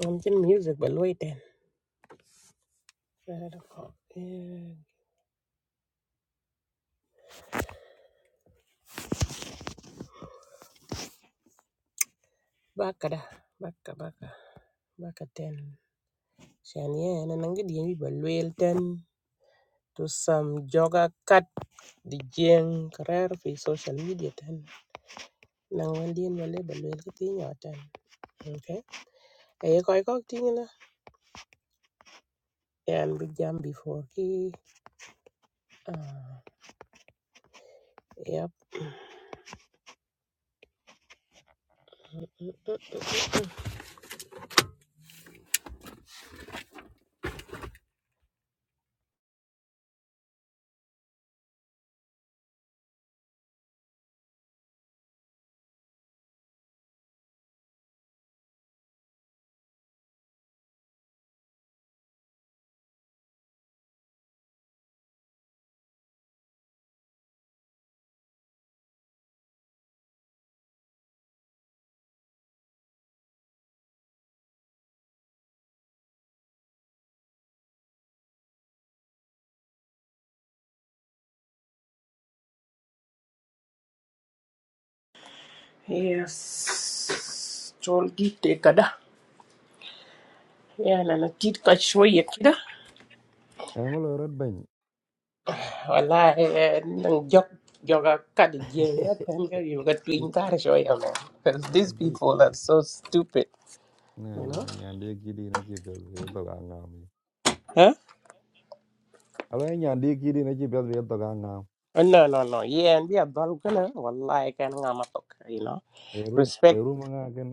I'm doing music, but waiting. Baka da, baka baka, baka ten. Shania, na nangi di ba luel ten to some joga cut the jeng career fi social media ten. Nang wandian wale ba luel ka tinyo ten. Okay. Kaya koi kok tingin na. Yan big jam before ki. Ah, yep. Yes. Tolgi te kada. Yana na tit ka shoye Angolo rot bany والله نن job job kad jenga tanga you got to ji intare shoya man because these ji people are so stupid na you na know nyande kidi na ji bel be to ga ngam yi. huh alo ai nyande kidi na ji bel be to ga ngam Oh, no no no yeah and we are dal kana wallahi kan ngama tok you know eru respect eru nga ken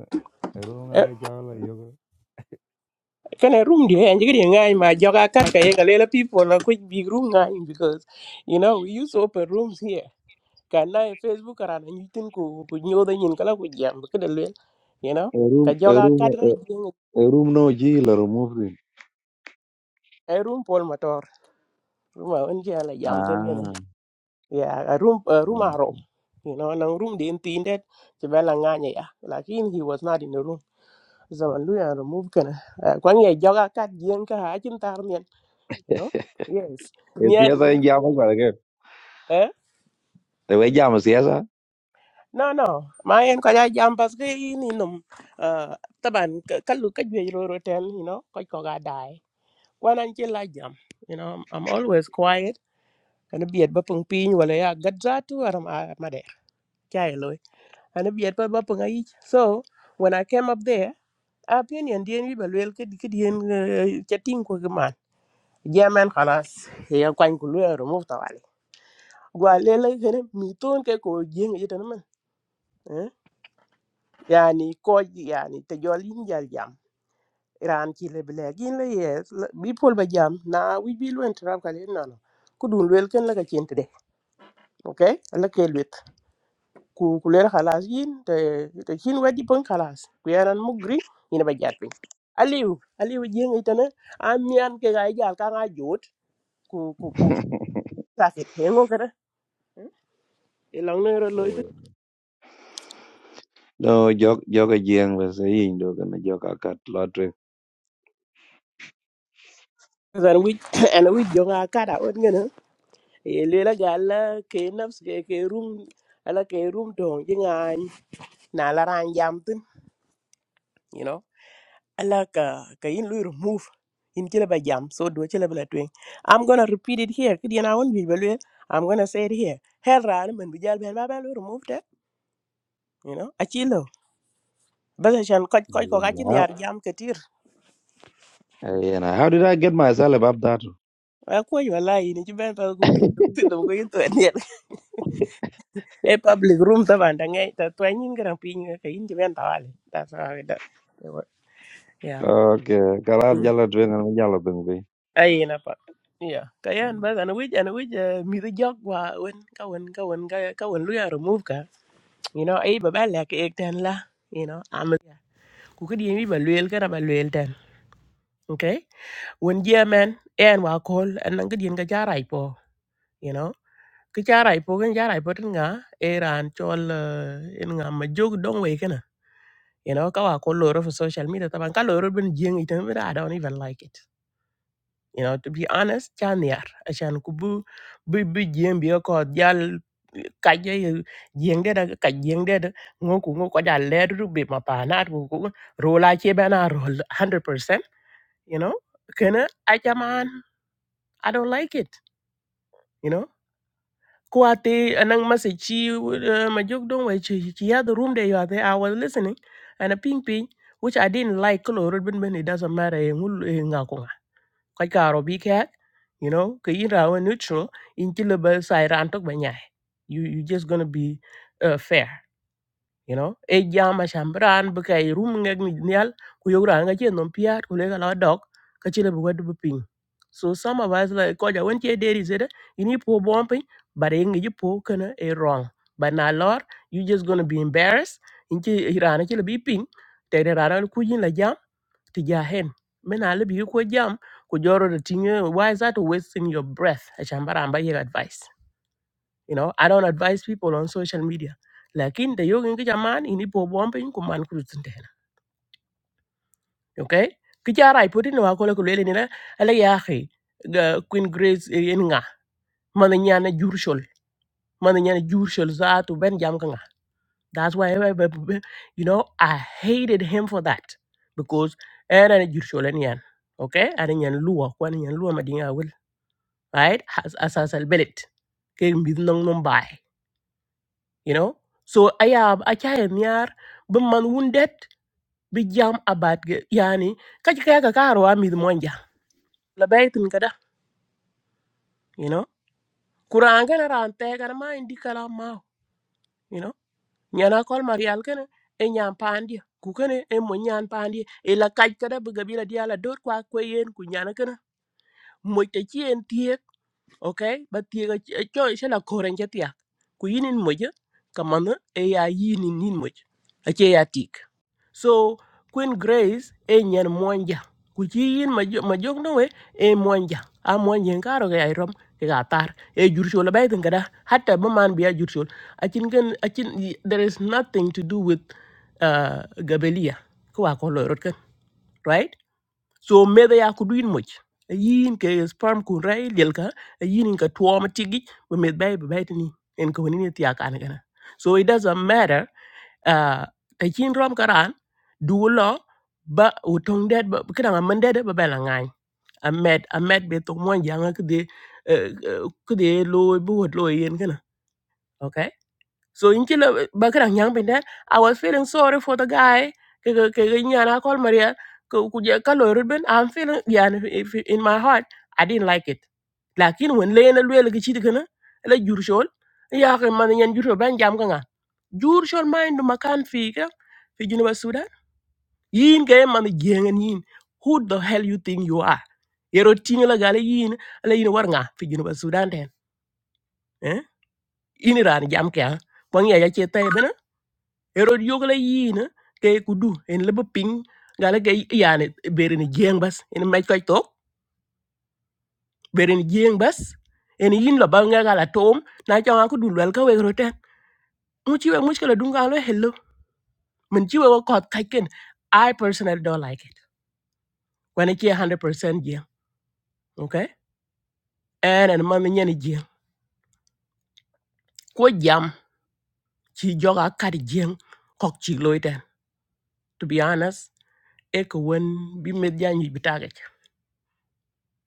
eru nga Eh, ke jala yo kana room dia yang jadi ngai ma joga kad kaya galela people la quick big room ngai because you know we use open rooms here kana facebook karana nyitin ku ku nyoda nyin kala ku jam kedel you know A room, ka a joga room, kad ra a jenga a room no ji la remove rin. room pol motor Ruma on kia la jam ten gane. Ah. Yeah, a room a room aro. You know, nang room di inti indet ci bella nganya ya. Lakin he was not in the room. Zaman lu ya remove kana. Kwang ye joga kat jien ka ha chin tar mien. You know? Yes. E Nien siasa nien. en jama kwa ke. Eh? Te we jama siasa. No no. Ma en ko ja jam pas ke ini num. Uh, taban kalu ka jwe ro ro ten, you know, ko ko ga dai. Kwan an chin la jam. You know, I'm always quiet. Kana biet ba pung piny wala ya gadzatu aram a Chai and if yet ba punga ich so when i came up there opinion dien wi balwel ke ke dien chatting ko man jamen khalas eh, ya kwan ku lwe remove tawali gwa lele gene mi ton ke ko jeng yitan man eh yani ko yani te jol yin jal jam ran ki le ble gin le yes la- bi pol ba jam na wi bi lwen trap kale no no ku dun lwel ken la ka chente de okay la ke lu ku ku lel khalas yin te te chin wedi pon khalas ku yaran mugri ina ba jat pin aliu aliu jeng itana amian ke ga jal ka ga jot ku ku ku sakit hengo kada e long ne ro loit No jok jok a jiang we se yin do kana jok a kat lottery. zan wi en wi jo ga kada on ngena e le la gal ke nafs ke ke room ala ke room to jinga na la ran jam tin ala ka ka in lui remove in chile ba jam so do chile ba twing i'm going to repeat it here kidi na won bi balwe i'm going to say it here her ran men bi jal ben ba ba lui remove that you know a chilo ba sa chan ko ko ko ka chin Yeah. yar jam ketir And How did I get myself above that? wa ko yo la in ji ben ba ku tik tin ko in to ne e public room ta ban da ngai ta twin in gran pin ka in ji ben ta wale that's how it yeah Okay, kalau Mm. jalan duit dengan jalan bengbi. Ay na pa. Iya, kayan ba ana wij ana wij mi the jog wa wen ka wen ka wen ka ka wen lu ya remove ka. You know, ay ba ba la ke ek tan la. You know, am ku ke dien bi ba luel ka na ba luel tan. Okay? Wen je man en wa kol an nang ke dien ka jarai po, you know. Ke jarai po ken jarai po tin nga eran chol eh, en nga ma jog dong we kana. You know, ka wa kol lo ro for social media taban ka lo ro ben jeng itan ba I don't even like it. you know to be honest chan yar achan ku bu bu bu jiem bi ko jal ka je jeng de da ka jeng de da ngo ku ngo ko jal le ru be ma pa na ku ku ro la che ba na ro 100% you know kana achaman i don't like it you know kuate anang message uh, ma jok dong wai chi chi ya the room there you are there i was listening and a ping ping which i didn't like color ben ben it doesn't matter eh, ngul nga koy karo bi kek you know ke yin raw neutral in ti le ba sai ran tok ba nyai you you just going to be uh, fair you know e jama shambran bu kay rum ngek ni nyal ku yogra nga chen nom piat ku le la dok ka chi le bu wadu bu ping so some of us like ko ja won che deri zede ini po bom pin but e ngi po kana e wrong but na lor you just going to be embarrassed in ti irana chi le bi ping te rana ku yin la jam to ja hen men ale bi ko jam ku joro de tinge why is that wasting your breath a chambara amba your advice you know i don't advise people on social media lakin the yogin ki jaman ini bo bombe ku man ku tsintena okay ki jara i put in wa ko le ko le ni la ala ya khi ga queen grace eh, en nga man nyana jurshol man nyana jurshol zaatu ben jam ka nga that's why I- I- I- you know i hated him for that because era jurshol en yan okay ana nyan luwa ko ana nyan luwa madinga right? As as as albelit ke mid nong nong bai, you know. So ayab achaya niar man wounded bi jam abat ge yani kaji kaya ka karo a mid monja la baitin kada, you know. Kurang kana ran te kana ma indi kala ma, you know. Nyana kol marial kana e nyam pandi ku kana e mo nyan pandi e la kaj kada bi gabila dia la dot kwa kwe yen ku nyana kana mo te chien okay ba tiega cho shala koren ja tiak ku yinin moja kamana e ya yinin nin moja ache ya tik so queen grace e nyen monja ku chi yin majo majok no we e monja a monja karo ga irom ke ga tar e jurshol ba itin kada hatta ba man biya jurshol achin gen achin there is nothing to do with uh, gabelia ko wa ko loyrot kan right so meda ya ku duin moc E yin ke sperm ku rai lel ka e yin ka tuwa ma tigi ba med bay ba bay tini en ko ni ti aka na kana so it doesn't matter uh ta kin rom karan du lo ba u tong det ba kana ma men det ba ba la ngai a med a med be to mo janga ke de ke de lo bu hot lo e yen kana ok so in kila bakran yang pinde i was feeling sorry for the guy ke ke ke nyana kol maria ku ku je ka ruben i'm feeling yani if- in my heart i didn't like it lakin when le na lwel gi chit kana la jur shol ya ke man nyen jur ban jam ka nga jur mind makan fi ka fi jinu ba sudan yin ke man jengen yin who the hell you think you are yero tinga la gale yin ala yin war nga fi jinu ba sudan den eh yin ran jam ka kwang ya ya che erod yogla yina ke kudu en lebe ping gala ke yani berin jeng bas en mai koy tok berin jeng bas en yin lo ba nga gala tom na cha ko dul wel ka we roten mu ci we muskala dun galo hello mun ci we ko kot kai ken i personally don't like it when it 100% jeng okay en en man nyen jeng ko jam ci joga kat jeng kok ci loiten to be honest e ko won bi med janyu bi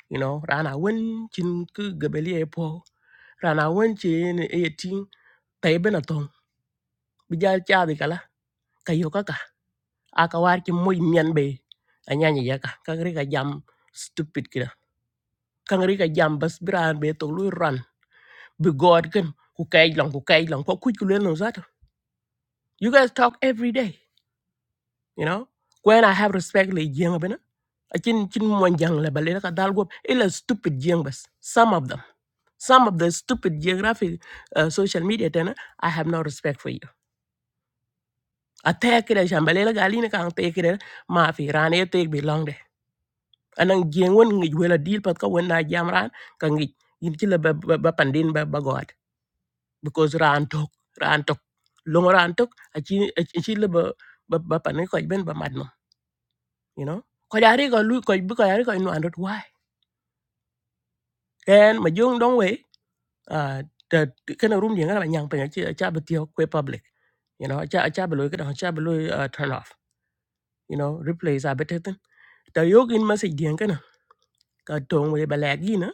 you know rana wen chin ku gabeli e po rana wen chin e ti tai bena ton bijal cha bi kala kayo kaka aka war ki moy nyen be anyanya yaka kangri ka jam stupid kida kangri ka jam bas bran be to lu ran bi god ken ku kay long ku kay long ko kuj ku len no zat you guys talk every day you know when i have respect le jenga bena achin chin mon jang le balena ka dal go ila stupid jeng bas some of them some of the stupid geographic uh, social media tana i have no respect for you atekre shambalela galina kan tekre ma fi rane tek belong de. Anang gien won ngi wela deal pat ka wen na jam ran ka ngi yin ci ba, ba, ba pandin ba, ba god because ran tok ran tok long ran tok a ci ba ba, ba pandin ko ben ba madno you know ko yari ko lu ko bi ko yari ko no andot why then ma jong dong we uh, ta kana room dinga la nyang penya chi cha betio kwe public you know cha cha beloy kada cha beloy uh, turn off you know replace a better thing ta yog in message dinga na ka tong we balagi na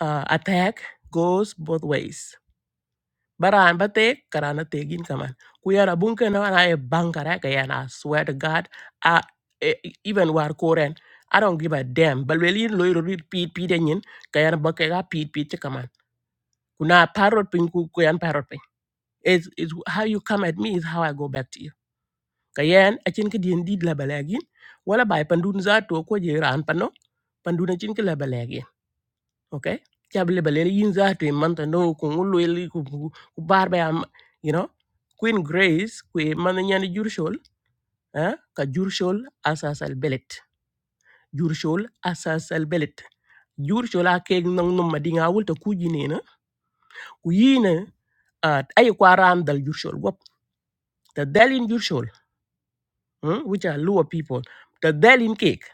uh, attack goes both ways baran bate karana tegin kaman kuyara bunke na na e bankara ka yana I swear to god uh, even war koren I don't give a damn. But loy lawyer repeat, repeat, and yin, kayan bakega, peat, peat, kaman. Kuna parrot pinku, kuyan parrot is is how you come at me is how I go back to you. Kayen achin ke dien did la balagin wala bay pandun za to ko je ran pano pandun achin ke la balagin okay chab le balere yin za to man to no ku ngulu eli ku ku ku bar ba am you know queen grace ku man nyani jurshol eh ka jurshol asasal belet jurshol asasal belet jurshol a keg nong num madinga wul to kujine na kuyine yine ay kwaran dal jurshol gop ta dalin jurshol mm, which are lower people the delin cake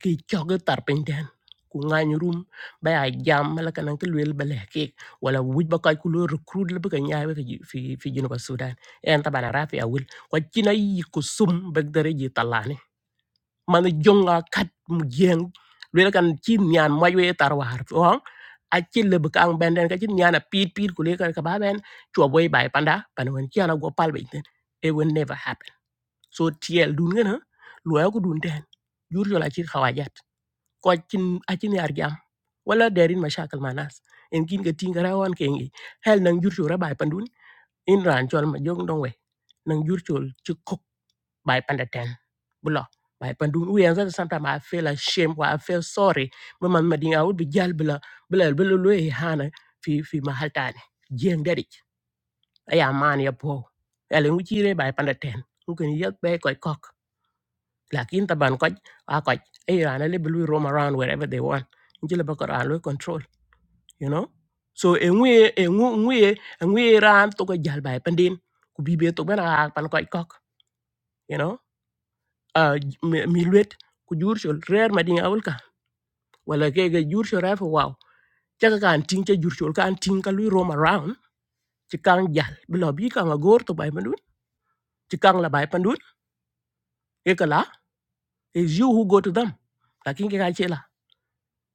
ki choge tar penden room, ngany a jam la kan ke lwel ba cake wala wuj ba kay ku lo recruit la fi fi fi jinu ba sudan en tabana rafi awul ko china yi ku sum ba dere ji talani man jonga kat mu jeng lwel kan chi nyan moy we tar war on a ci lebu ka ang benden ka ci nyana pit pit ku le panda pan wen ci ana go pal it will never happen so tiel dun gana luwa ko dun ten jur yola chir khawajat ko chin achin yar jam wala derin mashakal manas en kin ga tin gara wan kengi hel nang jur chora bai pandun in ran chol ma jong dong we nang jur chol chi kok bai pandaten bulo bai pandun we anza sometimes i feel ashamed or i feel sorry mama madinga would be jal bula bula bula lo e hana fi fi mahal tane jeng dedik aya man ya po ele ngi chire bai pandaten ngi yak be koy kok lakin taban ko a ko e rana le blue roam around wherever they want nje le bako ran lo control you know so e ngwe e ngwe ngwe e ngwe ran to ko jal bay pandin ku bibe to bena pan ko kok you know uh, mi mi luet ku jurchol rer madin awul ka wala ke ge jurchol rafo wow chaka kan ting che jurchol kan ting ka lui roam around ci kang jal bilo bi kang a gor to bay pandun ci kang la bay pandun e kala is you who go to them lakin ke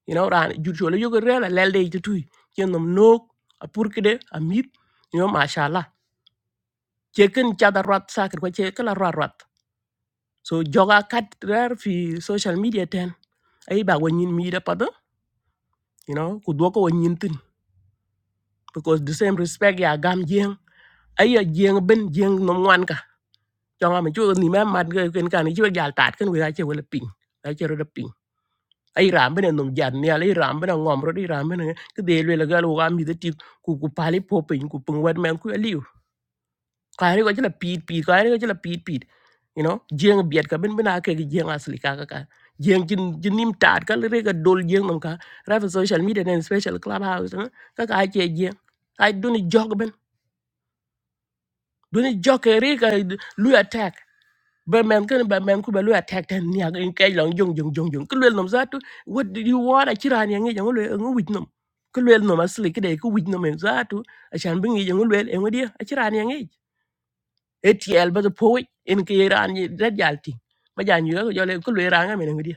you know ran jur le yogo rela lelde ti tu yen nom nok a pur kede a mip you know mashallah che ken cha da rat sa ker ko che kala rat rat so joga kat rar fi social media ten ai ba wonin mi da pada you know ku do ko wonin tin because the same respect ya gam jeng ai ya jeng ben jeng nom wan ka jonga me chu ni ma mat ken kan ni chu gal tat ken we ga che wala ping Ache ro ai rambe na nong jat ni ai rambe na ngom ro di rambe na ke de le ga lo ga de ti ku ku pali po pe ku pung wet men ku ali ka ri ko jela pit pit ka ri ko jela pit pit you know jeng biet ka ben bena ke jeng asli ka ka ka jeng jin jin nim tat ka re ga dol jeng nam ka ra social media nen special clubhouse, house ka ka ke jeng ai doni jog ben doni jog ke re ka lu attack ba man kan ba man ku ba lu attack tan ni ag in kai long jong jong jong jong ku lel nom zatu what do you want a chiran yang yang lu en wit nom ku lel nom asli ke de ku wit nom en zatu a chan bi ngi yang lu en wadi a chiran yang e etiel ba po en ke ran ni da jalti ba jan yu yo le ku le ran ga men wadi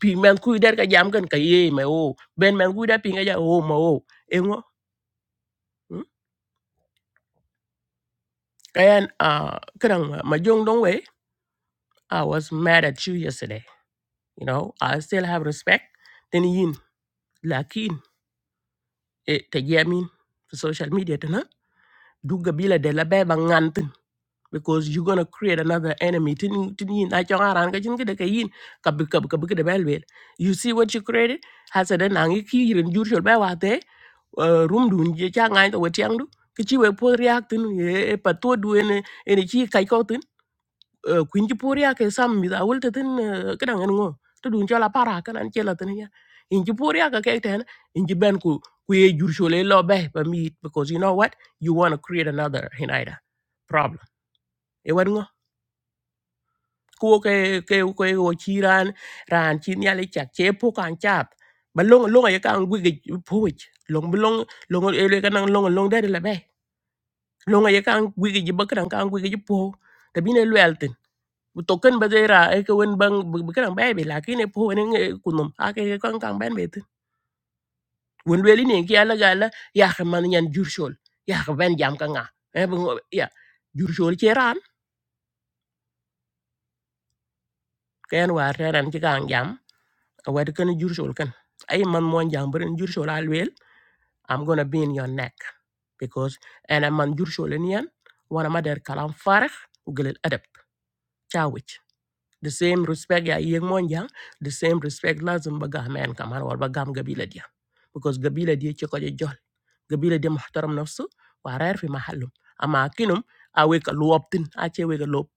bi man ku der ka jam kan ka ye me o ben man ku da pinga ja o ma o en wo kayan uh kadang ma jong dong we i was mad at you yesterday you know i still have respect then you lakin e te jamin for social media tana du gabila de la be ba ngantin because you gonna create another enemy tin tin yin a chong aran ka chin kede ka yin ka bi ka bi ka bi kede bel bel you see what you created hasa de nangi ki yirin jur shol ba wa te uh, room dun je cha ngai to wetiang du ki chi we po react tin e pa to du ene ene chi kai ko uh, kuin ji por ya ke sam mi da wul te tin ke dan ngo to dun chola para kan an chela tin ya in ji por ya ka ke ten in ji ben ku ku ye jur chole lo be ba mi because you know what you want to create another hinaida problem e wan ngo ku ke ke ko e o chi ran ran chi nya le chak che po kan chat ba long long ye kan wi ge po wich long long long e le kan long long de la be long ye kan wi ge ji ba kan kan wi ge ji po token badera e ko wen bang bkan bay be la? lakini po wen kunum ake kan kan ben bet wen weli ne ki ala gala ya man yan jurshol ya ben jam ka nga e bu ya jurshol ci ran ken war ran ci kan jam wad kan jurshol kan ay man mo jam beren jurshol al i'm gonna be in your neck because and I'm man jurshol ni yan wana ma der kalam farakh u gelel adab the same respect ya yeng monja the same respect lazim baga men kamar war bagam gabila dia because gabila dia ci ko jol gabila dia muhtaram nafsu wa rar fi mahallum ama kinum awe ka luoptin a ce we ka lop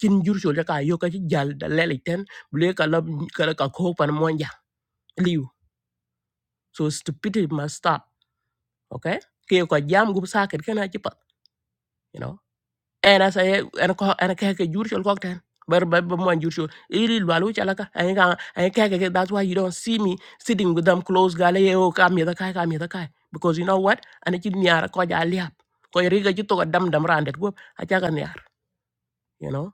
kin jur so ka yo ka ci jal da lele ten ble ka lob ka ka ko pan monja liu so stupidity must stop okay ke ko jam gub saket kana ci pat you know. ena sa ye ena ko ena ke ke jur chol kokten bar ba ba mon jur chol iri lwalu chala ka en ka en ke ke that's why you don't see me sitting with them close gale ye o ka mi da kai ka mi da kai because you know what ana chi niara ko ja liap ko iri ga chi to dam dam randet go a cha ka niar you know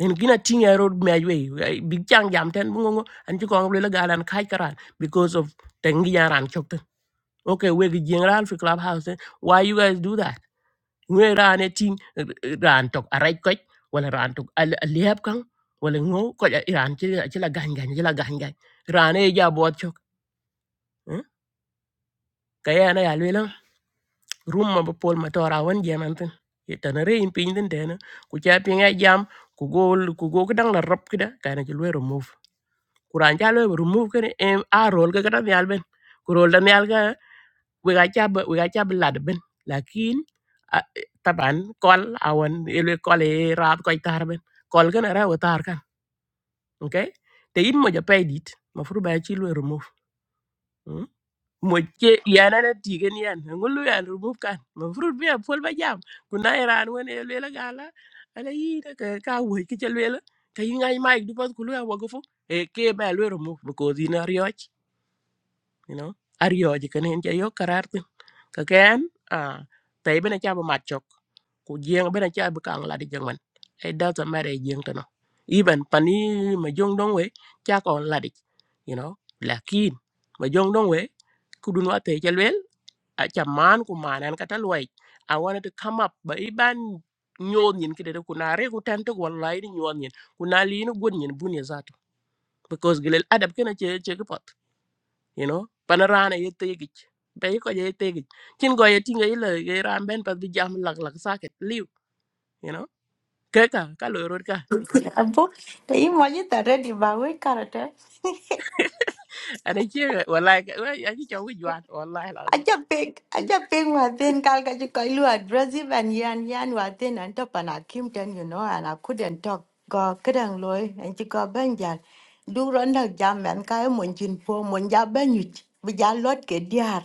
en gina ting a road me we big chang jam ten bungo an chi ko le galan kai karan because of tengi yaran chokten okay we gi jingral fi clubhouse eh? why you guys do that ngwe rane ting ran tok arai koch wala ran tok aliab kan wala ngo ko ja iran ci ci la gañ gañ ci la gañ gañ rane ja bot chok kaya na ya lela rum ma ba pol ma tora wan jeman tan tan re in pin den den ku cha pinga jam ku gol ku go dang la rop kida kana ci lwe remove kuran ja lwe remove kene em a rol ga kada nyal ben ku rol da nyal wega chaba wega chaba lad ben lakin ah, taban kol awan ele kol e rab ko tar ben kol gana ra tar kan okay te yin mo ja pay dit ma furu ba ci lo remove mm. mo ke yana na tigen yan ngulu yan remove kan ma furu bi a pol ba jam kuna iran won ele la gala ala yi da ka ka wo ki ci le la ka yi ngai mai du pas kulu ya wago fu e ke ba lo remove because ina rioch you know arioch kan en ja yo karar ka à, a bên bena cha ba mat chok ku jeng bena cha ba kang la di jeng man it doesn't matter e jeng to no even pani ma jong dong we cha ko la di you know lakin ma jong dong we ku dun wa te chalwel a cha man ku manan ka talwai i wanted to come up ba iban nyon yin kede ku na re ku tan to wallahi ni nyon yin ku na li ni gon yin bun ya zato because gilel adab kena che che ko you know panorana ye tegi be ko ye tegi chin go ye tinga ile ye ran ben pat bi jam lak lak saket liu you know ke ka ka lo rot ka Abu, ini maju tara di bawah karata. ana che wallahi ka- wai, a chi chong wi jwan wallahi lazi Aja peg, aja peg waten kal kaji kailu addressi ban yan yan waten anta panakim ten you know and I couldn't talk go kerang loy and go banjal. Du ronda jam men kaya monjin po monja banyut. Bijalot ke diar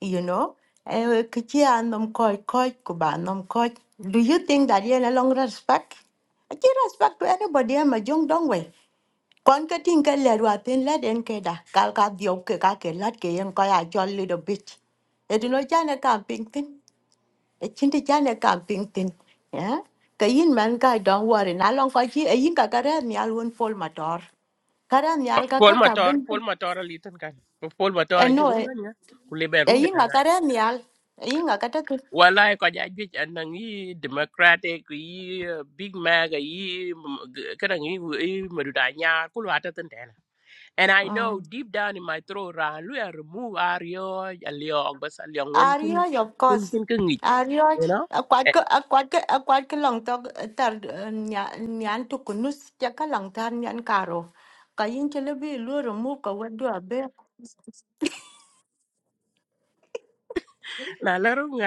you know, eh, kichi anom koi koi kuba anom koi. Do you think that you no long respect? I give respect to anybody. I'm a young dong way. Kon ka tin ka ler wa tin la den ke da kal ka dio ke ka ke lat ke yen ko ya chol little bit. E dino chane kam ping tin. E chinti chane kam ping tin. Ya. Ka yin man ka don worry na long ko chi e yin ka ka re mi al won fol motor. Ka re mi al ka pol ka ka motor bin. pol motor ali tan kan pol motor E a chi no rum e gan ya ku le ben e rum de yin ka ga ka re mi al. E yin ka wallahi ko ja gi an nang yi democratic yi uh, big mag yi kadang yi maduda nya ku lo ta tan And I ta know deep down in my throat, Ran, we are remove Ario, Aliog, but Aliog, when can Arioj, of can course. can can it, Arioj, you know? akwat ke akwat ke akwat ke long tok tar nyan to kunus ja ka long tar nyan karo. Ka yin chele bi lu remove wadu Now, let him go.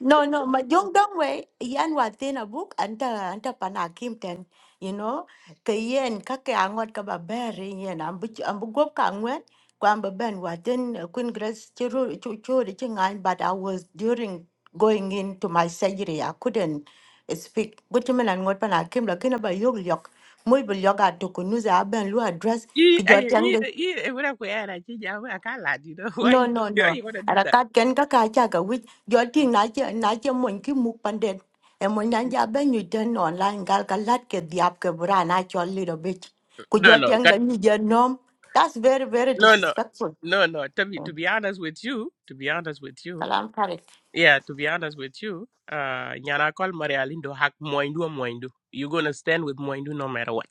No, no, ma jong dong we yan wa tin a book anta anta pana kim ten, you know, ke yen ka ke angot ka ba ber yen am bu am bu gop ka ngwen ko am ba ben wa tin kun grace churu chu chu de chingan but I was during going into my surgery I couldn't speak. Gutu men an ngot pana kim la kina ba yog yok. Muy bu yoga to kunuza ben lu address You, ki jo you, you, when I go out, I change. I can't lie, you know. Why No, you, no, why no. you want to do that? Arakat ken ka ka cha ka wich jolting na che na che mon ki muk panden. E mon nan Mm, ja ben you ten online gal ka lat ke diap ke bra na chol little bit. Ku No, no, jolting ca- da ni je nom. That's very very no, no, disrespectful. no, no. To be, to Mm. be honest with you, to be honest with you, Kalam yeah, to be honest with you, uh, nyana call Maria Lindo hak moindu moindu. You're gonna stand with moindu no matter what.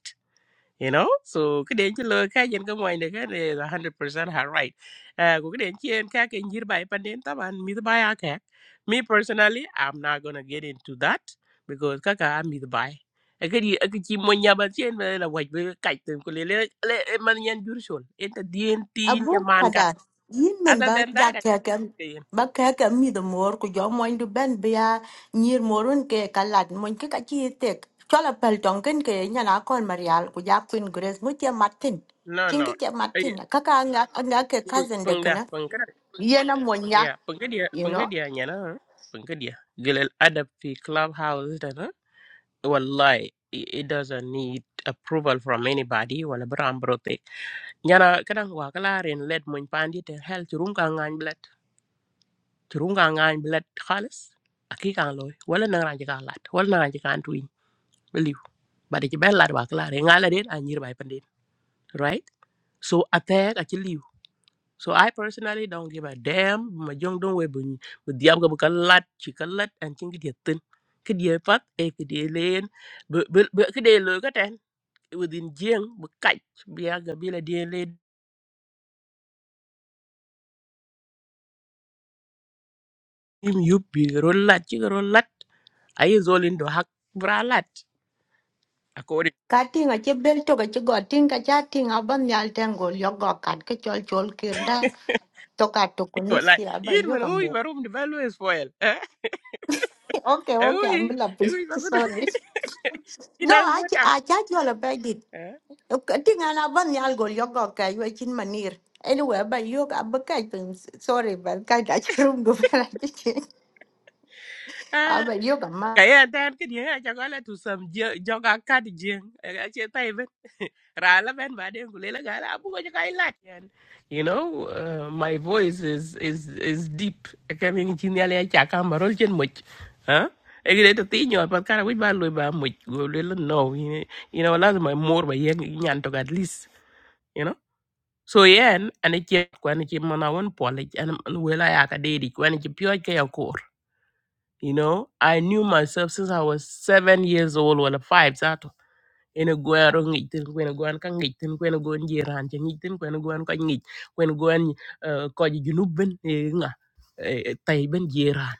you know so cái đến chứ lời cái dân cái ngoài này cái này là 100% her right à của cái đến chứ em cái cái như bài pan đến tao bạn mi bài à cái me personally I'm not gonna get into that because các cái mi bài cái cái gì- cái chỉ muốn nhà bạn trên về là hoạch với cái tên của lê lê lê em mà nhân dữ rồi em ta điên tin cho abu man cả kada yin min other ba than ja that I can't keken see it. ba keken mi do mor ku jo moy du ben bia nyir morun ke kalat mon ke ka chi tek chola pel tongen ke nya na kon marial ku ja queen grace mu che martin no king ke no che ấy martin ka ka nga nga ke pung cousin de pung da kana pung cái này yena mon nya yeah pung cái dia you pung cái know dia nhà nó pung cái dia gilal adab fi clubhouse đó wallahi i- it doesn't need approval from anybody wala bram brote nyana kadang wa kalarin led mun pandi te hel turun ka ngany blad turun ka ngany blad khalis aki kan loy wala nang ranji kan lat wala nang ranji kan tuin believe bade ci ben lat wa kalare ngala den a nyir bay pandin right so attack a ci liu so i personally don't give a damn ma jong don we bu bu diab ga bu ka lat ci ka lat an ci ngi de ke die pat e ke die leen be be ke de lo within jeng bu kaj biya ga bila de le im yubbi rollat ci rollat ay zolin do hak bralat akori ka tinga che bel to ka che go tinga cha tinga ban nyal ten go yo go kat ke chol chol kirda to ka to kunus wallahi ki aba yin yo man ka huy mo barum de balwes foel eh okay okay huy i'm laughing huy bakudo sorry No, inang I botam I charge you all about it. Cutting an avan yal go yoga kai you chin manir. Anyway, but yoga but kai sorry, but kai room go I cái anh ta tan cái gì á, cho gọi là tu sầm giờ cho cả cắt riêng cái chế tay bên ra là bên bà đen của lấy là gái là bu cho cái lát yan you know uh, my voice is is is deep cái mình chỉ nhà lấy chả cam mà rồi chân mực hả ấy cái đấy tôi tí nhỏ bắt cara với ba lùi ba mực rồi lấy lên no you know you know, là mà more bà yên nhàn to at least you know so yeah anh ấy chế quan anh ấy chế mà nào vẫn bỏ lại anh ấy quên lại à cái đấy đi quan anh ấy chế pioi cái You know, I knew myself since I was seven years old, well, five, zato. Ene gwero ngitin kwene when ka ngitin kwene gwan jiran when ngitin kwene gwan ka ngit when gwan eh, ko junubben nga eh, tai ben jiran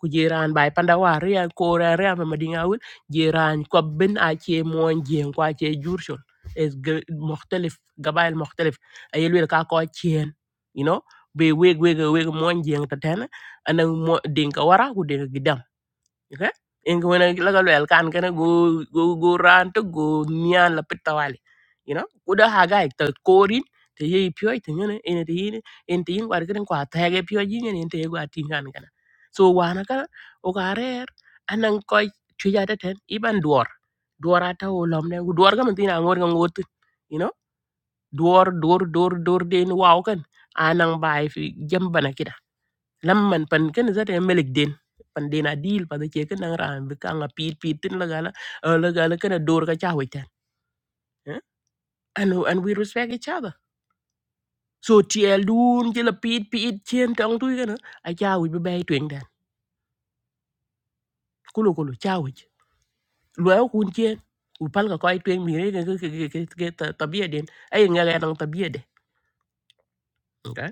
ku jiran bai panda wari ya ko ra ra ma madinga wul jiran ko ben a che mon jien kwa che jurshon es mukhtalif gabail mukhtalif ayel wel ka ko chien you know be weg weg weg mon jien tatena ana mo dinka wara ku gidam okay ingwena laga lwel kan kana go go go ran to go nyan la pitawali you know kuda haga ekta korin te ye pyo te ngene ene te yin en te yin war kan kwa ta ge pyo yin en te gwa tin kan kana so wana kana o ga rer anan koy tuya ta ten iban duor duor ata o lom ne duor ga mtina ngor ga ngot you know duor duor duor duor den wow kan anang bai fi jam lamman pan ken zate melik den pan den adil pa de che ken nang ran bi kanga pit pit tin la gala uh, la gala ken a dor ka chawe tan eh? and and we respect each other so tiel dun je la pit pit chen tong tu ken a chawe bi bay twen dan kulo kulo chawe lo kun chen u pal ka koy twen mi re ke ke ke ke tabia den ay nga ga nang tabia de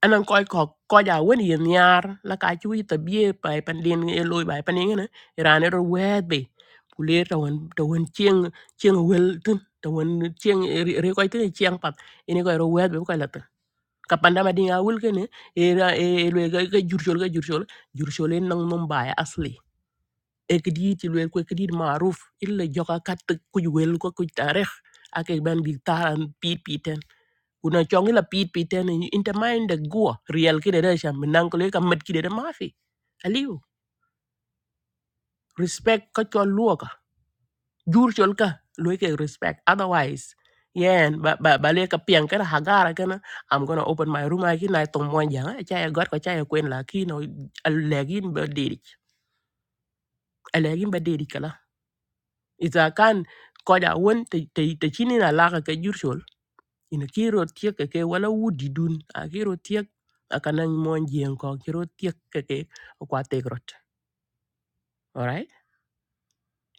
anan koy ko ko ja woni yen yar la ka ci wi tabiye pay pan den e loy bay pan ngene rane ro wet be kulir ta won ta won cieng cieng wel tin ta won cieng re koy tin cieng pat ini koy ro wet be ko la tin ka panda ma dinga wul kene e ra e loy ga ga jurchol ga jurchol jurchol en nang mum bay asli e kidi ti loy ko kidi maruf illa joka kat ku wel ko ku tarikh ak e ban bi taran pi pi ten kuna chongi la pit pit tena inta mind the go real kide da sham nan ko le kam met kide da mafi aliu respect ka chol luoka jur chol ka loy ke respect otherwise yen ba ba ba le ka pian ka hagara kana i'm gonna open my room again na tong mo jang cha ya god ko cha ya kwen la ki no alegin ba deri alegin ba deri kala iza kan ko da won te te te chini na la ka ke jur chol ina ki rot tiek ke ke wala wudi dun a ki rot tiek akana mon jien ko ki rot tiek ke ke kwa tek rot alright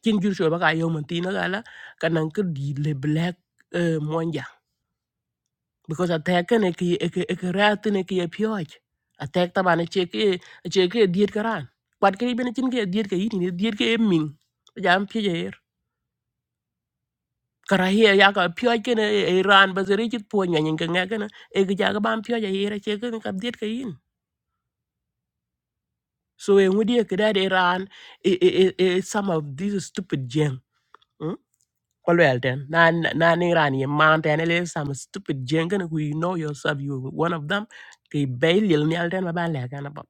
kin jur sho baka yo man tina gala kanan ke di le black uh, monja because attack ne ki ek ek rat ne ki e pyoj attack ta bana che ke che ke diet karan kwat ke ben chin ke diet ke yini ne diet ke min jam pye karahia ya ka pyoj ke ne iran bazere chit po nyanya ke ngakana e ga ga ban pyoj ya ira che ke ka diet ke yin So e ngudi ke da Iran e e e e- some of these stupid jeng. Kolwel ten nan nan ni Iran ye mountain ten ele some stupid jeng kan you know yourself you one of them ke bail yel ni alten ma ban le kan pop.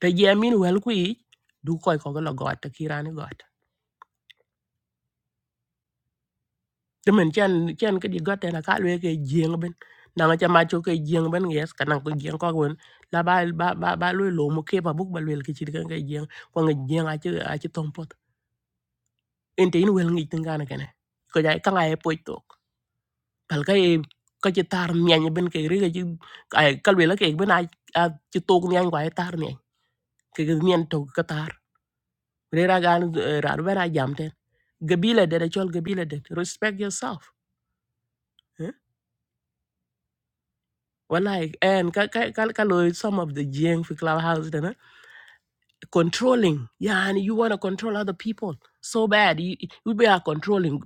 Te ye min wel ku i du koy ko lo got ki Iran got. Te men chen chen cái gì got ten ka le ke jeng ben. Na ma chama cho ke jeng ben yes kan ko jeng ko won la ba ba ba ba lo lo mo ke pa buk ba wel ke chi kan cái jeng ko ngi jeng a chi a chi tong pot. ente in wel ngi tin kana kana ko jay kanga e poy to pal ka e ka ci tar nyanya ben ke re ka ci ay kalwe la ke ben ay ci tok nyanya ko ay tar nyanya ke ga nyen to ka tar re ra gan ra ra ra jam ten gabila de da chol gabila de respect yourself eh? wallahi en ka ka ka, ka lo some of the jeng fi clubhouse controlling. Yeah, and you want to control other people so bad. You, you be are controlling.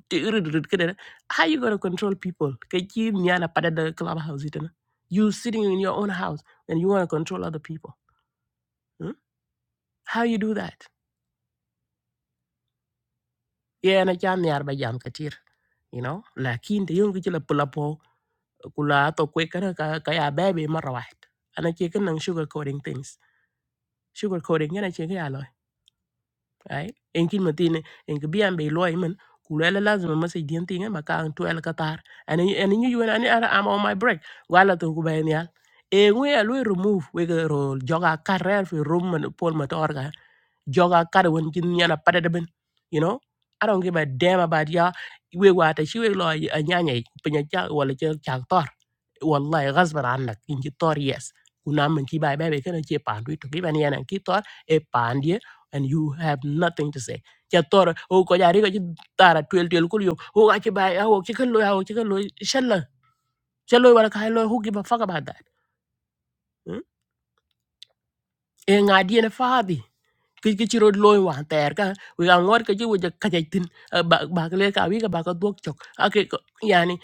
How you gonna control people? Kaki ni ana pada da clubhouse ita na. You sitting in your own house and you want to control other people. Hmm? How you do that? Yeah, na jam ni arba jam katir. You know, lakin de yung kichila pula po kula to kwe kana kaya baby marawat. Ana chicken nang sugar coating things. Sugar coating yana chicken right en kin matin en ke bian be loy men ku le lazima message dien tinga ma kan to el katar and and you you and I am on my break wala to ku ben yal e ngwe a lo remove we ke ro joga karel fi room man pol ma joga kada wen jin yana pada ben you know i don't give a damn about ya we wa ta shi we lo a nyanya pinya cha wala cha cha tor wallahi ghasban annak in ji tor yes kuna men ki bai bai be kana che pandu to ki ban yana ki tor e pandye and you have nothing to say cha tor o ko ya ri ko ji tara twel twel kul yo o ga chi bai a o chi kan lo ya o chi kan lo shalla shalla wala kai lo who give a fuck about that mm? e ngadi ne fadi cái cái chiro loy wa ter ka wi ga ngor ka ji wi ka ja tin eh, ba ba ka le ka wi ka ba ka dok chok ake ko yani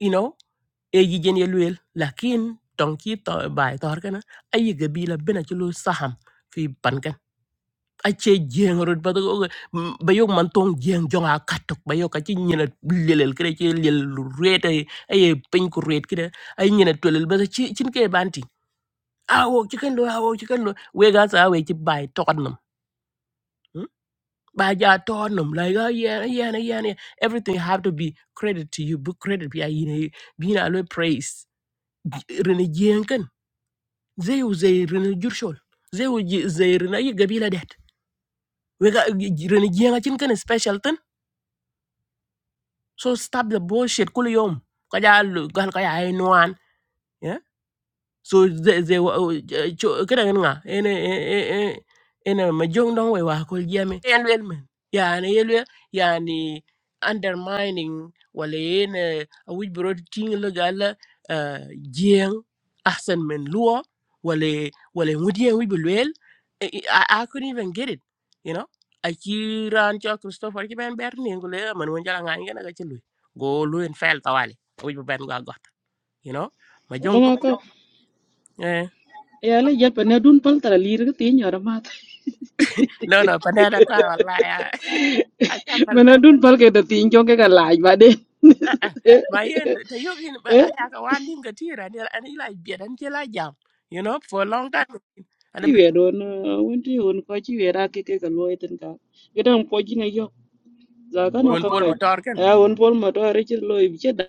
you know e ji jen ye luel lakin tong ki to bai tor kana ayi ga bi la bena ci lu saham fi pan kan ache jeng rut ba ko ba yo man tong jeng jonga katok ba yo ka ci ñina lelel kre ci lel lu rete ay pin ko ret kre ay ñina tolel ba ci cin ke banti awo ci kan do awo ci kan do we ga sa we ci bai tokat nam by your turnum like oh yeah yeah yeah yeah yeah. everything have to be credit to you book credit be a know being always praise rene jenken they was a rene jurshol they was they rene gabila debt. we got rene jenga chin special thing so stop the bullshit kul yom kaja lu gal kaya ai nuan so ze ze wa- o- j- cho kada nga ene e- e- e- ene ma jong don we wa ko yeme en wel men yani yelwe yani undermining wala ene a wi bro ting le gala ah, jeng ahsan men luo wala wala ngudie wi belwel I, I I couldn't even get it you know a ran cho christopher ki ben ber ni ngule man won jala nga ngena ga chelu go lu en fel tawali wi ben ga got you know ma jong Dina te ya le jal pa na dun pal tara lir ga ti nyora mat No, no, banana kwa wallahi. I I can't bal ma na dun pal ke da ti jong ke ga laj ba de that. My end, the yogin, but eh I have a one name Gatira and I like beer and I like jam, you know, for a long time. And a ti bit we don won ti won ko ti we ra ke ke ga loy ten ka ge dang po ji ne yo za ga na when ka Paul ko Matorkan. ya won pol ma to re ti loy bi che da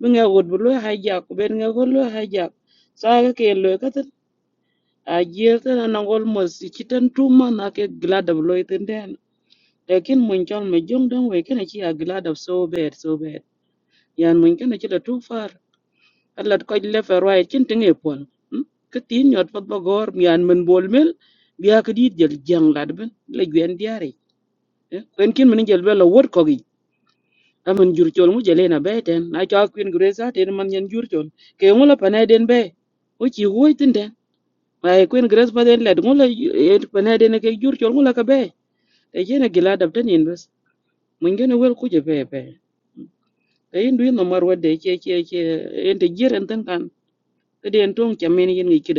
mi nga wod bu loy ha ja ko ben nga go loy ha ja sa ga ke loy ka ten a jer ten na ngol mo si ti ten tu ma na ke gla da loy ten den lekin mun chol me jong dang we ke na chi a gla da so ber so ber yan mun ke na chi da tu far alat ko le ferwai chin tinge pon ke tin nyot pat bagor mian men bol mel biya ke dit jel jang lad ben le gwen diari kwen kin men jel bela wot ko gi amen jur chol mu jele na beten na cha kwen gresa ten man nyen jur chol ke ngola pana den be o chi woi tin den ai kwen gres pa den lad ngola et pana den e ke jur chol ngola ka be te jena gila dab ten in bes mun gene wel ku je be be te indu no mar wede che che che ente jiren tan kan te den tong chamen yin gi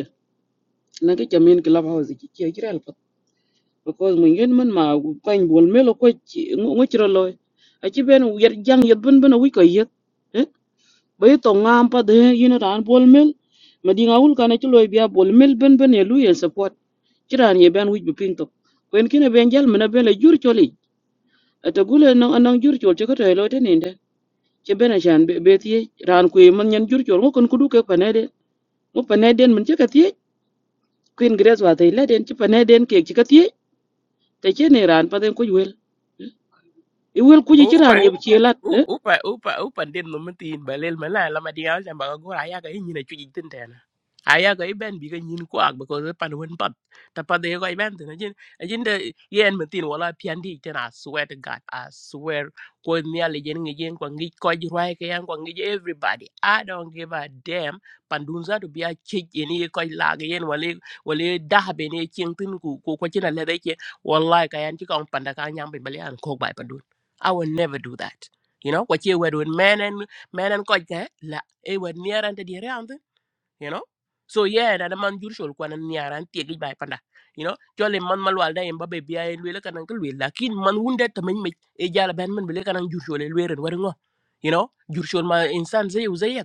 na ke chamin club house ki ki ki ral pat because mun yen man ma kan bol melo ko ngo chiro loy a chi ben yer jang yet ben ben wi ko yet eh bay to ngam pa de yin ran bol mel ma di ngawul kana chi loy bia bol mel ben ben e lu yen support chiran ye ben wich bi piny tok kwen kine ben jal mene bele jur choli ata gule nang anang jur chol chaka tay lote ninde che ben achan be tiye ran kwe man nyan jur chol ngo kon kudu ke panede ngo paneden man chaka tiye kwen gres wa tay leden che paneden kek chaka te che ne ran pa den ku wel i wel ku ji chi Oh, ran ye Ủa? che lat u de upa upa upa den no mti in balel mala la madinga jam ba go aya ga yin na chuji tin tena aya ga ben bi ga yin ko ak ko pan wen pat ta pa de go ben tena jin jin de yen mti wala piandi tena I swear to god i swear ko nya le jen ngi jen ko ngi ko ji rwai ke yan ko ngi everybody i don't give a damn pandun za to bi a chi ni ko la ga yen wale wale da be ne king tin ku ko ko china le de ke wallahi ka yan chi ko panda ka nyam be bale an ko bai pandun i will never do that you know what you were doing men and men and quite that la e were near and the around you know so yeah that a man usual kwan and near and take it by panda you know jolly man malwal da emba be bia and wele kanan kulwe lakin man wounded to men me e jala ben man bele kanan usual and were were ngo you know usual ma insan zay uzay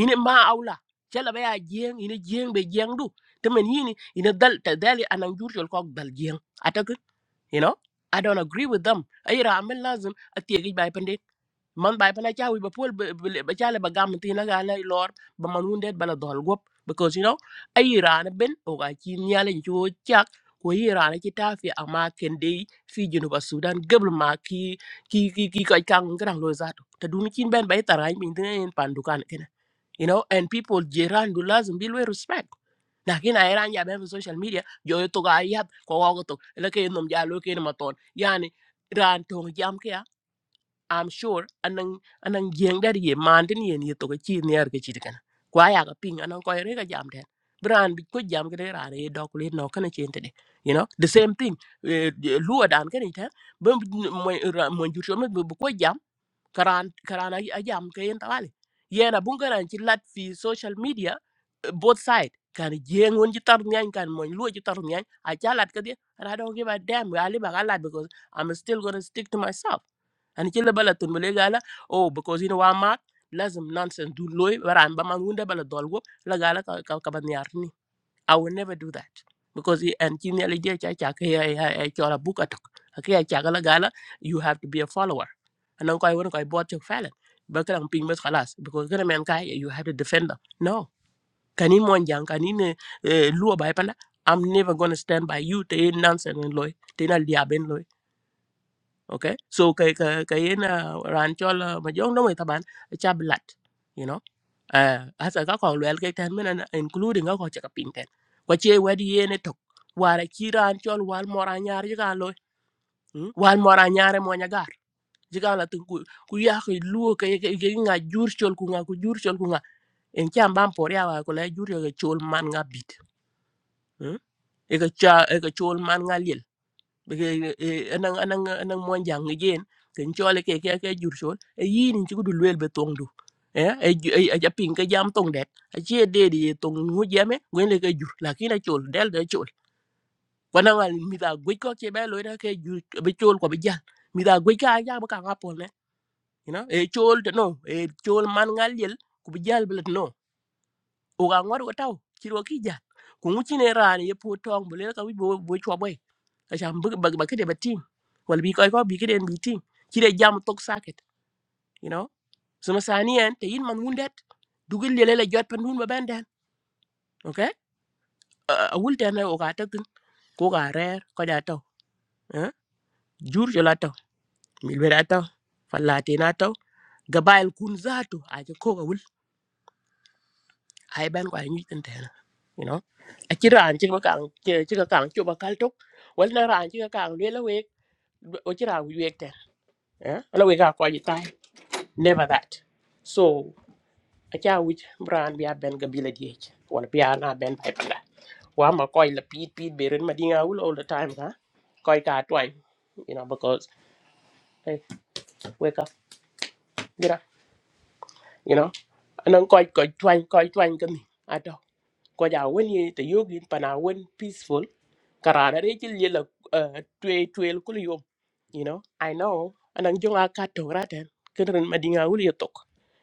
ine ma awla jala be a jeng ine jeng be jeng du temen yini ine dal ta dali anan usual kok dal jeng you know i don't agree with them ay ra men lazim atiegi bay pandit man bay pana chawi ba pol ba chale ba gam tin la la lor ba man wounded bala dol gop because you know ay ra na ben o ga chi nyale chu chak ko yi ra na kita fi ama kende fi jinu ba sudan gebl ma ki ki ki ki ka kang ngrang lo zato ta dun kin ben bay tarai min tin pandukan kena you know and people jiran do lazim bil we respect lakini airan ya ben social media yo to ga yap ko wa to la ke nom ja lo ke ma ton yani ran to jam ke i'm sure anang anang jeng dar ye man tin ye ni to ga chi ne ar ke chi kan kwa ya ga ping anang ko re ga jam den bran bi ko jam ke ra re do ko le no kana chen te you know the same thing lu dan ke ni ta bo mo mo ju cho me bo ko karan karan a a jam ke yen tawali yena bun karan ci lat fi social media eh, both side kan jengon ci tar nyan kan mon lu ci tar nyan a ca lat ka de and i don't give a damn we ali ba lat because i'm still going to stick to myself and ci le bala tun bele gala oh because you know wa mak lazim nonsense du loy waran ba man wunde bala dolgo la gala ka ka, ka ban yar I will never do that because he- and kini alije cha cha ke ya ya ya chola buka tok ke ya cha gala gala you have to be a follower and ko ay won ko ay bot chok falen ba kala ping mes khalas because kana men kai you have to defend them no kani mon jang kani ne eh, luo bay pala i'm never going to stand by you te nonsense and loy te na lia ben Ok, so cái cái cái na ran cho là mà giống nó mới taban cha blat you know à à sa ka kon lwel cái tan men including ka ko chaka pin tan ko che wadi ye ne tok wara chi ran cho wal mora nyar ji kan lo wal mora nyar mo nya gar ji kan la tin ku ku ya ko lu cái cái cái nga jur chol ku nga ku jur chol ku nga en cham bam por ya wa ko la jur yo ke chol man nga bit e ka cha e ka chol man nga beke anang anang anang mon jang ngejen ken chole ke ke ke jur chol e yin ci gudu lwel be tong du eh e e ja pin ke jam tong det a che de di tong nu jeme gwen le ke jur lakina chol del de chol kwana wal mi da gwe ko che be lo ira ke jur be chol ko be jang mi da gwe ka ja ba ka ka pol ne you know e chol de no e chol man ngal yel ku be jal blet no o ga ngor ko taw ci ro ki ja ku ngu ci ne ran ye po tong bele ka wi bo bo chwa Asham bug bug bug de team. Well be koi ko bi kiden bi team. Kide jam tok socket, you know. So masani en te yin man wundet. Dugul lele la jot pan hun ba benden. Okay? A wul tane o ga tatin. Ko ga rer ko da taw. Eh? Jur jola taw. Mil be da taw. Falate na taw. Gabail kun zatu aje ko ga wul. Ai ban ko ay nyi tan tena. You know. A kira an chika kang chika kang chuba kaltok. Wal na ran chika kang lele we o chira wi wek ten. Eh? Ala we ga ko ji never that so acha which brand be ben gabila diech wala pia na ben pai panda wa ma koi la pit pit berin ma dinga ul all the time ha koi ka twang you know because hey wake up get up you know anan koi koi twang koi twang kan ko ja wen ye te yogin pana wen peaceful karana de ci le la twe twe ko yo you know i know anang jonga ka to raten kenren madinga wul yo tok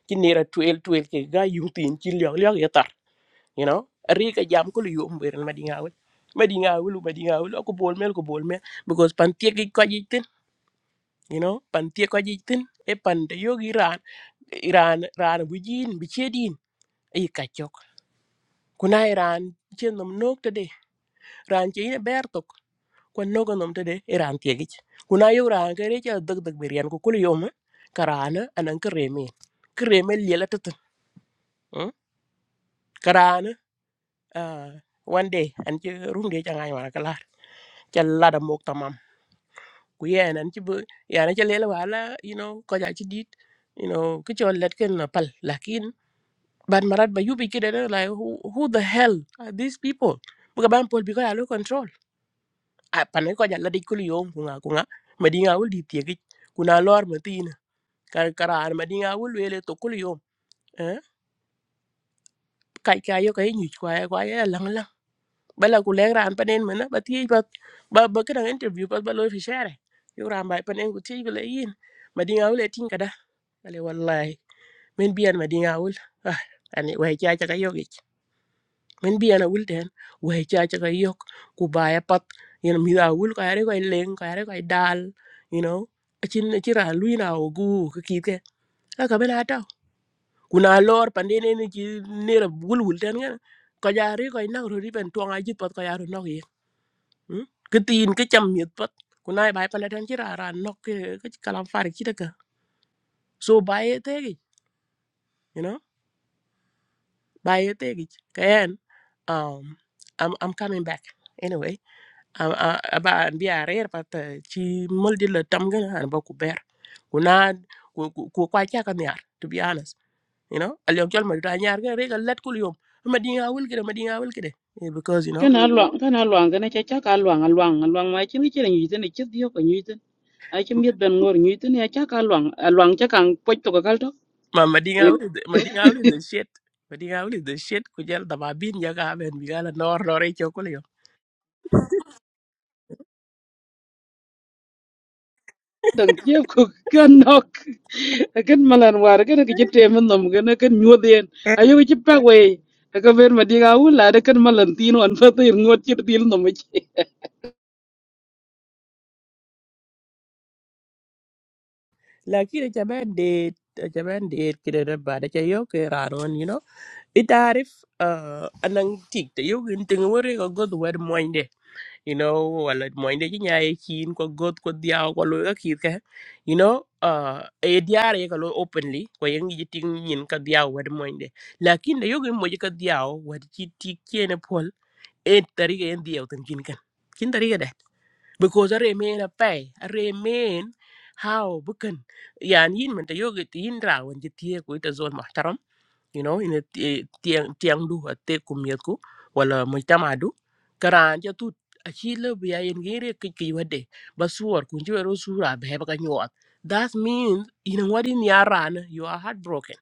ci nera twe twe ke ga yu tin ci lyo lyo yatar, you know ri ka jam ko yo mberen madinga wul madinga wul madinga wul ko bol mel ko bol mel because pan tie ki ko jitin you know pan tie ko jitin e pan de yogi ran ran ran bu jin bi chedin ay ka chok kuna ran chen nom nok te de ran che ina ber tok kon nogo nom tede e ran tiegi kuna yo ran ke re cha dag dag berian ko kul yom karana anan kreme kreme lela tet karana ah, one day an che rum de cha ngai wala kala cha lada mok tamam ku yen an che yana cha lela wala you know ko ja chi dit you know ke chol let ken na pal lakin ban marat ba yubi kide la who, who the hell are these people buka ban pol bi ko ya lo control a panen ko jalla de kul yom ku nga ku nga madinga wul di tiegi kuna lor matina kar karan madinga wul wele to kul yom eh kai kai yo kai nyu kwa ya kwa ya lang lang bala ku leng ran panen mena ba ti ba ba ba kana interview ba ba lo fi share yo ran ba panen ku ti bele yin madinga wul e tin kada bale wallahi men bian madinga wul ah ani wai cha cha yo min bi ana wul den we cha cha ka yok ku ba ya pat you know mi da wul ka re ko leng ka re ko dal you know a chin a chira lui na o gu ka ki ke a ka bena ta ku na lor pande de ne ni ji ne ra wul wul den ga ko ja re ko na ro ri ben to nga ji pat ko ya ro no ye ke tin ke cham mi pat ku na ba pan den chira ra ra no ke ke kalam far ki da ka so ba ye te gi you know ba ye te gi ken um i'm i'm coming back anyway a- a- aba an bi a rer pata ci mol di la tam gana an ba ku ber ku na ku ku- ku kwa cha kan yar to be honest you know al yok jol ma da nyar ga re ga let kul yom ma di nga wul kede ma di nga wul kede Eh, because you know ken a Ừ. luang ken a luang ken cha cha ka luang a luang a luang ma chi ni che ni ten chi dio ko ni ten a chi miet ben ngor ni ten ya cha ka luang a luang cha kang po to ka kal to ma ma di nga e wul is the- ma di nga wul is the shit ma di nga wul is the shit ku jel da ba bin ya ga ben bi ga la nor nor e chokul yom dang je ko kan nok ken malan war ken ki te men nom ken ken nyu den a yo chi pa we ka ver ma di ga u la de ken malan tin on fa te ngot chi dil nom chi lakini cha ben de cha ben de kede da ba da cha yo ke ra Ita arif uh, anang tik te yo gin tinga wari ko god wer moinde. You know, wala moinde ji nyaye kin ko god ko diaw ko lo ka kit ka. You know, uh, e diare ka lo openly ko yang ji ting nyin ka diaw wer moinde. Lakin de yo gin moje ka diaw wer ji tik kiene pol e tari ga en diaw tan kin kan. Kin tari ga dat. Because are men a pay, are men how bukan. Yan yin man te yo gin yin rawan ji tie ko ita zon mahtaram you know ina ti- tiang tiang du ate kumiet ku wala mujtama du karan ja tut achi le biya yen gere ke ke wade basuor kun ji ro sura be ba nyot that means ina wadi ni aran you are heartbroken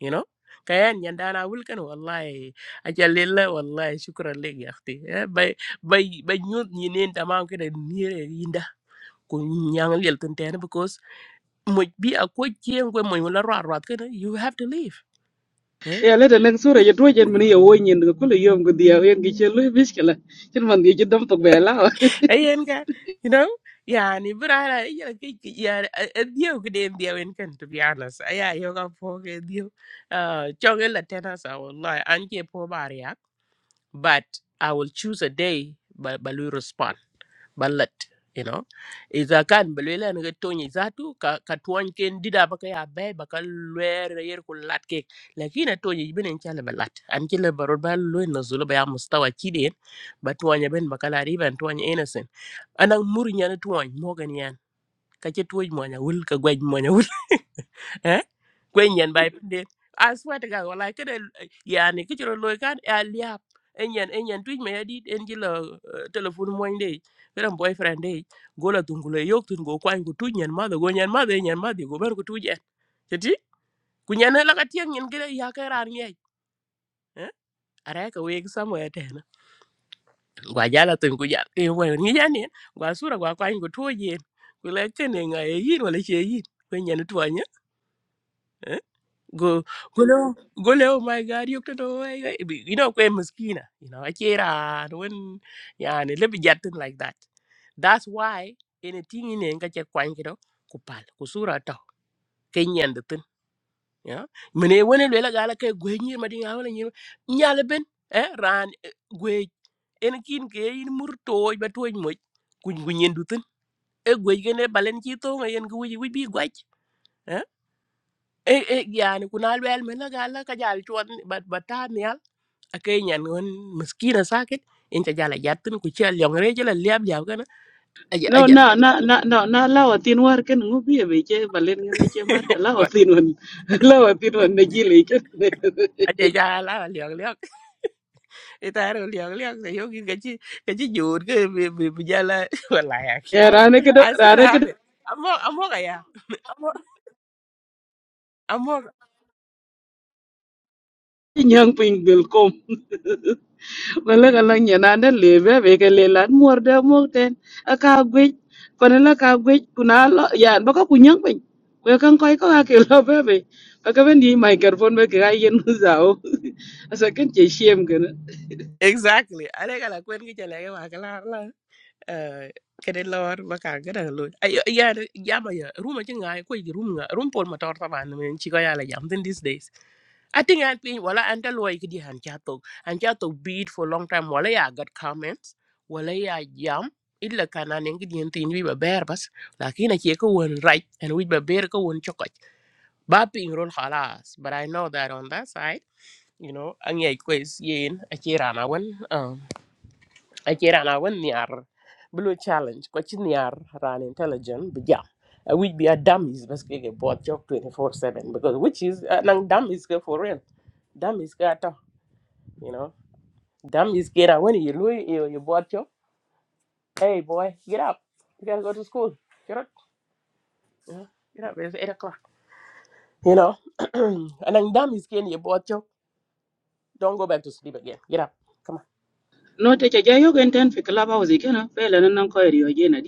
you know kayan yandana wulkan wallahi ajalilla wallahi shukran leg ya akhti Eh, bay bay bay nyot ni nen tamam ke de nire yinda kun nyang lel tun tena because mo bi akoy kien ko mo la rat rat you have to leave Eh? e leta nang sura ya tuwa chen mani ya woi nyen ka kula yom ka diya yang ki chen lui bish kala chen man di chen dam tok be lao ayen ka you know yani brara ya ke ya dio ke den dio en kan to be honest aya yo ga po ke dio uh choge la tena sa wallahi an ke po baria but i will choose a day ba Balu respond ballet you know iza kan belela ne to ni zatu ka ka tuan ken dida ba ka ya be ba ka lwer yer ku lat ke lakini to ni benen chale balat an ke le barod ba lu na zulu ba ya mustawa kiden ba tuanya ben ba kala riban tuanya innocent anak muri nyane tuony mogen yan ka ci tuoc muony awul ka gueñ muony awul eh gueñ yen bay penden a swear to god walai kede yani ki ciro loy kan e a liap en yen en yen tuic me adit en ci la telephone muony de kede boyfriend de gola tun kulo yok tun go kwany ku tuic nyen madho go nyen madho nyen madho go ber ku tuic en ceti ku nyane laka tieng nyen kede ya ka e ran ngej eh are ka weg somewhere ten gwa jala tun ku jal e wa ni ya ne gwa sura gwa kwa ngu to ye ku le ke ne nga e yin wala che yin ku nyen to anya go go le go le oh my god you to do you know ku maskina you know akira when ya ne le bi jatin like that that's why anything in nga che kwa ngi do ku pal ku sura to ke nyen ya mene wene lela gala ke gwe nyir ma dinga wala nyir nyale ben eh ran eh, gwe en kin ke in mur toy ba toy moj kuñ gu nyen dutun e gwe gene balen ci to nga yen gu wi wi bi gwaj eh e e yani kuna lwel mena gala ka jal tuan bat batam yal akay nyan won miskina sakit en ta jala jatun ku ci al yong re jala liab liab kana aja no aja na na na na na lao tin war ken ngu bi be che balen ngen che mat lao Ma- tin wan lao tin wan na ji le chen aja jala al yong liab itaro liab liab sa yogi gaji gaji jur ke bi bi bi jala wallahi ya rane ka do I still rane ka have do it. I'm all, I'm all, yeah. I'm all, I'm all. nyang ping bil kom wala ka lang yan ande lebe be ke lelan muor de mok ten aka gwej pana la ka gwej kuna lo yan baka kunyang pe we kan koy ko ka ke lo be be aka ben di microphone be ka yen zao asa ken che shem gena Exactly. I think I like when you tell me, I can la. Kede lor maka gada lo. Ay ya ya ma ya. Room aja ngai ko di room ngai. Room pol motor taban men chiko ya la jam then these days. I think I think wala anta lo ay kidi han chato. Han chato beat for long time wala ya got comments. Wala ya jam. Illa kana nengi di entin wi ba ber bas. Lakini chiko won right and wi ba ber ko won chokot. Ba ping rol khalas. But I know that on that side. you know ang yai kwes yen achirana wan um achirana wan niar blue challenge ko chi niar ran intelligent bija uh, which be a dummies bas ke bot job 24/7 because which is uh, nang dummies ke for real dummies ke ata you know dummies ke ra when you lu you, you bot job hey boy get up you gotta go to school get up you know, get up it's 8 o'clock you know and nang dummies ke ni bot job don't go back to sleep again get up no te che jayo gen ten fi club house gena pe la nan koy riyo gena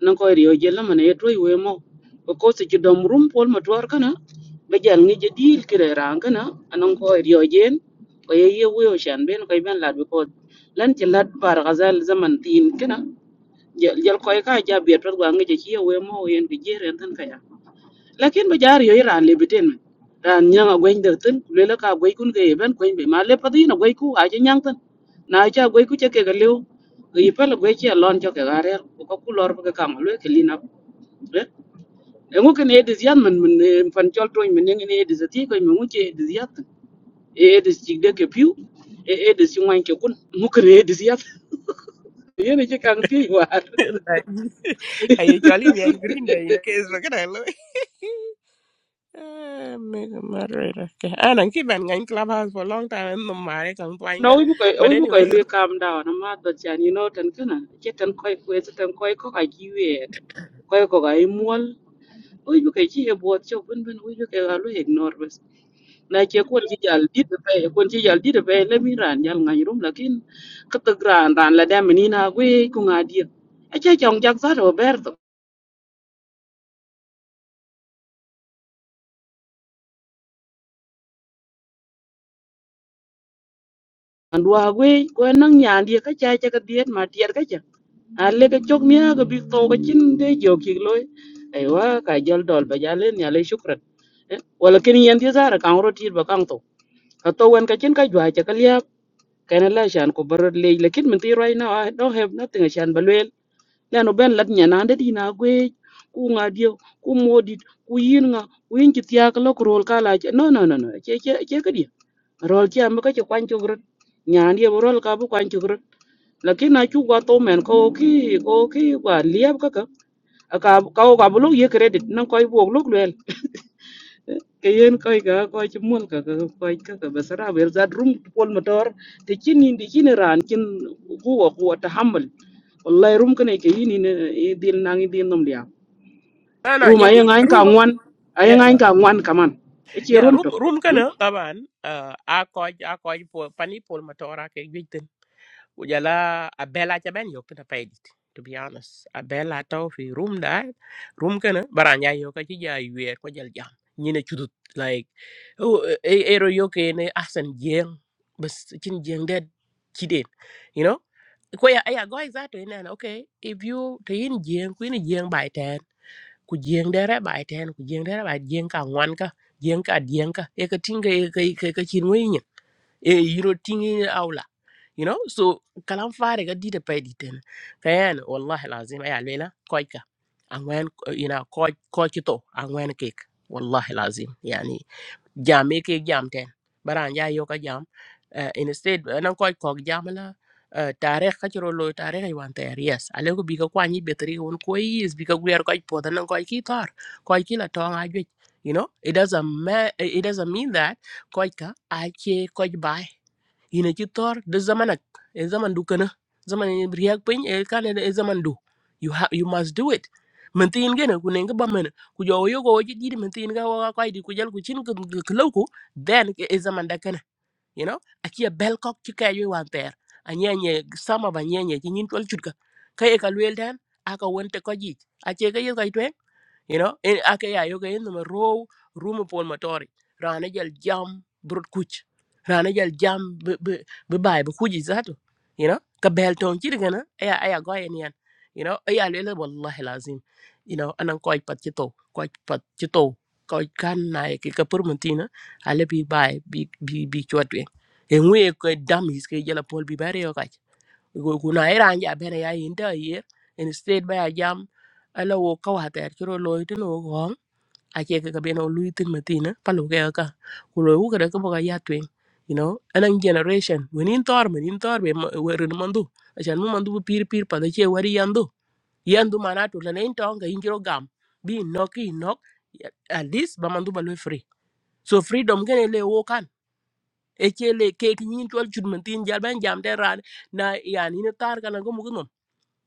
nan ko riyo jella man e toy we mo ko se ci dom rum pol ma twar kana be jal ngi je dil kire ran kana anan ko riyo jen ko ye ye we o shan ben ko ben lad ko lan ci lad bar gazal zaman tin kana jal jal ko ka ja be to gwa ngi je ci we mo yen bi jere tan kaya lakin ba jaar yo iran lebiten men ran nyanga gwen de tin le la ka gwen kun ke ben gwen be ma le pati na gwen ku a je nyang tin na cha gwen ku che ke ga leu yi pa la gwen che lon cho ke ga re ku ko ku lor ba ka ma le ke lin up re e ngu ke ne de zian men men fan chol to men ne ne de zati ko men ngu che de ziat e de chig de ke piu e e de si wan ke kun ngu ke ne de ziat ye ne che kang pi war like, I usually me I green day in case we're gonna lose. Ah, mega a moderator. Okay. I don't keep an in clubhouse for a long time and no matter can find it. No, we book a But we book a anyway, really look. calm down. I'm not that you know ten kana. Get ten koi koi so ten koi ko ka kiwe. Koi ko ka imwal. We book a chi about cho bun bun we book a lu ignore bas. Na che ko chi jal di de pe ko chi jal di de pe le mi ran jal ngai rum lakin ka te gran ran la da meni na we ku nga di. A che chong jak za ro ber an wa gwe ko nan nyan die ka cha cha ka diet ma tiet ka cha an le ka chok nia ka bi to ka chin de jo ki loy ai wa ka jol dol ba ja len ya le shukran Eh, wala kin yen die zara kan ro tir ba kang to ka to wen ka chin ka jwa cha ka lia ka na la shan ko barot le lekin min ti right now i don't have nothing shan ba leno ben lat nyanandet yin agwe ku nga dieu ku modit ku yin nga ku yin chi tiak lo ku rol kala che no no no no che che che ke dia rol che am ka che kwan chu grot nyan ye rol ka bu kwan chu grot lakin na chu gwa to men ko ki ko ki gwa liab ka ka ka ka ka bu lo ye credit nan ko bu lo kayen koy ga koy ci mol ka ka koy ka ka basara bel za drum pol motor te kin indi kin ran kin huwa huwa tahammul wallahi rum kane ke yini ne e dil nangi dil nom liya ah no, rum yeah, ay ngain ka room. ang- ngwan ay Yeah, no. ngain ka ngwan kaman e ci Yeah, rum room to room Jaga kana taban. ah a koj a koj pol pani pol matora ke Ujala abela jaben yo pina paidit. To be honest, abela tau fi room da, room kana baranya yo ka chija yuer ko jal jam. Nyine chudut like oh e ero yo ke ne asan jeng bas chin jeng dad chiden. You know? Ko ya ya go exacto ina na okay if you to yin jeng ku yin jeng bai ten ku jeng dere bai ten ku jeng dere bai jeng ka ngwan ka jeng ka dieng ka e ka tinga e ka ka chin wi nyin. E yiro tingi you know so kalam fare ga dida pay diten kayan wallahi lazim ay alela koy ka angwen you know koy koy to angwen kek wallahi lazim yani jame ke jam ten baran ya yo ka jam uh, instead nan koy kok jam la uh, tarikh ka chiro lo tarikh ay wan ter yes ale ko bi ka kwani betri won koy yes bi ka gwer koy poda nan koy ki tar koy ki la tong ajwe you know it doesn't ma- eh, it doesn't mean that koy ka ache koy bay ina ci tor da zamanak e zaman du kana zaman e riak pin e kan e zaman du you ha you must do it men tin gene ku ne ba men ku jo yo go ji di men tin ga wa ka di ku jal ku chin ku klau ku then e e zaman da kana you know aki a bel kok ci ka yo wan ter anya nye sama ba nye nye ci nyin tol chut ka ka e ka luel dan aka wonte ko ji a che ga yo ka you know in ake ya yoga in ma row room pol motori rana jal jam brut kuch rana jal jam be be be bay be kuji zato you know ka bel ton ci diga na aya aya go yen yan you know aya lele wallahi lazim you know anan koy pat ci to koy pat ci to koy kan na ki ka permentina ale bi bay bi bi bi chotwe e ngwe ko dam his ke jala pol bi bare yo kuna iran ja bene ya inte yer instead ba ya jam ala wo ka wa ter chiro loy tin wo gong a che ka bene o lui tin matina pa lo ke ka ku lo ku ka ka ya twen you know anan generation when in tor men in tor be wer ni mandu a chan mu mandu bu pir pir pa da che wari yandu yandu mana to na in tong ka in chiro gam bi nok i nok at least ba mandu ba lo free so freedom gene le wo kan e che le ke kin tol chud matin jal jam de ran na yani ne tar kana go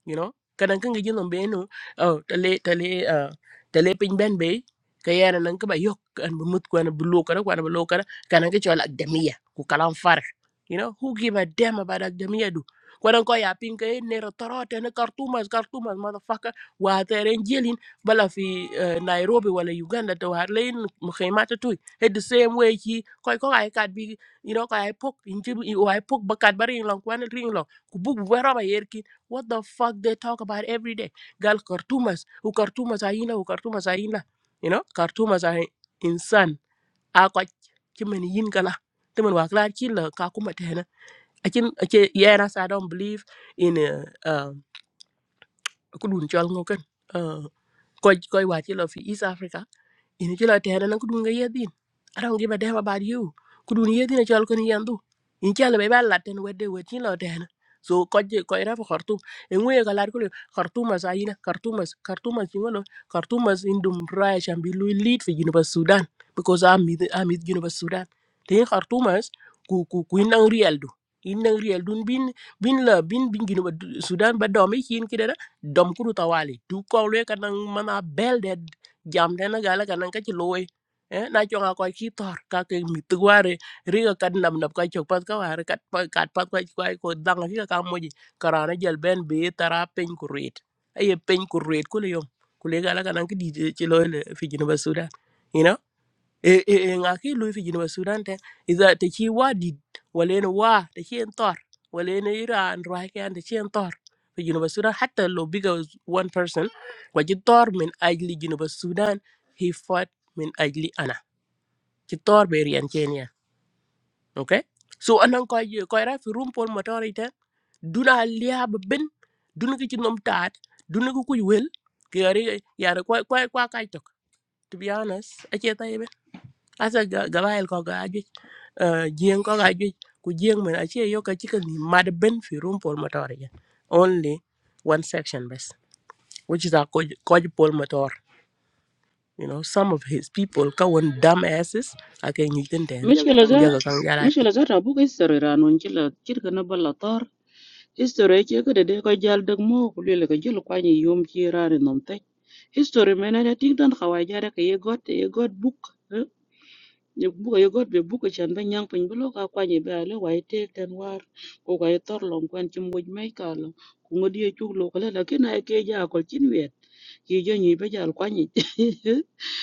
you know kadang kan gaji nombe no oh tale tale uh, tale pin ben be kayana nan ka ba yok an bu mut ko an bu lo kara ko an bu lo kara kanan ka chola agdamiya ku kalam far you know who give a damn about agdamiya do kwadan ko ya pin kay ne torote ne kartumas kartumas motherfucker wa teren jelin bala fi uh, nairobi wala uganda to har lein mukhaymata tuy head the same way ki koy ko ay kat bi you know ko ay pok inji o ay pok bakat bari long kwan ring long ku bu bu ba roba What the fuck they talk about every day? Gal Khartoumas, who Khartoumas are ina, who Khartoumas are ina. You know, Khartoumas are insan. Ako chimen yin kala. Timen wakla chila kakuma tena. Akin ache yenas I don't believe in uh uh kudun chol ngoken. Uh koi koi wa fi East Africa. ini chila tena na kudun ga yedin i don't give a damn about you kudun yedin a chal kun yandu in chala be balla ten wedde wetin lo tena so koje ko ira khartum en we ga lar kulu khartumas ayina khartumas khartumas jingolo khartumas indum raya chambi lu lead for university sudan because i'm with i'm with university sudan te khartumas ku ku ku inang real du inang real dun bin bin la bin bin university sudan ba domi kin kidera dom kudu tawali du ko le kanang mana belde jam tena gala kanan ka ci loy eh na cho nga ko ki tor ka ke mi tuare ri ga kan nam nap ka chok pat ka war kat pa kat pat ka ko ko dang ri ka moji karana jel ben be tara pen ku ret ay pen ku ret ku le yom ku le gala kanan ki di ci loy le fi jinu basuda you know e e e nga ki lu fi jinu sudan te iza te chi wa di wala ne wa te chi en tor wala ne iran ro ha kan te chi en tor fi jinu sudan hatta lo biga was one person wa ji tor min ajli jinu sudan he fought min ajli ana ci tor be rian kenya okay so anan ko ye ko ra fi rum pol motori te duna liab ben duna ki ci nom taat duna ko kuy wel ki yari yara ko ko ko kay tok to be honest ake tay asa gabail ko ga ajuj eh, jieng ko ga ajuj ku jieng men achi yo ka chika ni mad ben fi rum pol motor again only one section best which is a koj koj pol motor you know some of his people ka won dumb asses ake ni ten ten mishkila ku jaga jaga za kan jara mishkila za ta buga istore ran on kila kirka na balla tar istore ke ka da de koy jal dag mo ko le ka jil kwani yom ci ran nom te istore mena da tigdan khawaja da ka ye got ye got book hmm? ye buka ye got be buka chan ba nyang pin bulo ka kwa ye ba le wai te ten war ko ka ye tor long kwen chim woj mai ka lo ku ngodi ye chuk lo kala la kina ye ke ja ko chin wet ki jo nyi ba jal kwa nyi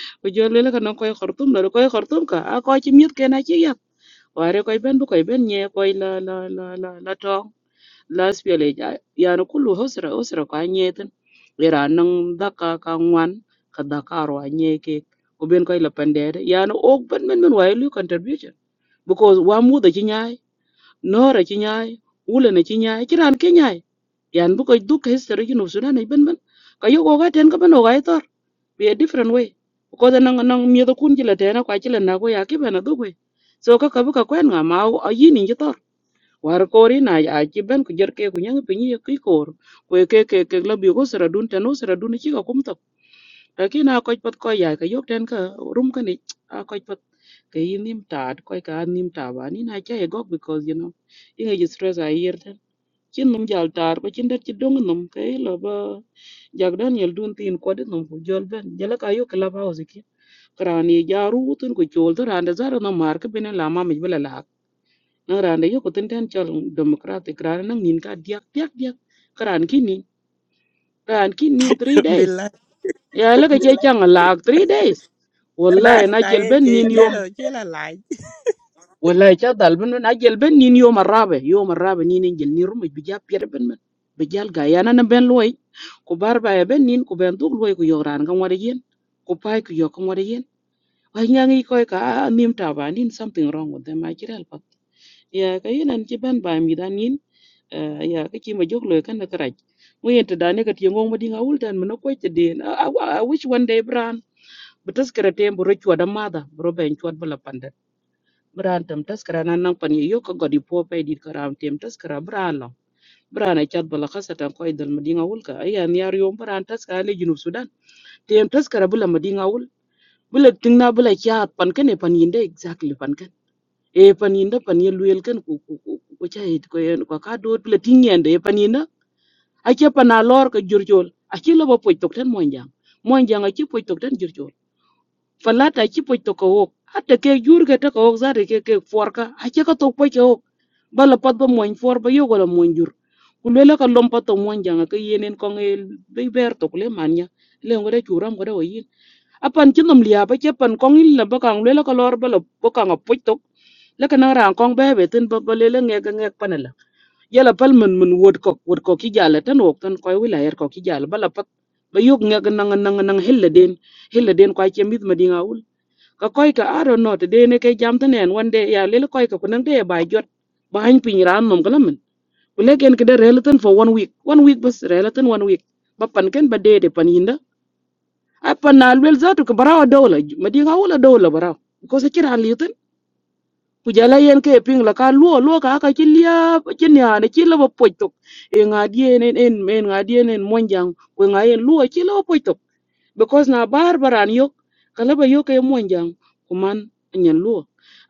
ko jo le la ka no ko ye khortum la ko ye khortum ka a ko chi mit ke na chi yak ware ko ben bu ko ben nye ko la la la la la to la spele ja ya no kullu hosra hosra ka nye ten ira nang daka ka ka ngwan ka dakaro nye ke ko ben ko la pandere ya no ok ben ben ben wai lu contribution because wa muda ci ñaay noora ci ñaay wula na ci ñaay ci raan ke ñaay yan bu koy duk history ji no sudan ay ben ben ka yo ko ga ten ka ben o ga ay tor be a different way ko da nang nang mi da kun ji la tena kwa ci la na ko ya ki ben do kwe so ka ka bu ka kwen nga ma a yi ni ji tor war ko ri na a ci ben ku jer ke ku nyang pe ni ki kor ko ke ke ke la bi ko sara dun teno sara dun ci ka kum tok ta ki na ko pat ko ya ka yo ten ka rum ka ni a ko ke yin nim ta ko ka an nim ta ba ni na cha e gok because you know yin ge stress a yer ten chin num jal tar ko chin det chi dong num ke lo ba jak daniel dun tin ko det num ku jol ben jala ka yo club house ki krani jaru tun ko chol to rande zaro no mar ke bene la ma mi bela la na rande yo ko tin ten chol democratic ran nang nin ka diak diak diak kran kini ran kinin three days billahi ya la ke che chang la three days na wallahi na na jel ben ye nin yom chela chela والله جاد البن من اجل بن نين يوم الرابع يوم الرابع نين انجل نين رمج بجاب بير بن من بجال غايا انا بن لوي ku bar ba ya ben nin ku ben duk loy ku yo ran kan wada yen ku pai ku yo kan wada yen wai nyangi koy ka "Ah, ah, nim ta ba nin something wrong with them a kiral pat ya ka yin an ci ben ba mi dan yin eh, ya ka ci ma jog loy kan na karaj mu yen ta dane ka ti ngong ma dinga wul tan mun ko ti den i I- I wish one day bran but as kare tem bro chwa da mada bro ben chwa bala Berantem tam karena nang nan pan yo ka godi po pe dit karam tem taskara bran lo bran ay chat bala khasa tan koy dal madinga wul ka ayan yar yo bran taskara le junub sudan tem taskara bula madinga wul bula tingna bula kya pan kan e pan yinde exactly pan kan e pan yinde pan ye luyel kan ku ku ku ku ku chay ko yen ko ka do bula tingyende e pan yinde ake pan a lor ka jurjol ake lo bo poj tok tan monjang monjang ake poj tok tan jurjol falata ake poj tok ko wok hatta ke jurga ta ko wok zare ke ke forka ake ka tok poj ko bala pat ba moñ for ba yo wala moñ jur ku lele ka lom pat to moñ janga ka yenen ko nge be ber to kule man nya le ngore churam gore wo yin apan chinom liya ba che pan kong il la ba kang lele ka lor bala ba kang apuch to le ka nang rang kong be be tin ba ba lele nge ga nge panela yala pal man man wod kok wod kok ki jala tan wok tan koy wila yer kok ki jala bala pat ba yog nge ga nang nang nang hilla den hilla den kwa che mit ma dinga ul ka koy ka aro not de ne ke jam tan en wande ya lele koy ka kunang de ba jot ba hany pin ran nom kalam ولكن كده ريلتن for one week one week بس ريلتن one week ببان كان بديت بانيندا أبان نالبل ذاتو كبراو دولة مدينة أول دولة براو because كده عليتن kujala yen ke ping la ka luo luo ka ka chilia chinia ne chila bo poitok e nga dien en en men nga dien en monjang we nga yen luo chila bo poitok because na bar baran yok kala ba yok e monjang kuman nyen luo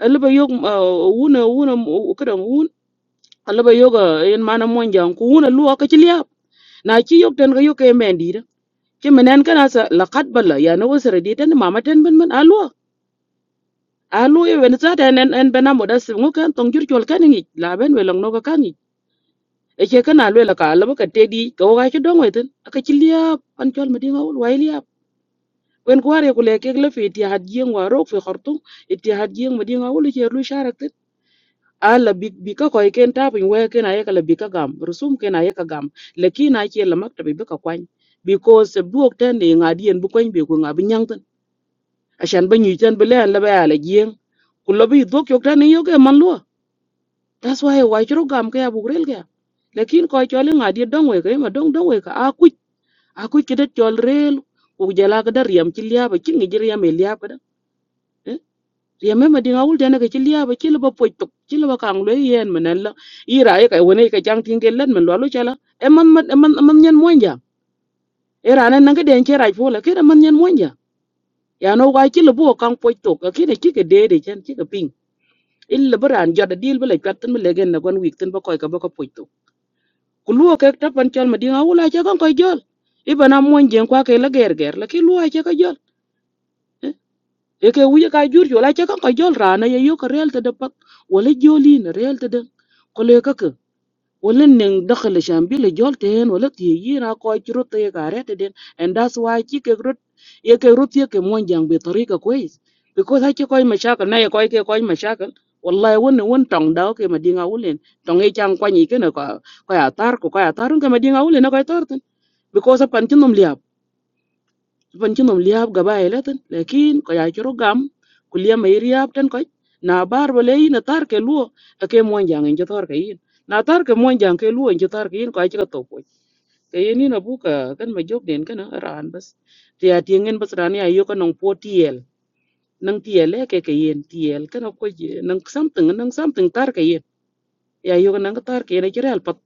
ala ba yok uh, wuna wuna kada wun ala ba yok uh, en mana monjang ku wuna luo ka chilia. na chi yok tan ga yok ke men di chi menen kana sa laqad bala ya na wasra di tan mama tan ben ben alwa alu e wen sa tan en en bena moda sim ngo kan tong jur chol kan ngi la ben we long no ka kan ngi e che kana lwe la ka la ka te di ka wa chi dong we tan aka chi liap an chol ma di ngawul wai liap wen ko are ku le ke le fi ti had yeng wa rok fi khartum ti had yeng ma di ngawul che lu sharak a la bik bika ko ken tap in we ken ayeka la bika gam rusum ken ayeka gam lekin a che la makta bi bika kwany because se buok ten ni ngadi en bu kwany bi ku ngabi nyang ten ashan ba nyi ten bele la ba la gieng ku lo bi dok yok tan yo ke man lo that's why why chro gam ke abu rel ke lekin ko chole ngadi dong we ke ma dong dong we ka a ku a ku ke det chol rel ku jala ka dar yam chi liab chi ngi jer yam e liab ka da remember dinga wul dana ke chilia ba chilo ba poitok chilo ba kang le yen menen la ira e kai wone ke jang tinge len men lalo chala e man man e man e man nyen monja era nan nanga den chera fola ke man nyen monja ya no wa chilo bo kang poitok ke ne chike de de chen chike ping illa baran joda dil bele katten bele gen na gon wik ten ba koy ka ba ko poitok kuluo ke tapan chal ma dinga wul a cha kan koy jol ibana monjen kwa ke la ger ger la ke luo a cha ka jol eke wiye ka jur jo la che kan ka jol rana ye yo ka real tede pak wala joli na real tede ko le ka ka wala neng dakhal shambi le jol ten wala ti yi na ko juro te ka re tede and that's why chi ke rut ye ke rut ye ke mon jang be tarika kwes because ha che koy mashakal na ye koy ke koy mashakal wallahi won won tong daw ke madinga wulen tong e chang kwani ke na ko ko ya tar ko ko ya tar ke madinga wulen na ko ya tar ten because pan chinom ban ci nom liab gaba ay latin lakin ko ya curo gam ku liam ay riab tan ko na bar ba lay na tar ke luo ake mon jang en tar ke yin na tar ke mon jang ke luo en tar ke yin ko ay ka to ko ke yin ni na bu ka kan ma jok den kan ran bas ti ya ti ngen bas ran ya yo ka nong po tiel nang tiel e ke ke yin tiel kan ko je nang something nang something tar ke yin ya yo ka nang tar ke na jiral pat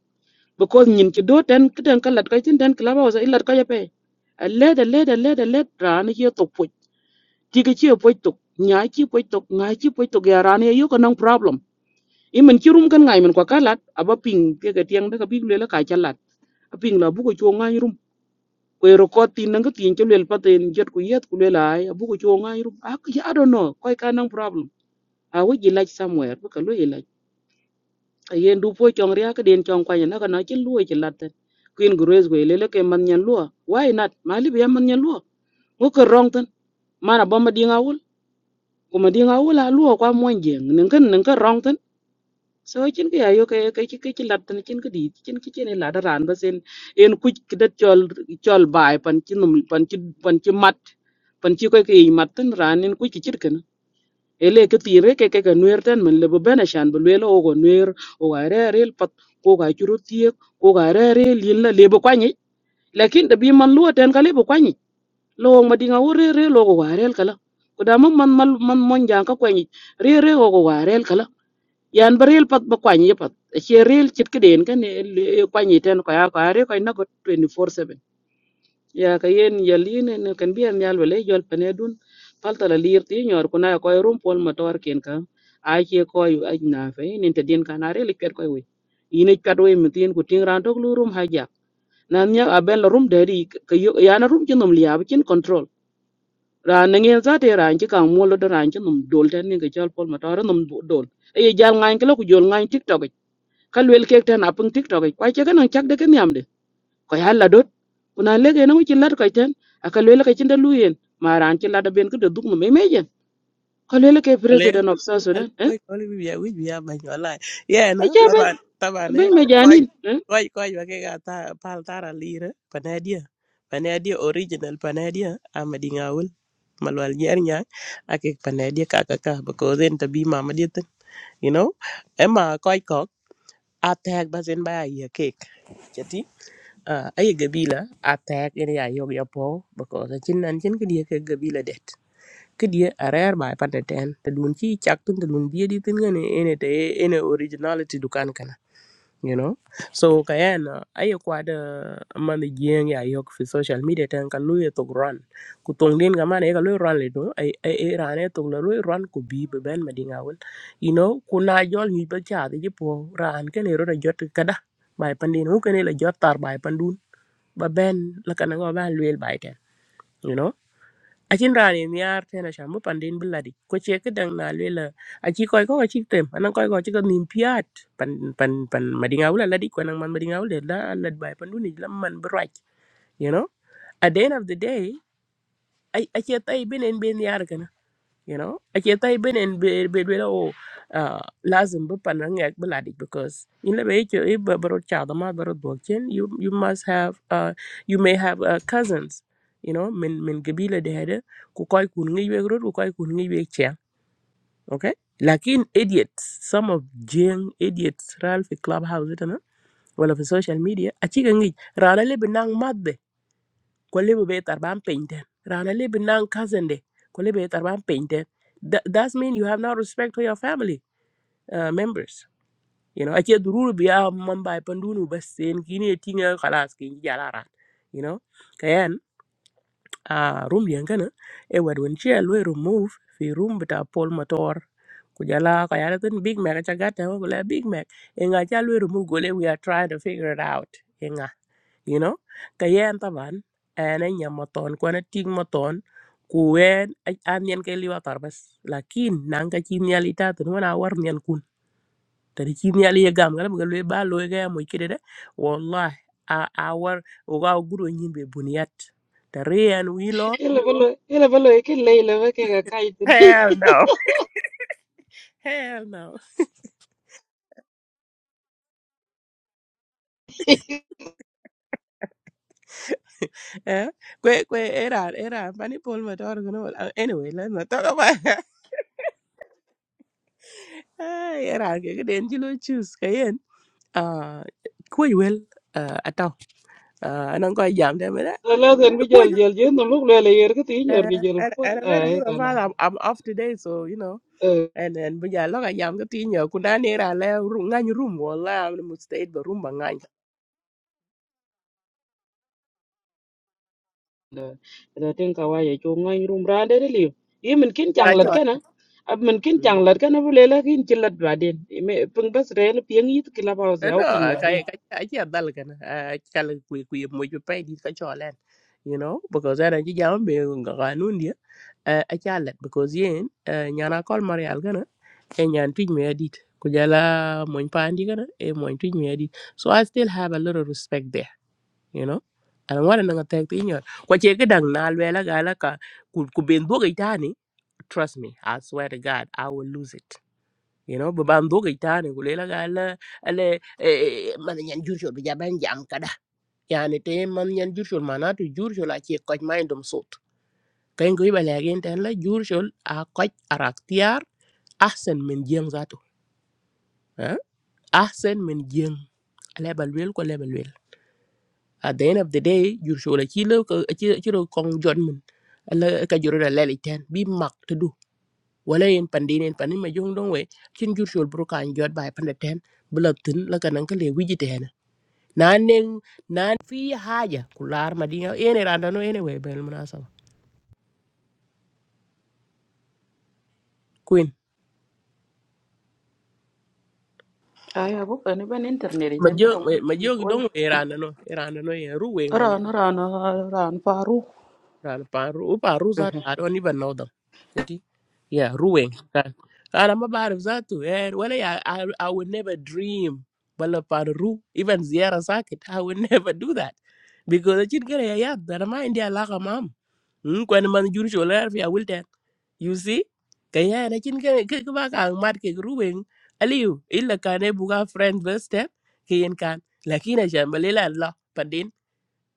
because nyin ci do ten kidan kalat ka tin ten klaba wasa illat ka ya pe aled aled aled aled ran ye to ti ke che poi tok nya chi poi tok nga chi poi tok ya ran ye ko nang problem i men chi rum kan ngai men ko kalat aba ping ke ke tiang da ka big le la ka chalat a ping la bu ko chu ngai rum ko ro ko tin nang tin che le pa tin jet ku yet ku le la ai bu ko chu ngai rum a ki i don't know ko ka nang problem a wo ji lach somewhere bu ka lo i lach a yen du po chong ria ka den chong kwa nya na ka na chi lu chi lat queen grace go le le ke man nyan lu why not mali bi man nyan lu ko ko wrong tan mana bomba dinga wul kuma di nga la luo kwa mon jeng nin kan nin kan rong tan so chin ke ayo ke ke ke ke lat tan chin ke di chin ke chen la da ran ba sen en kuj kidat chol chol bai pan chin num pan chin pan chin mat pan chi ko ke i mat tan ran en kuj chit kan ele ke tire ke ke ke nuer tan men le bena shan bu le o go nuer o ga re re pat ko ga churu tie ko ga re re lin la le bo kwani lakin da bi man luo tan ka le bo lo ma dinga wo re re lo go wa rel kala ko da man man mal man mon jang ka kwani re re go go wa rel kala yan ba rel pat ba kwani pat che rel chit ke den kan e kwani ten ko ya ko are ko na go 24/7 ya ka yen yaline ne kan bi an yal wele jol pane dun palta la lir ti nyor ko na ko rum pol motor ken ka a che ko yu aj na fe nin te den kan are le pet ko we ine pet we mitin ko tin ran tok lu rum ha ja nan ya aben la rum de ri ka yo ya na rum chinom liab chin control ran na ngel zate ran ci kan molo do ran ci num dol ten ni ga jol pol ma tawra num du- dol e ye jal ngain kala ku jol ngain tiktok ik. ka wel kek ten apung tiktok ik. kwa ce kan chak de ken yamde ko yalla dot kuna lege na mu ci lat ko ten aka wel ka ci ndalu yen ma ran ci lada ben ko de dugno me meje ko wel ke Valeu, president of south sudan valeu, eh oi, oi, bia, ui, bia, mà nhỏ lại. Yeah, a nó, ce ta ben bạn, ta bạn ben ấy, me coi, janin eh coi, coi, và cái gà ta, pal ta ra lì đó, panadia, panadia original panadia, à mà đi ngào ul, mà loal nhẹ nhàng, à cái panadia cả cả cả, bà cô dên ta bi mà mà đi tên, you know, em mà coi có, à tag bà dên bà ai à cake, chati, à ai gabi là, à tag cái này ai yogi apo, bà cô dên chín ăn chín cái đi cái gabi là ke die a rɛɛr bai pa tɛtɛɛn te dun ci cak tun te dun die dit ŋene ene te ene originality dukan kana you know so kayen aye kwad man jieŋ ya yok fi social media ten ka lu ye tok run ku tong din ga man e ka lu run le do ai ai ai ran e tok la lu run ku bi be ben ma dinga wel you know ku na jol ni ba cha de po ran ken ro da jot kada bai pandin hu ken la jot tar bai pandun ba ben la kana go ban luel bai ten you know acin raan en yaar ten acan bi pandin bi ladi ko ce kedeng na lue la aci kɔc kɔk acik tem anan kɔc kɔc ci ke nim piaat pan pan pan madiŋa wul aladi ku naŋ man madiŋa wul det la a lad bai pandun ic la man bi ruac you know at the end of the day acie thai ben en ben yar you know ake tai bin en be be be o lazim bu pan ngak bu ladik because in le be ke e ba baro cha da ma baro dokin you you must have uh you may have uh, cousins you know min min gabila de hede ku koy kun ngi we ku koy kun ngi we che okay lakin idiots some of jeng idiots ral fi clubhouse e tana wala fi social media a ci ga ngi rala le binang madde ko lebe be tar ban painten. rana lebe nan kazende ko lebe tar ban painten. Th- that's mean you have no respect for your family uh, members you know ake dururu biya man ba pandunu basen. kini tinga khalas kin jala ran you know kayan a room yangana e wad won chia lo remove fi room bita pol motor Kujala jala tin big mac cha gata ko big mac e nga cha remove gole we are trying to figure it out you know ka yen taban ene nyam maton ko na ting maton ku wen an yen ke liwa tar bas lakin nan ka chi nyal wana war nyen kun tani chi nyal ye gam galam ga le ba lo ga mo kide de wallahi a a war o ga guro nyin buniyat ta rian wi Ila bolo ila bolo ke leila ba ke ga kai tin. hell no hell no eh kwe kwe era era pani pol ma tor gno anyway let's not talk about era ke den chi lo choose ka uh, quite well uh, at all. Uh, and I'm quite jammed with that. La la zan bi jal Quite, jal jin no lu le le yer ke ti uh, nyor gi jal and, pol and I'm very ay good of kala. all. I'm, I'm off today, so you know. And and bây giờ lúc anh giảm cái tin nhờ cũng đã nè ra là ngang room wala I'm the mistake the room bằng ngang. la la ten ka waye cho ngai rum ra de li yi min kin chang Cái lat chỗ kana ab min kin chang lat kana bu lela kin chi lat ba den me pung bas re la pieng yit ki la ba ze au no ping wa kai den kai achi dal kan chal ku ku mo ju pe di ka cholen you know because ana ji jam be ganun dia a chalet because yen nyana kol marial kana e nyan tuj me adit ku jala moñ pandi kana e moñ tuj me adit so i still have a lot of respect there you know ana wara nanga tek tinyor kwa che ga dang na lwela gala ka ku ku ben duoga itani trust me i swear to god i will lose it you know ba ban dogi tane gulela gala ale man nyan jurshol bi jaban jam kada yani te man nyan jurshol manatu jurshol a ci koj mindum sut kayn goy bala gen tan la jurshol a koj araktiar ahsen min jeng zato eh? ahsen min jeng ale balwel ko lebal wel at the end of the day jurshol a ci la ci ci ro kong jot min ala ka juro da leli ten bi mak tudu wala yen pandinen panin ma jong dong we cin jurshol bru kan jot bay pande ten bula tin la kanan kale wijite na neng na fi haja kular madinga ene randa no ene we bel munasaba queen Ay, abo kan iban internet itan majo kada wala majo wala. don we randa no e randa no e ruweng wal Ran ran ran paru. ran pa ru u pa ru za ta don even know them keti yeah ruweng kan ana ma barif tu eh wala I, i would never dream bala pa ru even ziara sakit i would never do that because chin gare ya ya da ma india la mm, kwen man jur chol er fi awil ten you see kaya na chin ke ke ke ba ka mat ke ruben aliu illa kane buga friend best ten ke yen kan lakina jambalela la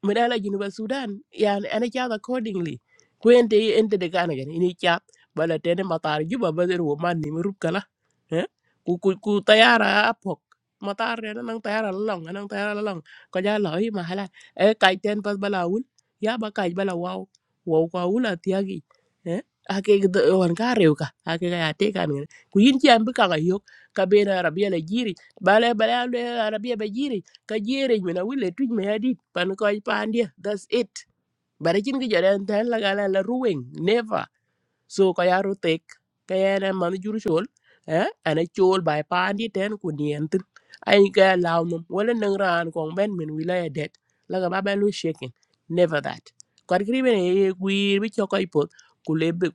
min ala Juba Sudan yani ana chat accordingly ko ente ente de kana gani ini chat bala tene matar juba bazer wo man ni rup kala eh ku ku ku tayara apok matar re nang tayara long nang tayara long ko ja lo i mahala e kai ten pas bala wul ya ba kai bala wow wow ko wul atiagi eh ake gdo wan ka rew ka ake ga ate kan ku yin ci am ka ga yok ka be na rabia la jiri bala bala le rabia be ka jere mina wile tuj me hadit pan ko pandia that's it bare chin ki jaren tan la gala la ruwing never so ka yaro tek ka yana man jur chol eh ana chol bai pandi ten ku nien tin ai ga law num wala nang ran kong ben min wilaya det la ga ba ben lu shaking never that kwat kri ben e e, gwir bi choko ipot kulebe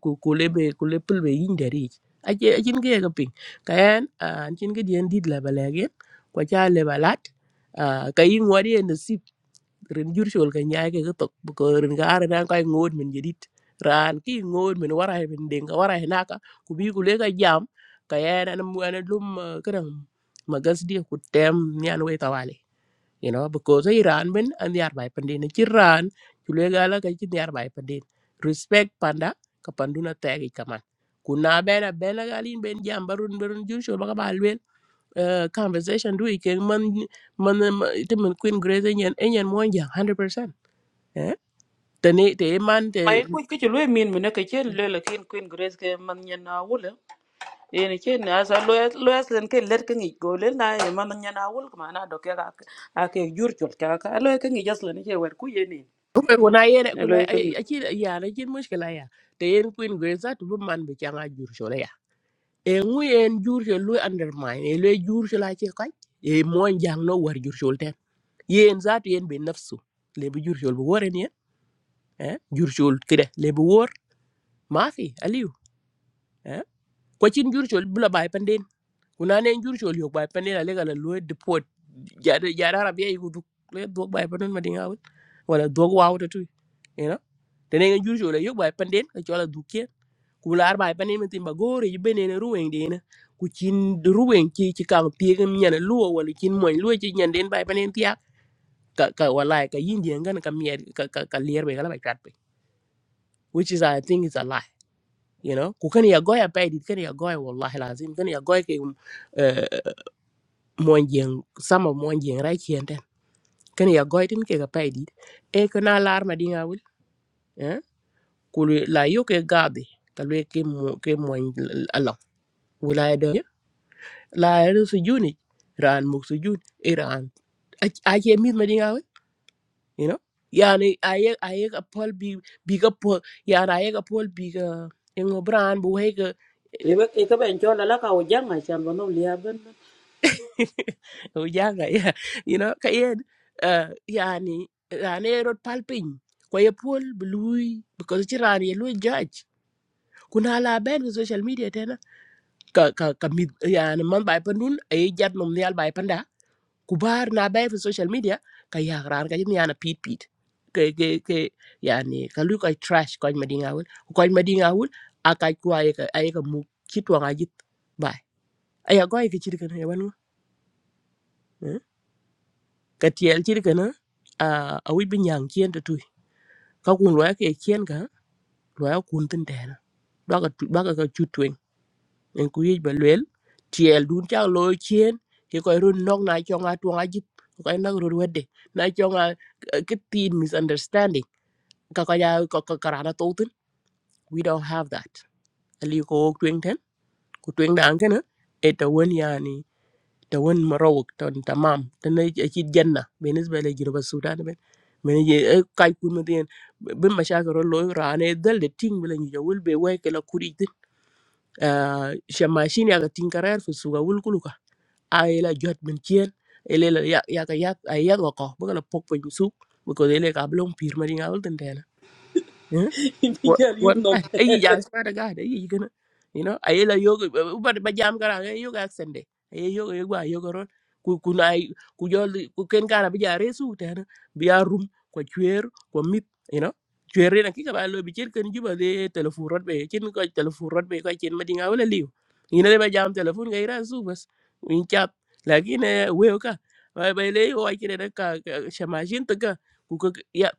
le kulepul be yin dari aje ajin ge ga ping kayan an chin ge dien dit la balage kwa cha le balat ka yin wadi en rin jur chol ka nyaay ke tok ko rin ga ara dan kai ngod min jedit ran ki ngod min wara he min denga wara he naka ku bi ku le ka jam ka yan an mu an lum kadam magas dia ku tem nyan we tawale you know because ay ran ben an yar bay pandin ci ran ku le ga la ka ci yar bay pandin respect panda ka panduna tagi kaman ku na bena bena galin ben jam barun barun jur chol ba ka ba uh, conversation du ken man man te man queen grace enyen enyen mo jang 100% eh tani te man te Mai ku ke lu min min ke ke le le kin queen grace ke man nya na wala. Ene ke na sa lo lo aslen ke let ke ngi go le na e man nya na wala ma na do ke ga a ke jur chul ka ka lo ke ngi jasle ni ke wer ku ye upe kuna yene kuna ni. achi ya na chin mushkila ya te yen queen grace at bu man be changa jur shola ya e ngu yen jur shol lu undermine e le jur shola chi kai e mo jang no war jur shol ten yen zat yen be nafsu le bu jur shol bu woren yen eh jur shol kide le bu wor mafi aliu eh ko chin jur shol bu la bay kuna ne jur chol yok bai panela lega la lue deport jada jada rabia yiku duk le dog bai panon madinga awul wala dog wawu tatu you know tene ngen jur chol yok bai panden ka chola dukke ku lar bai panen min timba gore yibene ne ruweng de ne ku chin ruweng chi chi kang tiegem nyana luo wala chin moy luo chi nyanden bai panen tia ka ka wala e ka yindi ngan ka mier ka ka ka lier be kala bai kat be which is i think is a lie you know ku kan ya goya pai dit kan ya goya wallahi lazim kan ya goya ke um, eh, mon jeng sama mon jeng rai chien ten ken ya goy tin ke ga pay dit e ko na lar ma dinga wul eh ku la yo ke gabe ka le ke mo ke mon ala wala de eh? la er su juni ran mu su jun iran a ke mi ma dinga wul you know yani aye aye ka pol bi bi ka pol yani aye ka pol bi ka ingo bran bu he ga Ikeben cho lala ka ujang acan bonom liaben. ujanga yeah. you know ka yen uh, yani rane rot palpin ko ye pol blui because ti ran ye lui judge kuna la ben ko social media tena ka ka ka mid yani man bay pandun e jat mum nyal bay panda kubar na bay fi social media ka ya ran ka yin yana pit pit ke ke ke yani ka lu ka trash ko madinga wul ko madinga wul akai ko ay ka ay ka mu kitwa ngajit bay aya go ay ka chirkan ya wanu ka tiel ci kana a a wi bin yang chien to tui ka kun loya ke chien ka loya kun tin den baka tu baka ka ka chu twen en ku yi ba lwel tiel dun cha lo chien ki ko run nok na cho nga tuang a jip ko na ru wedde na cho nga ke tin misunderstanding ka ka ya ka ka karana to tin we don't have that ali ko twen ten ku twen dan kana eta wen yani ta wen marawak ta tamam ta na ci janna بالنسبه le jiro sudan ben men je kay kun ma den ben ma shaka ro lo rane dal de ting bela ni jawul be way kala kuri ti shamashin ya ga tin karar fu suga wul kuluka ay la jot men cien ele la ya ya ka ya ay ya ko ko bu kala pok fu su bu ko ele ka blong pir ma dinga wul den Wa- Ibijal yum nom. wallahi ay ya swear to god ay you gonna you know ay la yoga ba ba jam kara ay yoga accent de ay yoga yoga yoga ron ku ku nay ku jol ku ken kara bi jare su tan bi ya rum ko chwer ko mit you know chwer na ki ka ba lo bi chen ken juba de telephone rot be chen ko telephone rot be ko chen ma dinga wala liw ni na ba jam telephone ga ira su bas in chat lagi ne weo ka ba ba le o ay kire da ka shamajin to ka ku ko ya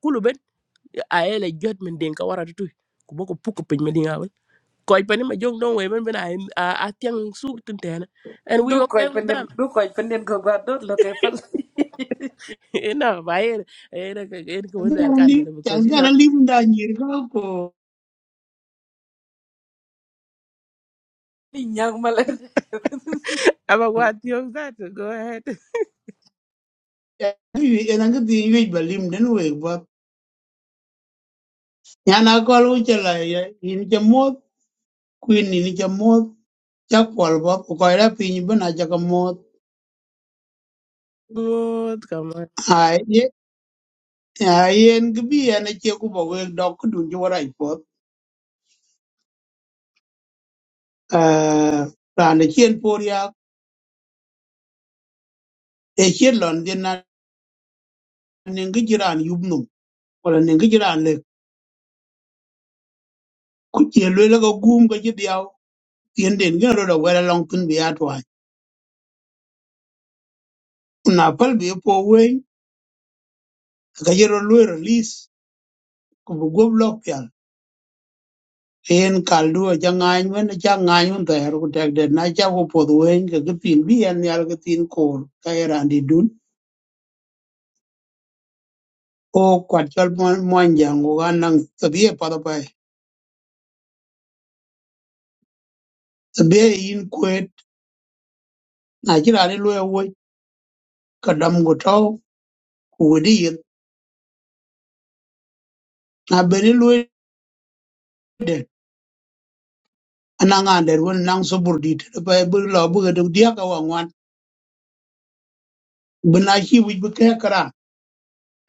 a ele jot men den ka wara tutu ku boko puko pin men dinga ko pani ma jong don we men bena a a tiang su tin tena and du we koy okay with penden them du koy penden ko ba do lo kay fal you know by it it it ko wel Agora al kar lim, because you know agora lim da nyirga ko. ni nyang malan aba what you that go ahead Ena ngi di yui ba lim den we ba. Nyana ko lu chala ya in cha mot queen in cha mot cha kwal ba ko ra pin ba na cha ka mot. good come on Ai ye ai en gi bi ena che ku ba we dok ku dun jora i pot. Eh ra ne chen por ya e chen lon den na ne ngi jiran yub num. Wala ne ngi jiran le ku che le ga gum ga ji diaw. Tien den gi ro da wera long tun bi na pal bi po wen ka yero lu release ku bu gob lok pian en kal du ja ngany wen ja ngany un ta her ku tek de na ja ku po wen ka ga tin bi en yal ga tin ko ka era di dun o kwat chal mon mon jang u gan nang ta bi pa da pa ta bi e in kwet na ji ra ni lu wo ka dam go to ku di yin na be ni lu de ana nga der wen nang so bur di ta pa bu lo bu ga du dia ka wa ngwan bu na chi bu ke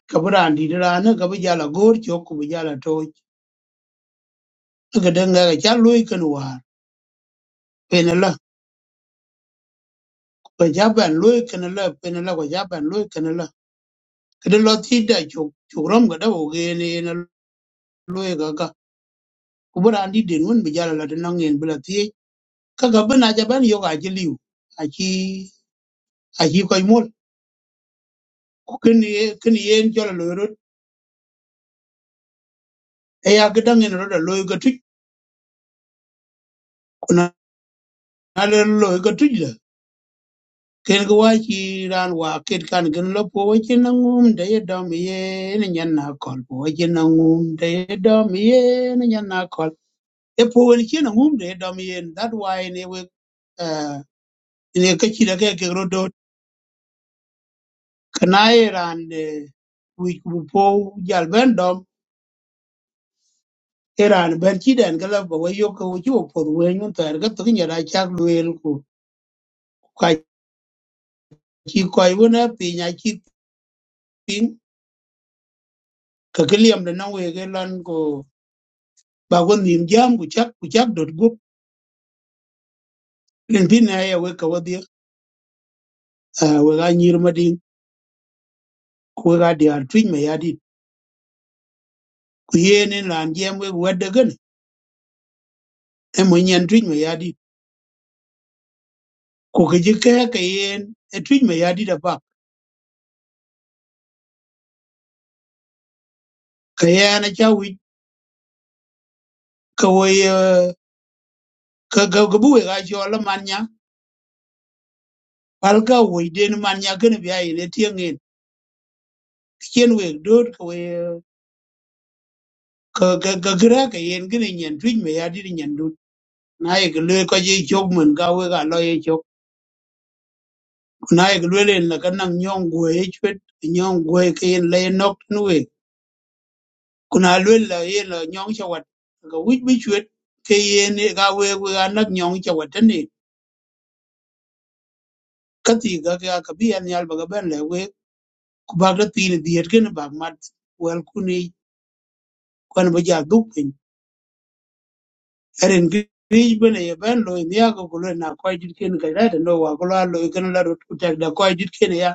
ka bi raan dit raan na ka bi jal agoor cök ku bi jal atooc öködë ŋëka ca loi kën waar pene la ka ca ban loi kënë la pene la ka ca ban loi kënë la këdë lö thïn da cök cök röm ködë ogen ena loi kaka ku bi raan dit den wen bi jal alötï na ŋen bï la thiëc kaka bï na ca ban yök acï liu aci aci köc mol ku kën yen cöl aloi rot ëya kï döŋ ën rot aloi ka tuc ku na lë loi ka tuc la ken ga wachi ran wa ket kan gin lo po wachi na ngum da ye dom ye ni nyan na kol po wachi na ngum da ye dom ye ni nyan na kol e po wani chi na ngum da ye dom ye that why ne we uh ne ka chi da ke ke ro do kana ye ran de wi ku po jal ben dom e ran ben chi den ga la po wa yo ko chi wo po we nyun ta ga to nya da cha lu el ku ka chi ko i wona pi nya chi ping ka kliam da na we ge lan ko ba ko nim jam ku chak ku chak dot gup len tin na ya we ka wadi we ga nyir ma din ku we ga di ar twin me yadi ku yene ran jam we wadde gan e mo nyen twin me yadi ku ke je ka ka yen e twin me yadi da ba ka yana cha wi ka we eh, ka ga ga bu we ga jo la man nya pal ka we den man nya gan bi ai ne tieng en kien we dot ka we eh, ka ka ka gra ka yen gan nyen twin me yadi nyen dot na ye ka le ka je jog man ga we ga lo ye ku na yek luel en la ka naŋ nyɔŋ guo ye chwet nyɔŋ guo ye ke yen la ye nok tin wek ku na luel la yen la nyɔŋ chawat ka wich bi chwet ke yen ye ka wek wek a nak nyɔŋ chawat tane ka thi ka ka ka bi an yal ba ka ben le wek ku bak da thi ni diet ken bak mat wel ku ni kwan ba ja duk pin erin ki rij bene ye ben lo ni ya ko ku le na ko jit ken ka da no wa ko la lo ken la rut ku tek da ko jit ken ya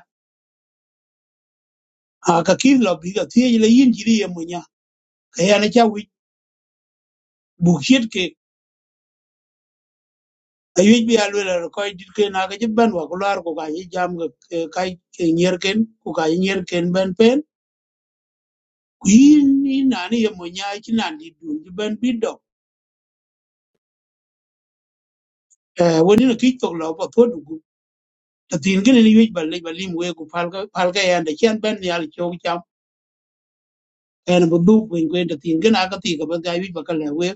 a ka kin lo bi ka thi le yin jiri ye munya ka ya na cha wich bu chiet ke ayuc bi alwel ar köc dit ken ake cï bën wök lwar ku ka cï jam kac enyer ken ku ka cï nyer ken bën pen ku in in na ni yemo nya cï na dit dun cï bën bï dök wen ino kic thok lö pa thuot dugu lathïn kënë ni yuc ba lec ba lim wee ku palkä ën de cën bën nial cök cam ën bi dhup kwen kwen lathïn kënë aka thï ka bën ka yuc ba ka lë wee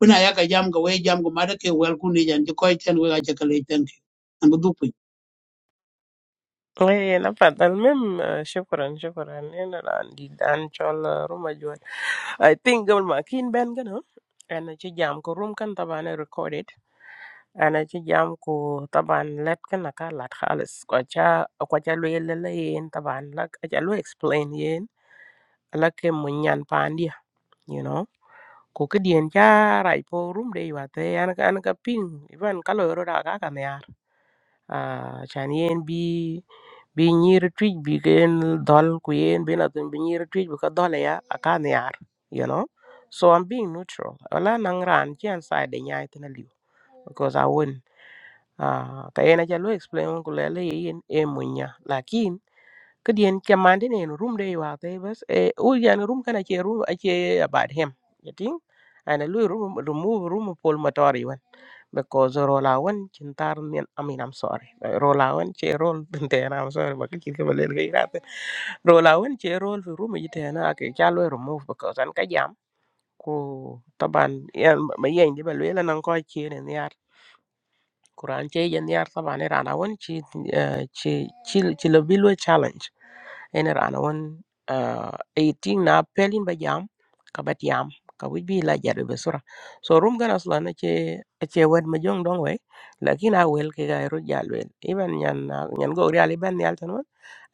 wen aya ka jam ka wee jam ku madë ke wël ku ni jan cï köc thën wek acë ka lec thën kë ën bi dhup kwen này là phải nói mình xin cảm ơn, xin cảm ơn nên là đi ăn cháo rum ở chỗ I think gần mà King Banga đó. Anh ấy chơi game có room không? Tàban đã recorded. Anh ấy chơi game có tàban let không? Là tàban let khá là quay cho quay cho luôn là gì? Tàban là cái luôn explain gì? Là cái mông nhăn pan đi à? You know? Có cái gì anh ấy ra đi vào thì anh ấy anh ấy ping. Ví dụ anh Kalu vừa ra cả ngày à? Chuyến Airbnb bi nyir tuic bi ke yen dhol ku yen bi na thun bi nyir tuic bi ka dhol ya akan yar you know so i'm being neutral wala nang ran chi an side de nyai tena liu because i wouldn't Ah, kaya najalo explain ko lele yin e munya lakin kadiyen chamande ne room de wa te bas e o yan room kana che room ache about him yatin ana lu room remove room pol matori wan because rola wan chintar men i mean i'm sorry rola wan che rol tente i'm sorry ba kike ba lele kai rate rola wan che rol fi room yite na ke chalo remove because an ka jam ko taban yan ma yen de ba lele nan ko che ne Quran che yen yar taba ne rana won chi eh, chi chi chi lo bi lo challenge ene rana won uh, 18 na pelin ba jam ka bat yam ka wij bi la jadu be sura so rum gana sula na che che wed ma jong dong we lakin a wel ke ga ru jal wel iban nyan na- nyan go ri ali ban yal tan won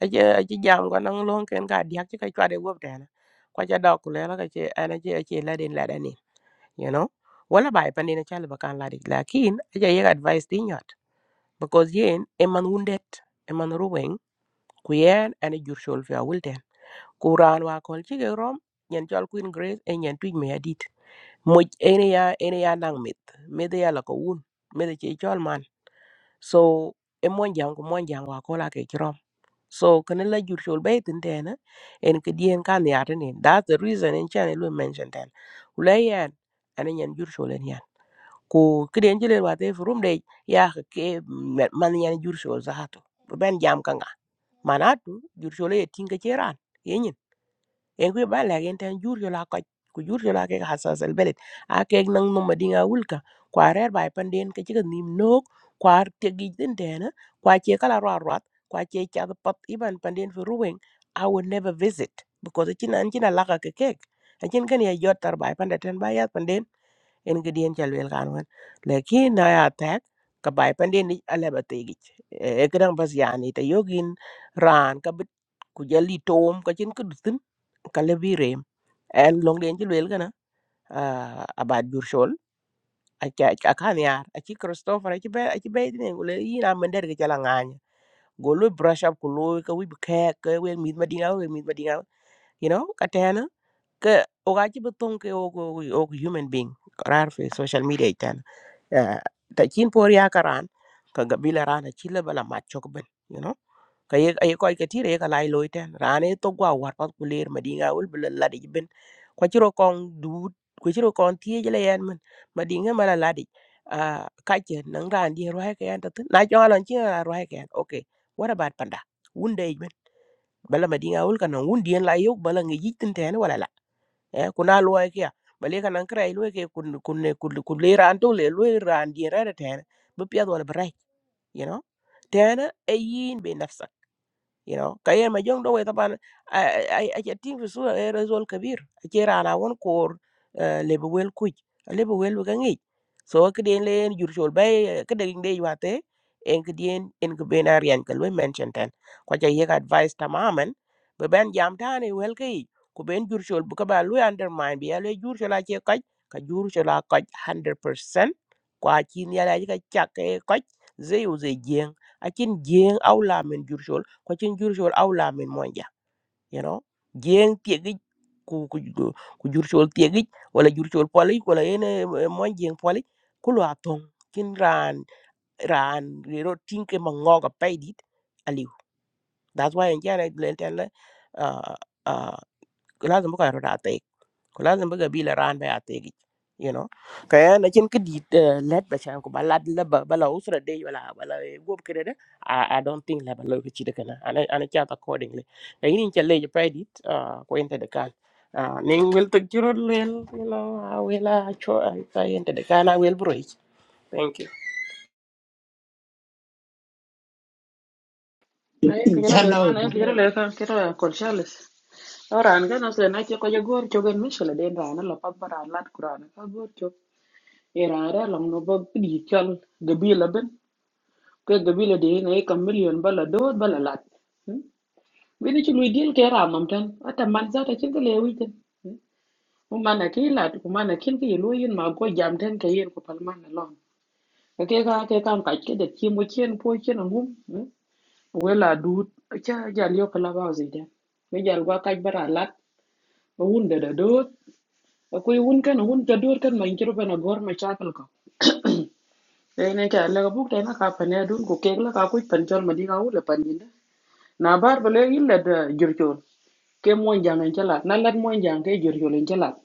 a che a che jam ga nang long ken ga diak che ka chwa de wop de na kwa cha dok le la ka che ana che a che la den la da ni you know wala bai pandina chal ba kan la dik lakin a che yek advice tin because yen eman wounded eman ruweng ku yen ane jur shol fi awil ten ku raan wa kol chike rom nyen chol queen grace e nyen tuj me adit moj ene ya ene ya nang mit mede ya la ko wun mede che chol man so e mon jang ku mon jang wa kol ake chrom so kene la jur shol be tin ten eh, en ke dien kan ya ten that's the reason en chan e lu mention ten ulai yen ane nyen jur shol en yan ku kiden jilel wa te furum de ya ke me- man yan jur shol zahatu ben jam kanga manatu jur shol e tinga cheran yenyin en ku ba la gen tan jur yola ka ku jur yola ke hasas al belet a ke nang no madinga wulka kwa rer bai panden ke chiga nim nok kwa te gi den dena kwa che kala ro rat kwa che cha pat iban panden fu ruweng i would never visit because it chinan china laka ke kek achin kan ya jot tar bai pande ten bai ya en ga dien cha lwel kan wan lakin na ya tak ka bai pande ni ala ba te gi e gran bas yani ta yogin ran ka bit ku jali tom ka chin ku dutin ka le bi rem en long den ji lwel kana a ba dur shol a ka a kan yar a chi christopher a chi be a chi be ne le yi na men der ga chala nganya go lo brush up ku lo ka wi be ka ka we mi ma dinga we mi ma dinga you know ka ke o ga ci beton ke o o o human being rar fi social media tan ta kin por ya karan ka gabila rana ci le bala ma chok ben you know ka ye ay ko ke tire ka lai loy tan rane to gwa war pat ku ler madinga ul bala la de ben ko ci ro kon du ko ci ro kon tie jele yan men madinga mala la de ka ke nang ran di ro ha ke yan ta tun. na jo lon ci ro ha ke yan okay what about panda wunde ben bala madinga ul ka non wundien la yo bala ngi yitin tan wala eh kuna loy kya bale kan an kray loy ke kun kun ne kun kun le ran to le loy ran di ra de ten bu pya do le brai you know ten e yin be nafsa you know kayen ma jong do we taban ay ay tin fi sura e resol kabir ci rana won kor lebe wel kuj lebe wel ga ngi so ke den len jur sol bay ke de ngi wate en ke den en ke benar yan ke we mention ten ko ja yek advice tamamen be ben jam tane wel kay ku ben jur sol bu ka ba lu undermine bi ya le jur sol a ci kaj ka jur sol a kaj 100% kwa chin ya la ka chak e kaj zeu ze jeng akin jeng awla men jur ko cin jur chol awla min monja you know jeng tiegi ku ku ku ku jur chol tiegi wala jur chol poli wala ene mon jeng poli ku lo atong kin ran ran ro tinke mangoga paidit aliu that's why en jana len ten la ah ah lazim ko ro data ko lazim bi gabila ran be ategi you know kaya na chin kidi eh, let ba chan ko balad la ba bala usra de wala bala gob kede de i I don't think la bala ko chide kana ana ana chat accordingly na yin chan le je paidit ko ente de kan Ah, ning wel tek jiro lel you know a wela cho ai ta ente de kan a wel bro thank you Ay, kira yo lo dejo, cën no, que yo lo dejo, quiero acolcharles. Ahora, en ganas de na que yo gorcho, que en Michel, de rana, la papa, la curana, que gorcho. Era era la no va pidichal gabila ben ke gabila de na ka million bala do bala lat bini ci luy dil ke ata man za ta ci gele tan kumana ki lat kumana kin ki lu yin ma go jam ten ke yin ko palman na lon ka ke ka ke kan ka ke de ki mo chen po chen ngum eh, we la du cha jal yo kala ba zi de me jal gwa ka bara lat o un de de do ko yi un kan un ta do kan ma in kiro bana gor ma cha kal ko e ne ka la bu te na ka pa ne dun ko ke la ka ku pan chol ma di ka u le pan yin de na bar ba le yin le de jur chon ke mo jang en cha lat na lat mo jang ke jur chon en cha lat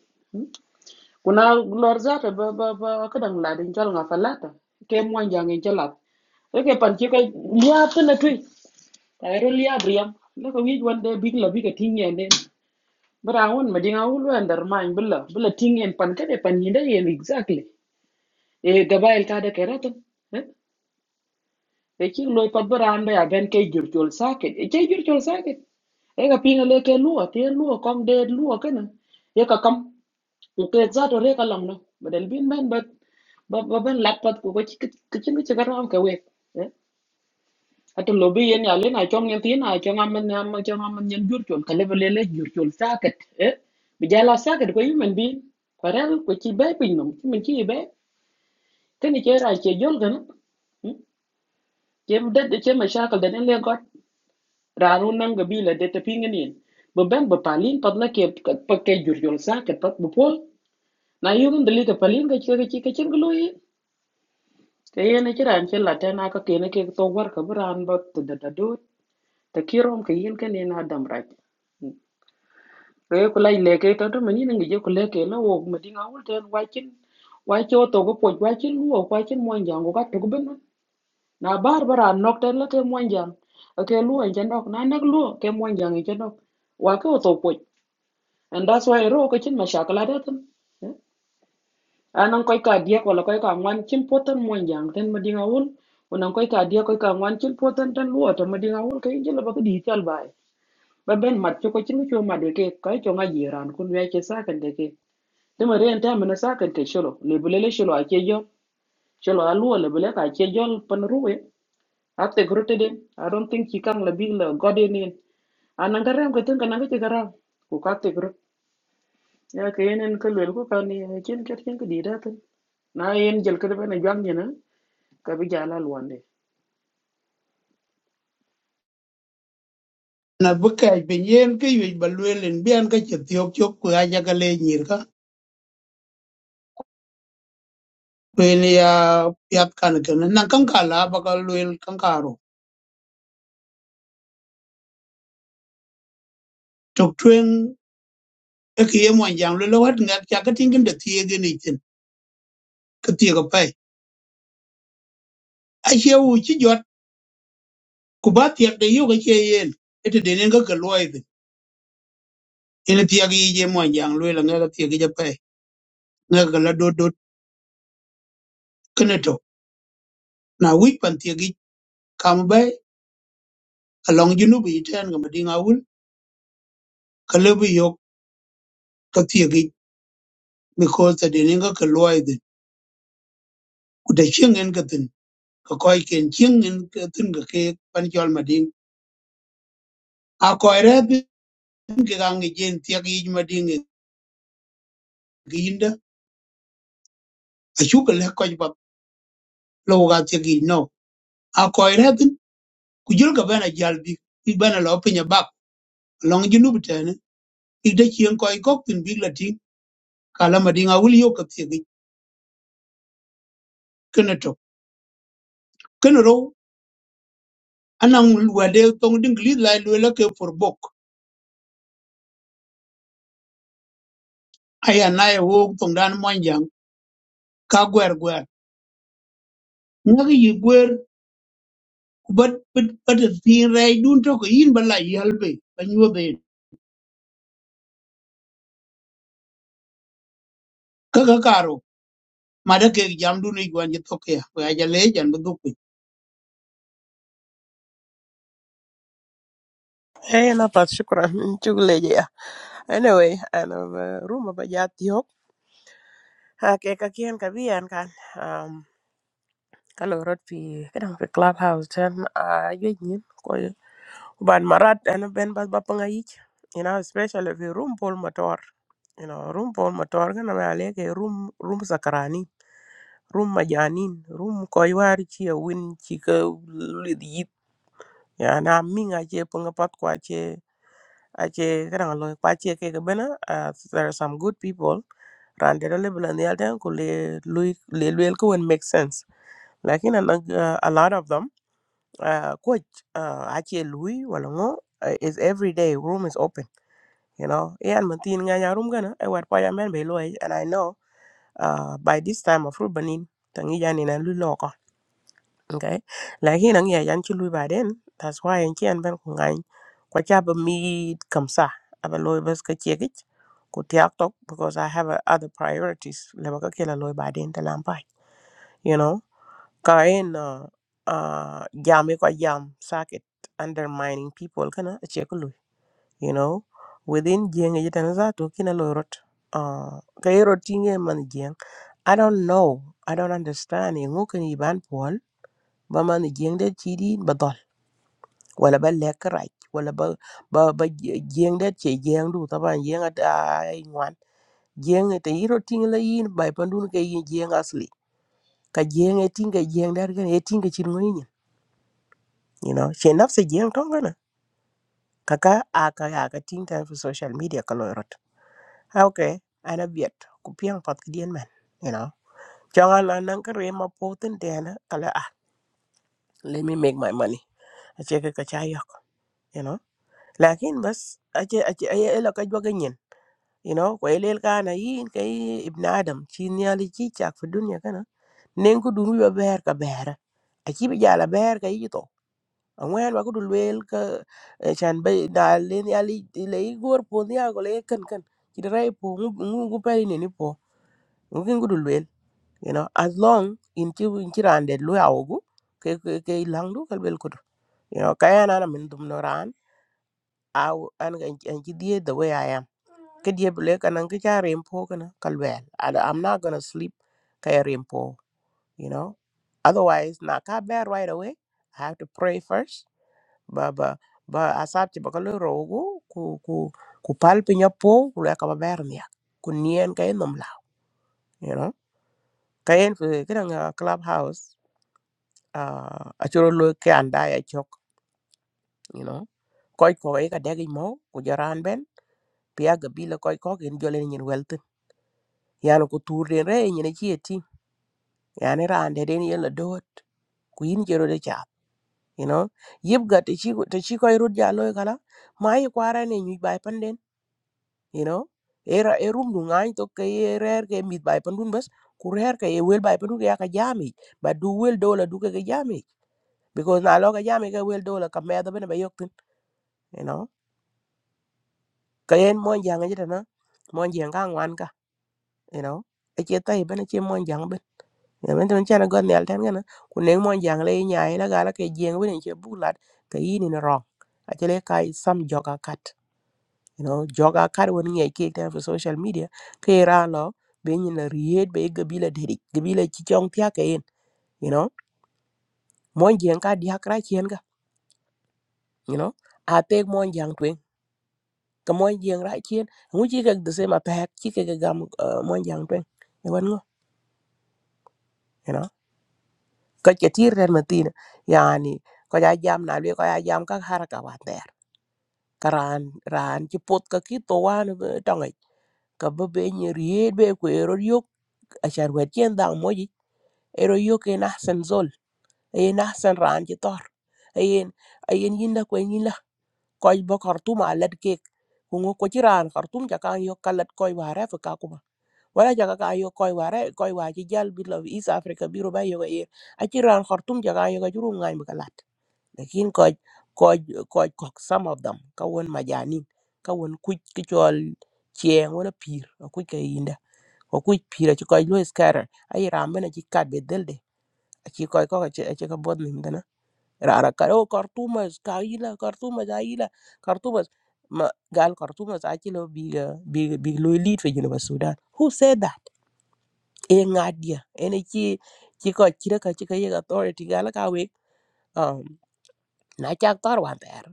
Kuna lor zata ba ba ba kadang la din chol nga falata. Ke mo jang en cholat. Eke pan chi ka liap na tui. Ta ro liap riam. La ko wij wande big la big ting yen den. Bara won ma dinga wul wan dar ma billa billa ting yen pan ka de pan yinda yen exactly. E gabail ka de keratan. E chi loy pat bara anda ya ben ke jur chol saket. E che jur chol saket. E ka pinga le ke luo te luo kong de luo kana. E ka kam. ku tet zato re ka long no badal bin ben bat ba ben lat pat ku ko kichin ki chigar ram ka we ato lobi yen ya lena chong yen tin a chong am ne am chong am yen jur chol ka level le jur chol saket e bi jala saket ko yumen bi kwaral ko chi be pin nom chi men chi be ken che ra che jol gan che de che ma shakal de ne got ranu nang ga bi le de te pingen yen bo ben bo palin pad la ke pa ke jur chol saket pat bo pol na yugen de li ka palin ga chi ga chi ka chen te yene ci ran ci latin aka kene ke to war ka bran ba to da da do te kirom ke yin ke ne na dam raj re ko lay le ke to to mani ngi je ko le ke la wo ma dinga wul ten wakin wakin o to go po wakin luo wakin mo njango ka to ben na bar bara nok ten la ke mo njang ke luo en jandok na nak luo ke mo njang en jandok wa ke o to po and that's why ro ko chin ma shakala da tan anan koy ka diek wala koy ka ngwan chin poten mo yang ten ma dinga wul unan koy ka diek koy ka ngwan chin poten ten luo to ma dinga wul kay jela ba ko di tal bay ba ben mat ko ko chin ko ma de ke koy to nga yiran kun we ke sa kan de ke de ma ren ta mena sa kan ke sholo le bulele sholo a ke yo sholo a luo le bule ka ke yo pan ruwe after grote de i don't think he can la big la god in in anan garam ko ten kan ga te garam ku ka te gro ya ke yenen ko le ko kan ni chen ket chen ko di da ten na yen jel ko be na jang ni ka bi jala luande na bï kɛɛc piny yen kï yec ba lwel ïn bïan ka cï thiök cök kwe ajakä le nyïr ka kwen ya piath kan kënë na kanka la ba ka lwel kanka ru tök tweng ëkï ye mɔn jaŋ lwel wat ŋɛk ca ka tiŋkën de thiegën icin kï thiek pëc acie wu cï jɔt ku ba thiɛkde yök acie yen ëtɛ den ën käkä luɔi dhïn ën thiak yic ye mɔn jaŋ lwel aŋëk athiekic apëc ŋëkä la dot dot kënë tö na wic pan thiekic kam bɛ alɔŋ junubi yitɛɛn kä mading awul ka lebï yök ka thiekic because the deninga ka loy de kuda king en gatin ka koy ken king en gatin ga ke pan jol madin a koy re bin ke gang gen ti gi madin ginda a chu ka le koy ba lo ga ti gi no a koy re bin ku jul ga bana jal bi bi bana lo pinya bab long ji nu bitene i de king koy kok tin bi la tin ka la madin a wul yo ka ti gi kana to kana ro anang wade tong ding li la lo la ke for bok aya na e wo tong dan mon jang ka gwer gwer ngak yi gwer ku bat bat bat thin rai dun to ko yin bala yi halbe ban yo be ka ka karo ma da ke jam dun i gwan je to ke ya ja le jan bu eh na pat shukran chugle je ya anyway ana room ba jati hok ha ke ka kien ka bian kan kalo rot fi kadang fi clubhouse tan a yoj nyin ko ban marat ana ben bas ba panga yich you know especially fi room pol motor you know room pol motor kana ma leke room room sakarani room majanin room ko war chi a win chi ka lid yit ya na minga che panga pat kwa che a che kadang lo kwa che ke bena uh, there are some good people rande da le bulan yalden ko le lui- le luel ko make sense like in a, a lot of them uh, coach uh, ache lui wala ngo uh, is every day room is open you know yan man tin nga nya room gana e war pa ya men be lo and i know uh, by this time of rubanin tangi yani na lu lo ko okay lakin ang ya yan chi lui ba den that's why en chi an ben ko ngai ko cha ba mi kam sa aba lo bas ka che gich ko tiak tok because i have uh, other priorities le ba ka kela lo ba den ta lam pai, you know Kayen uh, uh, jam kwa jam socket undermining people kana ache kulu you know within jeng ye tan za to kina lorot uh, kayero tinge man jeng I don't know I don't understand e ngo kan iban pol ba man jeng de chidi ba dol wala ba lek raj wala ba ba, ba je- jeng de che jeng du taban jeng at ay ngwan jeng e te yero tinge la yin ba pandun ke yin jeng asli ka jeng e tinge jeng dar kan e tinge chin ngoni you know she nafsi jeng tongana kaka aka aka ting time for social media kalorot okay ana biet ku piang pat kdien man you know changa la nang kare ma poten dena kala ah let me make my money ache ka ka chayok you know lakin bas ache ache ay ela ka jwaga nyen you know ko elel kana yin kay ibn adam chin yali chi chak fi dunya kana nengu dunu yo ber ka bera achi bi jala ber ka yi angwen ba kudu luel ka eh, chan ba na len ya li le po ni ago kan kan kidrai po ngu ngu pari ni ni po ngu kudu luel you know as long in chi in chi rande lu ya ke ke ke lang kal bel kudu you know kaya na na min dum no ran aw an ga an chi die the way i am ke die bele kan an ka cha rem po kana kal wel And i'm not gonna sleep kaya rem po you know otherwise na ka bear right away i have to pray first ba ba ba asabti ba kalo rogo ku ku ku pal pinya po ku leka ba ber niak ku nien ka en nomla you know ka en fi kidang club house uh, a churo lo ke anda ya chok you know koy ko e ka degi mo ku jaran ben pia ga bila koy ko gen jole ni nyen welten yana ku tur den re nyen chi eti yani rande den yela dot ku yin jero de cha you know yib ga te chi te chi koy rut ja lo kala mai kwara ne nyu bai panden you know era e rum du ngany to ke ye rer ke mit bay pandun bas ku rer ke ye wel bay pandun ya ka jami ba du wel dola du ke ke jami because na lo ka jami ke wel dola ka me da bene ba yoktin you know ka yen mon janga jita na mon janga ngwan ka you know e che tai bene che mon jang ben ya men ton chana god nel tan gana ku ne mon jang le nya ila gala ke jeng bene che bulat ka yini na ro a che le kai sam joga kat you know joga kar woni ngai ke ta for social media ke ra lo be nyi la riet be gabila dedi gabila ci chong tia ke yin you know mon jeng ka dia kra chien ga you know a te mon jang twen ka mon jeng ra chien ngu ci ka de sema ta hak ci ka ga gam uh, mon jang twen e wan ngo you know ka ke tir ren ma tin yani ko ja jam na le ko ja jam ka haraka wa ter karan ran ci pot ka ki to wan tong ka be be nyi riet be ko ero yok a char wet chen dang mo ero yo ke na sen zol e na sen ran ji tor ayen ayen yinda ko yinda ko bo kartum alat ke ku ngo ko jiran kartum ja kan yo kalat ko ware fa ka kuma wala ja ka yo ko ware ko wa ji jal bi lo east africa biro ba yo e a jiran kartum ja kan yo ga juru ngai ba kalat lakin ko ko ko ko some of them ka won majani ka won ku ki chol chien wala pir ko ka yinda ko ku pira ci ko lo scatter ay rambe na ci kat be delde aci koy ko aci aci ka bod nim dana rara ka o kartumas ka ila kartumas a ila kartumas ma gal kartumas aci lo biga biga big lo lead fe jino sudan who said that e ngadia ene ci ci ko ci ka ci ka yega authority gal ka we um na ci ak tar wan ter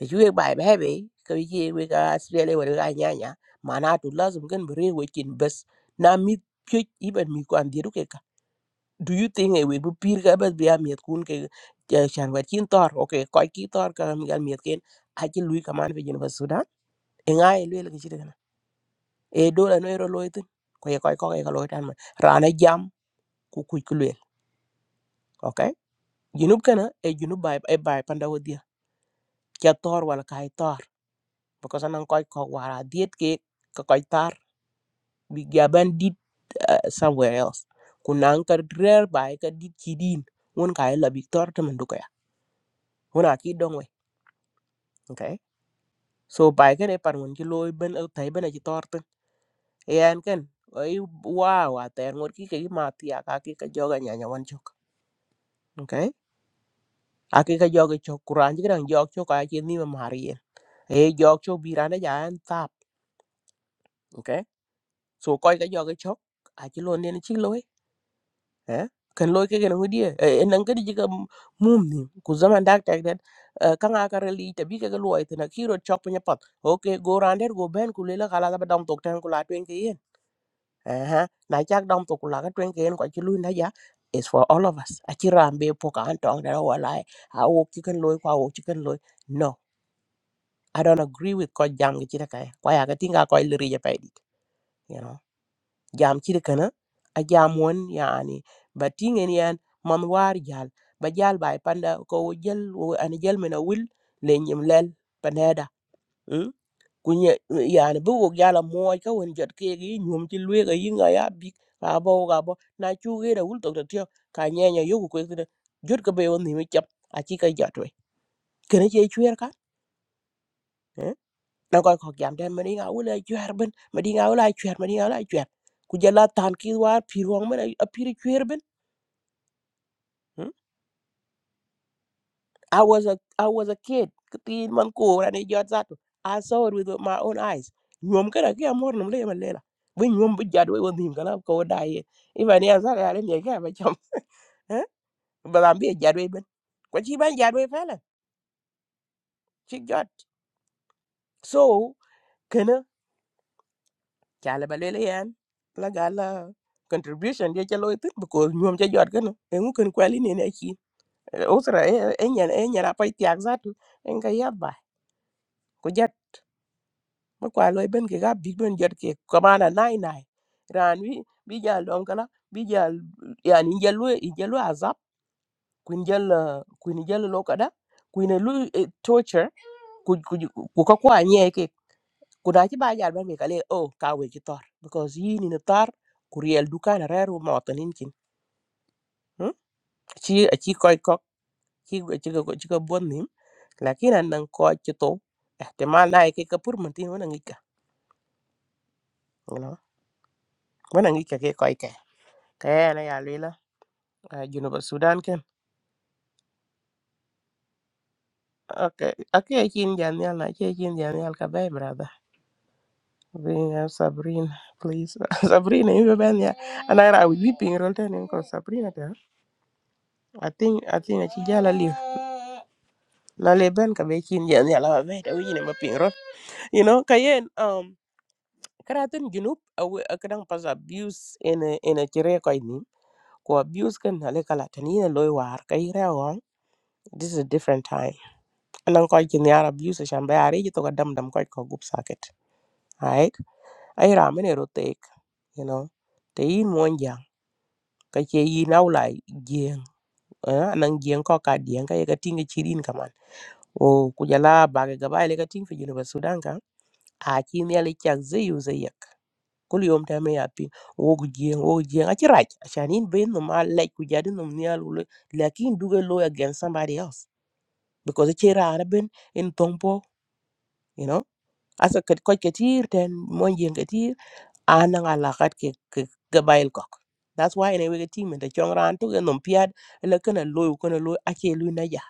e ci we bay bay be ka wi ci we ka sele wala ga nya nya mana tu lazum gen bere we kin bes na mi pe iban mi ko andiru ke do you think e we bu pir ka bas biya miet kun ke eh, chan wet chin tor okay ko ki tor ka mi gal miet ken a chi lui ka man fi jin ba sudan e nga e le ke chiri kana e do la no ro loit ko ye ko ko ko loit an ra na jam ku ku ku le okay junub kana e junub bai e bai panda wodia cha tor wala kai tor because anan ko ko wara diet ke ka ko tar bi gaban dit eh, somewhere else kunang ka rer bai ka dit kidin won kai la bi tor tamanduka ya wona ki dongwe okay So bai kan e par ngun ci loy ben e tay ben ci torten. E an kan ay wow a ter ngot ki ke ma ti aka ki ka joga nya nya wan chok. Okay? Aki ka joga chok kuran ji kan jog chok a ci ni ma har yen. E jog chok bi ran ja an tap. Okay? So koy ka joga chok a ci lo ne ci loy. Eh? Kan loy ke kan ngudi e nan ka di ji ka mum ni ku zaman dak tek den kan a ka reli ta bi ke loy ta na ki ro chok nya pat. Okay go ran der go ben ku le la kala ba dam tok tan ku la twen ke Aha. Na chak dam to kula ka twen ken kwa chulu na ya. is for all of us. A chiran be poka an tong da wa lai. A wo chicken loy kwa wo chicken loy. No, I don't agree with ko jam ki chira kaya. Kwa ya ka tinga ko liri ya paidit. You know, jam chira kana. A jam won yani. But ting en yan man war jal. Ba jal bai panda ko wo jel wo an jel mena wil le nyim lel paneda ku nye yani bu wok yala moy ka won jot ke gi nyum ti lwe ga yinga ya bi ka bo ga bo na chu ge da wul tok tyo ka nye nya yoku ko de jot ka be won ni mi chap a chi ka jot we kene che chwer ka eh? na ko ko jam den mari ga wul chwer ben mari ga wul chwer mari ga wul chwer ku jala tan ki war pi rong men a pi chwer ben I was a I was a kid. Kati man ko rani jot zato. I saw it with my own eyes. Nyom kada kia mor nam le malela. We nyom bu jad we wondim kana ko dai. Iba ni azar ya le ni ka ba cham. Eh? Ba lam bi jad we ben. Ko chi ban jad we fela. Chi jot. So kana chala ba le yan. La gala contribution dia chalo itu because nyom cha jot kana. Engu kan kwali ni na chi. Osra enyan enyan apa tiak zato. Enga yaba. mi kwa loy ben ke ga big ben jot ke kamana nai nai ran wi bi ja lom kala bi ja yani ja lu ja lu azap kun ja la kun ja lo kada kun lu eh, torture ku ku ku ka kwa nye ke ku da ci ba ja ben ke kale oh ka we ci tor because yi ni na tar ku riel dukan reru motanin kin hmm? ci ci koy kok ci ci ko ci ko bon nim lakini an nan ko ci to ihtimal na ke ka pur mun tin wona ngika you know wona ngika ke koy ke kaya na ya Ah, Junuba Sudan ken. Okay. Okay, chin janyal na che chin janyal ka bay brother. We have Sabrina, please. Sabrina, you ben ya. And I was weeping roll ten in cause Sabrina there. I think I think that she jala live. Na le ben ka bay chin janyal ba bay da wini ma ping roll. You know, kayen um karatin junub awe akadang pas abuse in a in a chire koi ni. Ko abuse kan na le kala tani na loy war kai rewa. This is a different time. Anang koi chin yar abuse shan bay ari jito ka dam dam koi ko gup socket. right ai ra mene ro tek you know te yin mon jang ka che yin au lai jeng eh nan jeng ko cái dien ka ye ka tinga chirin kaman o ku jala ba cái ba lấy cái ting fi jinu ba sudan ka a chi ne le chak ze yu ze yak kul yom ta me ya ô o gu jeng o gu jeng a chi rach a shan in be no ma le ku jadi no ne alu lakin du ga lo against somebody else because che ra ben in tongpo you know asa kat ko ketir ten mon jeng ketir ana nga lakat ke ke ke bail kok that's why ne wege team de chong ran to genom piad le kana loy kana loy ake lu na ja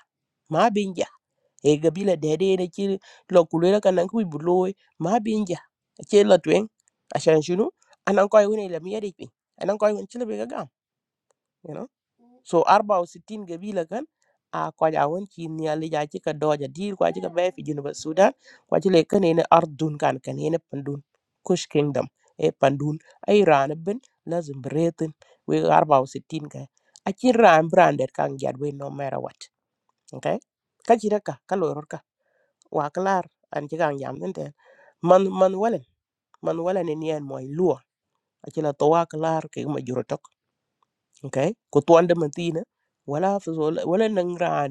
ma binja e ga bila de de ne ci lo kulera kana ku bu loy ma binja ce la twen ashan shunu anan koy woni le mi yadi pin anan koy woni ci le be gam you know so 64 gabila kan a ko ja won ci ni ali ja ci ka doja dir ko ci ka be fi junuba sudan ko ci le kan ene ardun kan kan ene pandun kush kingdom e pandun ay ran ben lazim bretin we 64 ka a ci ran brander kan jad we no matter what okay ka ci raka ka lo ror ka wa klar an ci kan jam den ten man man walen man walen ni en moy luo a ci la to wa klar ke ma juro okay ko tuanda man tina wala fi zo wala nang ran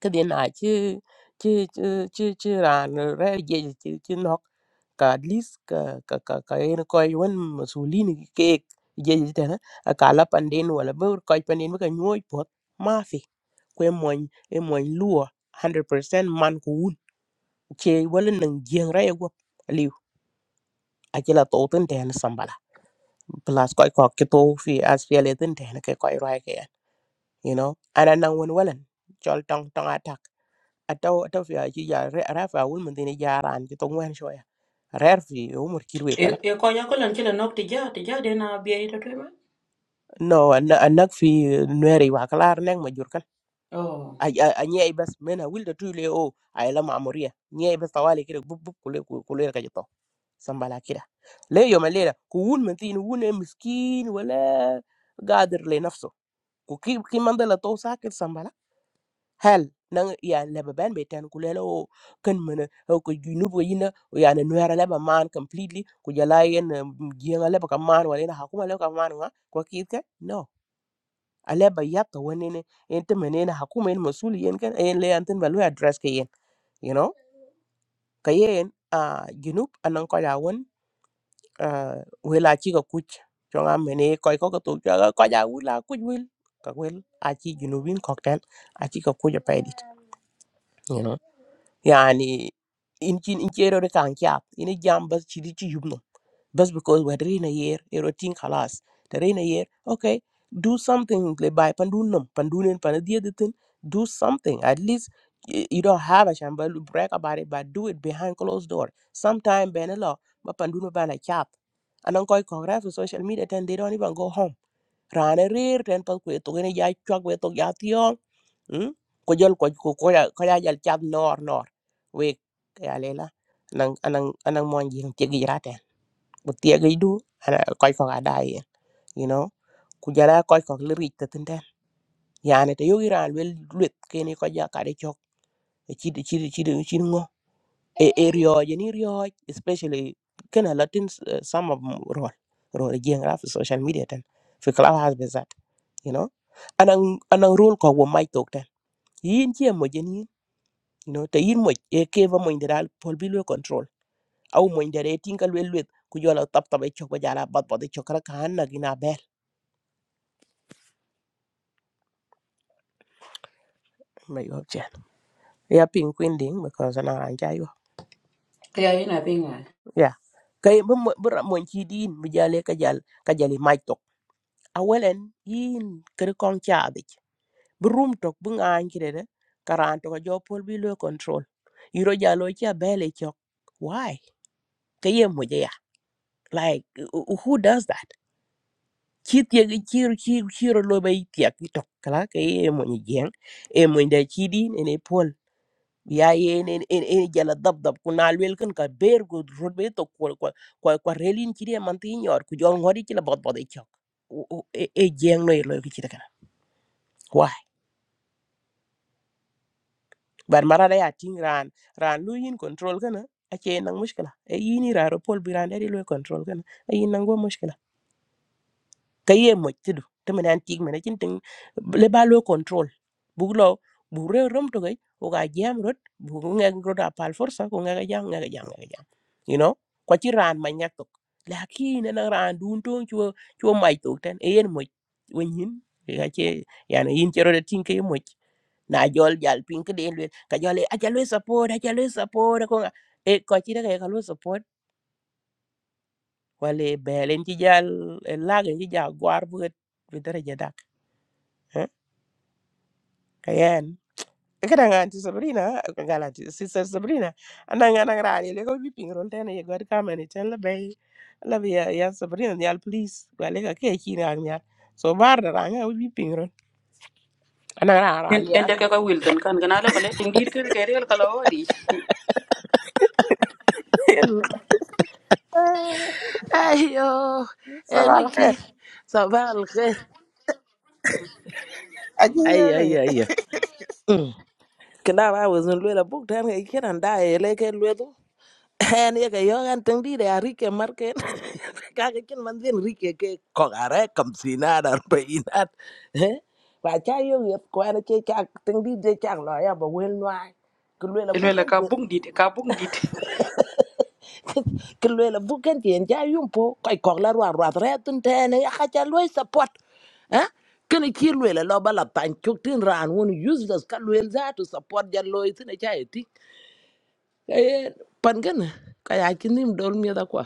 ka de na chi chi chi chi chi ran re je chi chi nok ka at least ka ka ka ka en ko yon masulin ke je je ta a ka la panden wala bur ko panden ka nyoy pot ma fi ko moy e moy luo 100% man ko un che wala nang jeng ra yego liu a chi la to ten ten sambala plus ko ko ki to fi as fi le ten ten ke ko ra you know ana nan wen welan chol tong tong atak ataw ataw fi aji ya re rafa wul mun dini jaran ci tong wen shoya rer fi umur kirwe kala Yo konya ko nya ko lan chile nok tija tija de na biya ita tuwe ma. no an anak fi nueri wa kalar nek majur jur kan Oh, a nyei bas mena wilda tule o ay la mamuria nyei bas tawali kire bub bub kule kule ka jito sambala kira le yo malera ku wun mun tin wun miskin wala gadir le nafso ku ki ki mandala to sakit sambala hal nan yani leba ben be tan ku lelo o kan mena o ko junub ko yina o yani nuera leba man completely ku jala yen jienga leba ka man wala ina hakuma leba ka man nga ko kirke no aleba yatta wonene en te menena hakuma en masuli yen kan en le anten balu address ke yen you know ka yen a junub anan ko ya won a wela chi ka kuch chonga mene ko ko to ka ko ja wula kuj wil ka wel a chi junubin kokten a chi ka kuj pa edit yani in kin in kero de kan kya in jam bas chi di yubno bas because we dre na yer ero tin khalas dre na yer okay do something le bai pandun nam pandunen pan dia de do something at least y- you don't have a shambal brag about it but do it behind closed door sometime benelo ma pandun ba na kya anan koy congrats social media then they don't even go home rana rir ten pas kwe to ne ya chwa kwe to ya Mm? Ko jol ko ko ko ya ko ya jal cham nor nor. We ya lela nang anang anang mon jing ti gi raten. Bu ti gi du ana koy ko ga dai you know. Ku jara koy ko le ri te tin den. Ya ne te yogi ran wel luet ke ni ko ja ka de chok. E chi di- chi di- chi di- chi di ngo. E e ryo je ni ryo especially kana latin uh, some of them rol rol jing ra fi social media ten. Fi clubhouse be zat you know. Anang anang rol ko wo mai tok ten. Yin chi mo je you know te yin moj e keva moj de dal pol bi lwe control au moj de re tinga lwe lwe ku jola tap tap e chok ba jala bat bat e chok ra kan na gina bel ma yo chen ya ping queen ding because na an ja yo kaya yun na pingal. ya kay bu bu moj chi din bu jale ka jal ka jali maj tok awelen yin kere kong cha bi bu rum tok bu ngan kire de karan to jo pol bi lwe control yiro jalo cha bel e chok why kay moj ya like who does that chi tiền cái chi chi chi rồi lôi bay tiệc cái tóc kala cái em mọi người giang em mọi người chi đi nên em phun bi ai en en en en jala dab dab ku na lwel kan ka ber ku rot be to ko ko ko ko relin chi de man ti nyor ku jol ngori chi la bot bot e chok O- o- e e jeng no lo ki chi kana wa bar mara da ya ting ran ran lu yin control cái kana a che nang mushkila e yini ra rồi pol bi ran đây lo control kana e yin nang go mushkila ka ye mo tidu temen an tik mena chin ting le ba lo control bu lo bu re rom to gai o ga jam rot bu nga rot a pal forsa ko nga ga jam nga ga jam nga ga jam you know ko ci ran ma nyak tok lakin na ran dun to chu chu mai tok tan e yen mo wen yin ga che yani yin chero de tin ke mo na jol jal pin ke den le ka jol e a jalo support a jalo support ko nga e ko ci de ga lo support wale belen ci jal lag ci ja gwar bu ga bi dara ja dak kayen kada nga anti sabrina kagala anti sister sabrina ananga nang rani le ko biping rol tane ye god kamane chen la bay la bi ya ya sabrina nyal please wale ka ke chi na nya so bar da ranga u biping rol ananga ran ran en de ka ka wilton kan gana la kale ting dir ke ke rel kala odi Yeah. ai yo em sabal khair uyên sao vắng thế aji yo ai ge ai ai ạ khi nào anh muốn lui la buốt thì anh ấy khen anh đã lấy cái lui đó anh nhớ cái yêu anh từng đi ra riky emarket cái kia mình đi riky kẹo gà rán kem xiná đơn bay inat và cái yêu nghiệp quen chơi cái từng đi chơi trăng loài ở ngoài loài kêu lui la ele buốt la anh ka tự bung dit ka bung dit ki lwe la buken ti en ja yum po kai kok la ruan ruat re tun te ne ya ka cha lwe support eh kene ki lwe la lo bala tan chuk tin ran won useless ka lwe za to support ja lwe tin cha e ti eh pan gan ka ya ki nim dol mi da kwa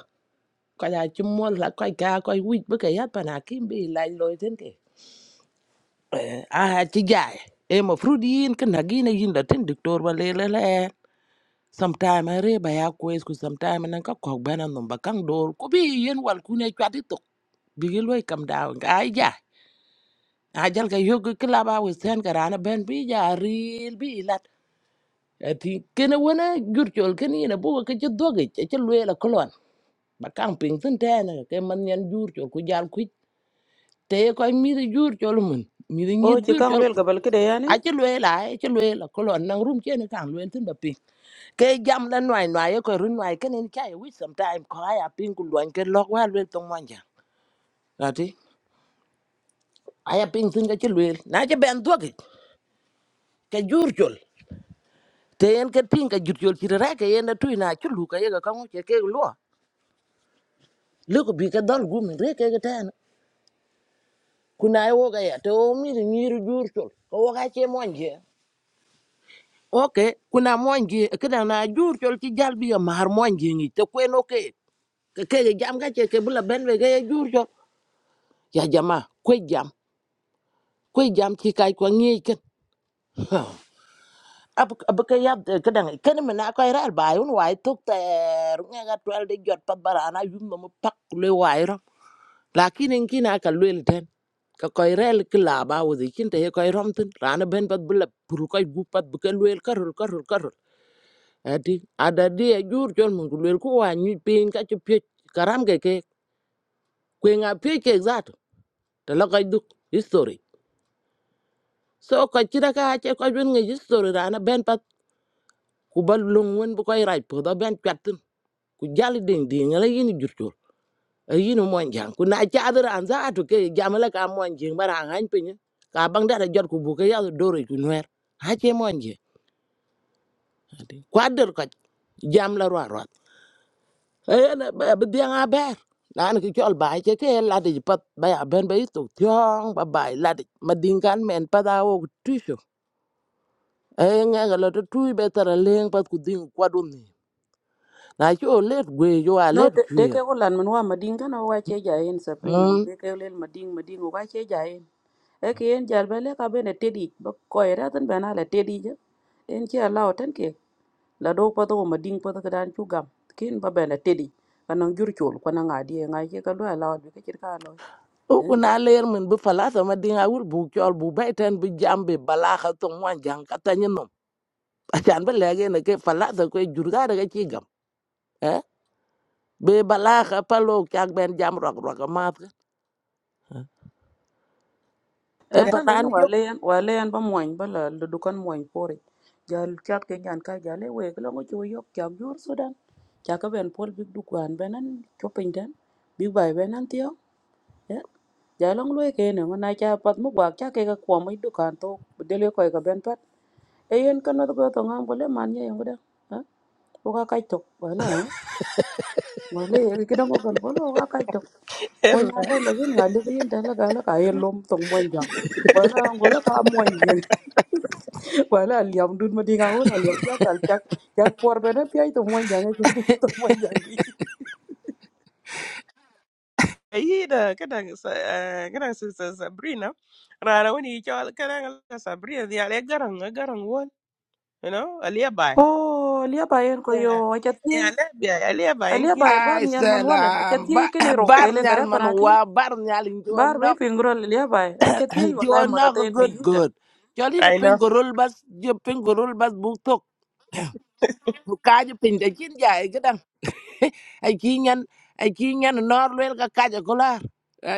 ka ya ki mol la kai ka kai wi bu ka ya pan akim bi la lwe tin ke eh a ha ti ja e mo frudin kan hagina yin da tin diktor ba le le le sometime a re ba ya kwes ku sometime nan ka kok bana num ba kang dor ku bi yen wal ku ne chwati tok bi gi loy kam daw ga ai ja a jal ga yog ki laba we sen ga rana ben bi ja ril bi lat ati kene wona jur chol kene ina bu ka ci doge ci loy la kolon ba kang ping tin tane ke man nyen jur chol ku jal ku te ko mi jur chol mun mi ngir o ci jur kan chol lel ga bal kede yani a ci lue la ci lue la ko lon nang rum chen kan lue tin ba pin ke jam la noi noi ko run noi ken en chai wi sometime ko aya pin ku lon ke lok wa lue tong wanja ati aya pin tin ga ci lue na ci ben dog ke jur chol te en ke pin ka jur chol ci ra ke en tu na ci lu ka ye ga kan ke ke lo lu ko bi ka dal gu min re ke ga tan kuna ai wo ga ya te o mi ni ru jur chol ko wo ga che monje ok kuna monje ke na jur chol ci jal bi ya mar monje ni te kwen ok cái ke jam ka che ke bula ben we ke jur jo ya jama ko jam ko jam ki kai ko ngi ken ab ab ke ya ke dang ken me na ko ra ba un wai tok ter nga ga twel de jot pat barana yum no pak le wai ro lakin en kina ka lwel ten ka koy rel ki laaba wudhi cin te ye koy romtin rana ben pat bi lep pur koy gu pat bi ke lueel karol karol karol ati adadi a juur col mun ku lueel ku wa nyu piny ka ci piec karam ke ke kwenga piec kek zat ta la koy duk history so ko ci daga ce ko ben ngi history rana ben pat ku bal lung won bu koy raj po do ben kwatun ku jali ding ding la yini jurtul ay yini mo jang ku na ci adara an za atu ke jamala ka mo jing bara han pinyi ka bang da jot ku bu ke ya dore ku nwer ha ce mo jing ku adar ko jam la ro ro ay na ba bi nga ber nan ki chol bai ce ke la de pat ba ya ben ba yitu tyong ba bai la de madingan men pa da wo tu e nga ga la to tu be tara leng pat ku ding kwa dun ni na cho let gwe yo a no let de kwe de ke ko lan man wa mading kana wa che ja en sapre na mm de ke lel mading mading wa che ja en e ke en jal bale ka bene tedi ba ko era tan bana la tedi je en ci Allah tan otan la do poto wo ma ding poto kedan cu gam kin ba bele tedi kanang jur chul kwana nga die nga ke ka lo la bi ke chir ka lo o e. ku na ler men bu falata ma dinga wul bu chol bu be ten bu jambe bala kha to wan jang ka ta nyenom a chan be le ge ne ke falata ko jur ga daga chi gam eh be bala kha palo kyak ben jam rok rok ma e eh en kan lo panan wa yo le yan wa le yan ba moñ ba la lu du kan moñ pore jal chat ke nyan ka jale we ko ngo chu yok cham jur sudan cha ka ben pol bi du kwan benan chopin den bi bai benan tio eh ja long lue ke ne na cha pat mu gwa cha ke ka kwa mai du kan to de le ko ka ben pat e yen kan no ko to ngam ko le man ye ngo da ha ko ka kai to wala ngole kita kida ngo apa ko lo ka to ko nya kai le gen ngale ki yin tala ka la lom tong mo jang wala ngola ka mo wala liam dun ma dinga wala liam ja tal chak chak por be na pi ay to mo jang ke ke to mo jang ki ayi da kada kada sister sabrina rana woni cho kada sabrina ya le garang garang won you know aliya bay o lia ba yen ko yo yeah achat ye yeah aliya bay aliya bay lia kin ba ba ai ni al man wala salam achat ye ke ni ro bar wele nyal kare man pana ki wa bar bar nyal be pingro lia ba achat ye wala jo mo na ko rate fi good yuta good jo li na I pin know. gorol bas jo pin gorol bas bu tok bu ka jo pin de kin ja e gadan ai ki nyen ai ki nyen nor lel ka ka ko la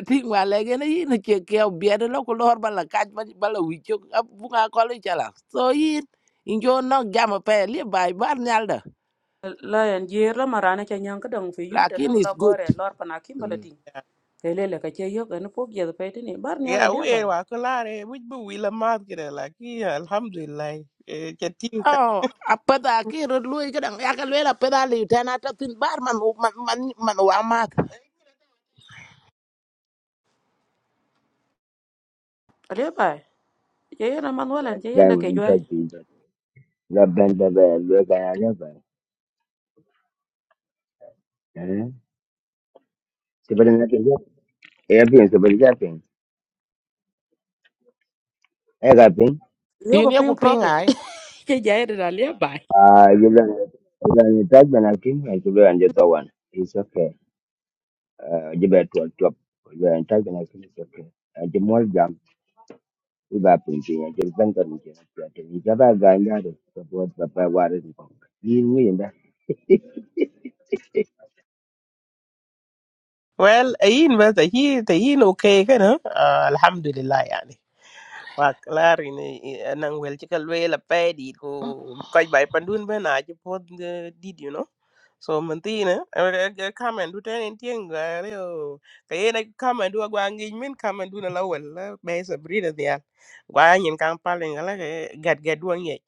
ti wa le ge na yin ke ke bi de lo ko lor bala ka bala wi chok bu ka ko le chala so yin in jo no jam pe li bai bar nyal da la yan jer la marana cha nyang ka dang fi yuta la lakin la is good gore lor pana kim Mm. balatin kelele ka che yok an pok je pe tini bar ni ala Yeah, le we are bai wa kulare we bu we la mat kira like. Yeah, alhamdulillah eh, ke tin ka- Oh, apata ki rod lui ka dang ya ka lela peda li tena ta tin bar man man man man wa mat. ale bai je yana man wala je yana ke Gawin joy to Jesus. Rabban da ba lo ga ya ne ba. Eh. Si ba na ke ya. E bi so ba ya pin. E ga pin. yo Yin ko ye ku ping ping profit ai. ke je yana da le bai Ah you learn you learn you touch when I kin and you learn the one. It's okay. Uh you better to drop. You learn touch when I kin it's okay. And the more jam we ba pin pin and you ban ka ni ke. Ni ja ba ga ya de. So You ba that. wa de ko. Ni Well, ayin bas ayin tayin okay kana alhamdulillah yani. Wak lar ini eh, nang wel ci kal wel pe di ko koy bay pandun ben a ci pod did you know so man tina comment du ten en tieng gare o kayena comment du gwa ngi min comment du na la wel la be sa brida dia gwa nyin kan palen gala gad gad du ngi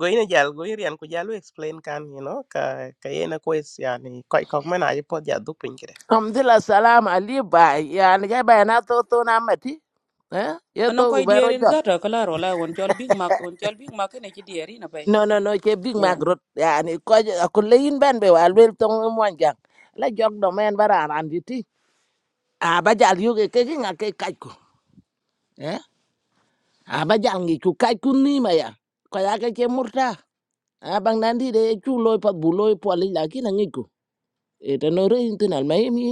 go ina jal go irian ko jalu explain kan you know ka kayena ko is yani koy kok man a ci pod ja du pin kire Alhamdulillah salam ali ba yani ga ba na to to na mati eh ye to an gu ko bero dierin jot za ta kala rola won chol big mac won chol big mac ne chi dieri na bai no no no ke big mac yeah rot yani ko ko leyin ben be wal wel to mo jang la jog do men bara an diti a ba jal yu ke ke ki nga ke kaj ko eh a ba jal ngi ku kaj ku ni ma ya ko ya ke ke murta a bang nan di de chu loy pat bu loy po li la ki na ngi ku e to no re intinal mai mi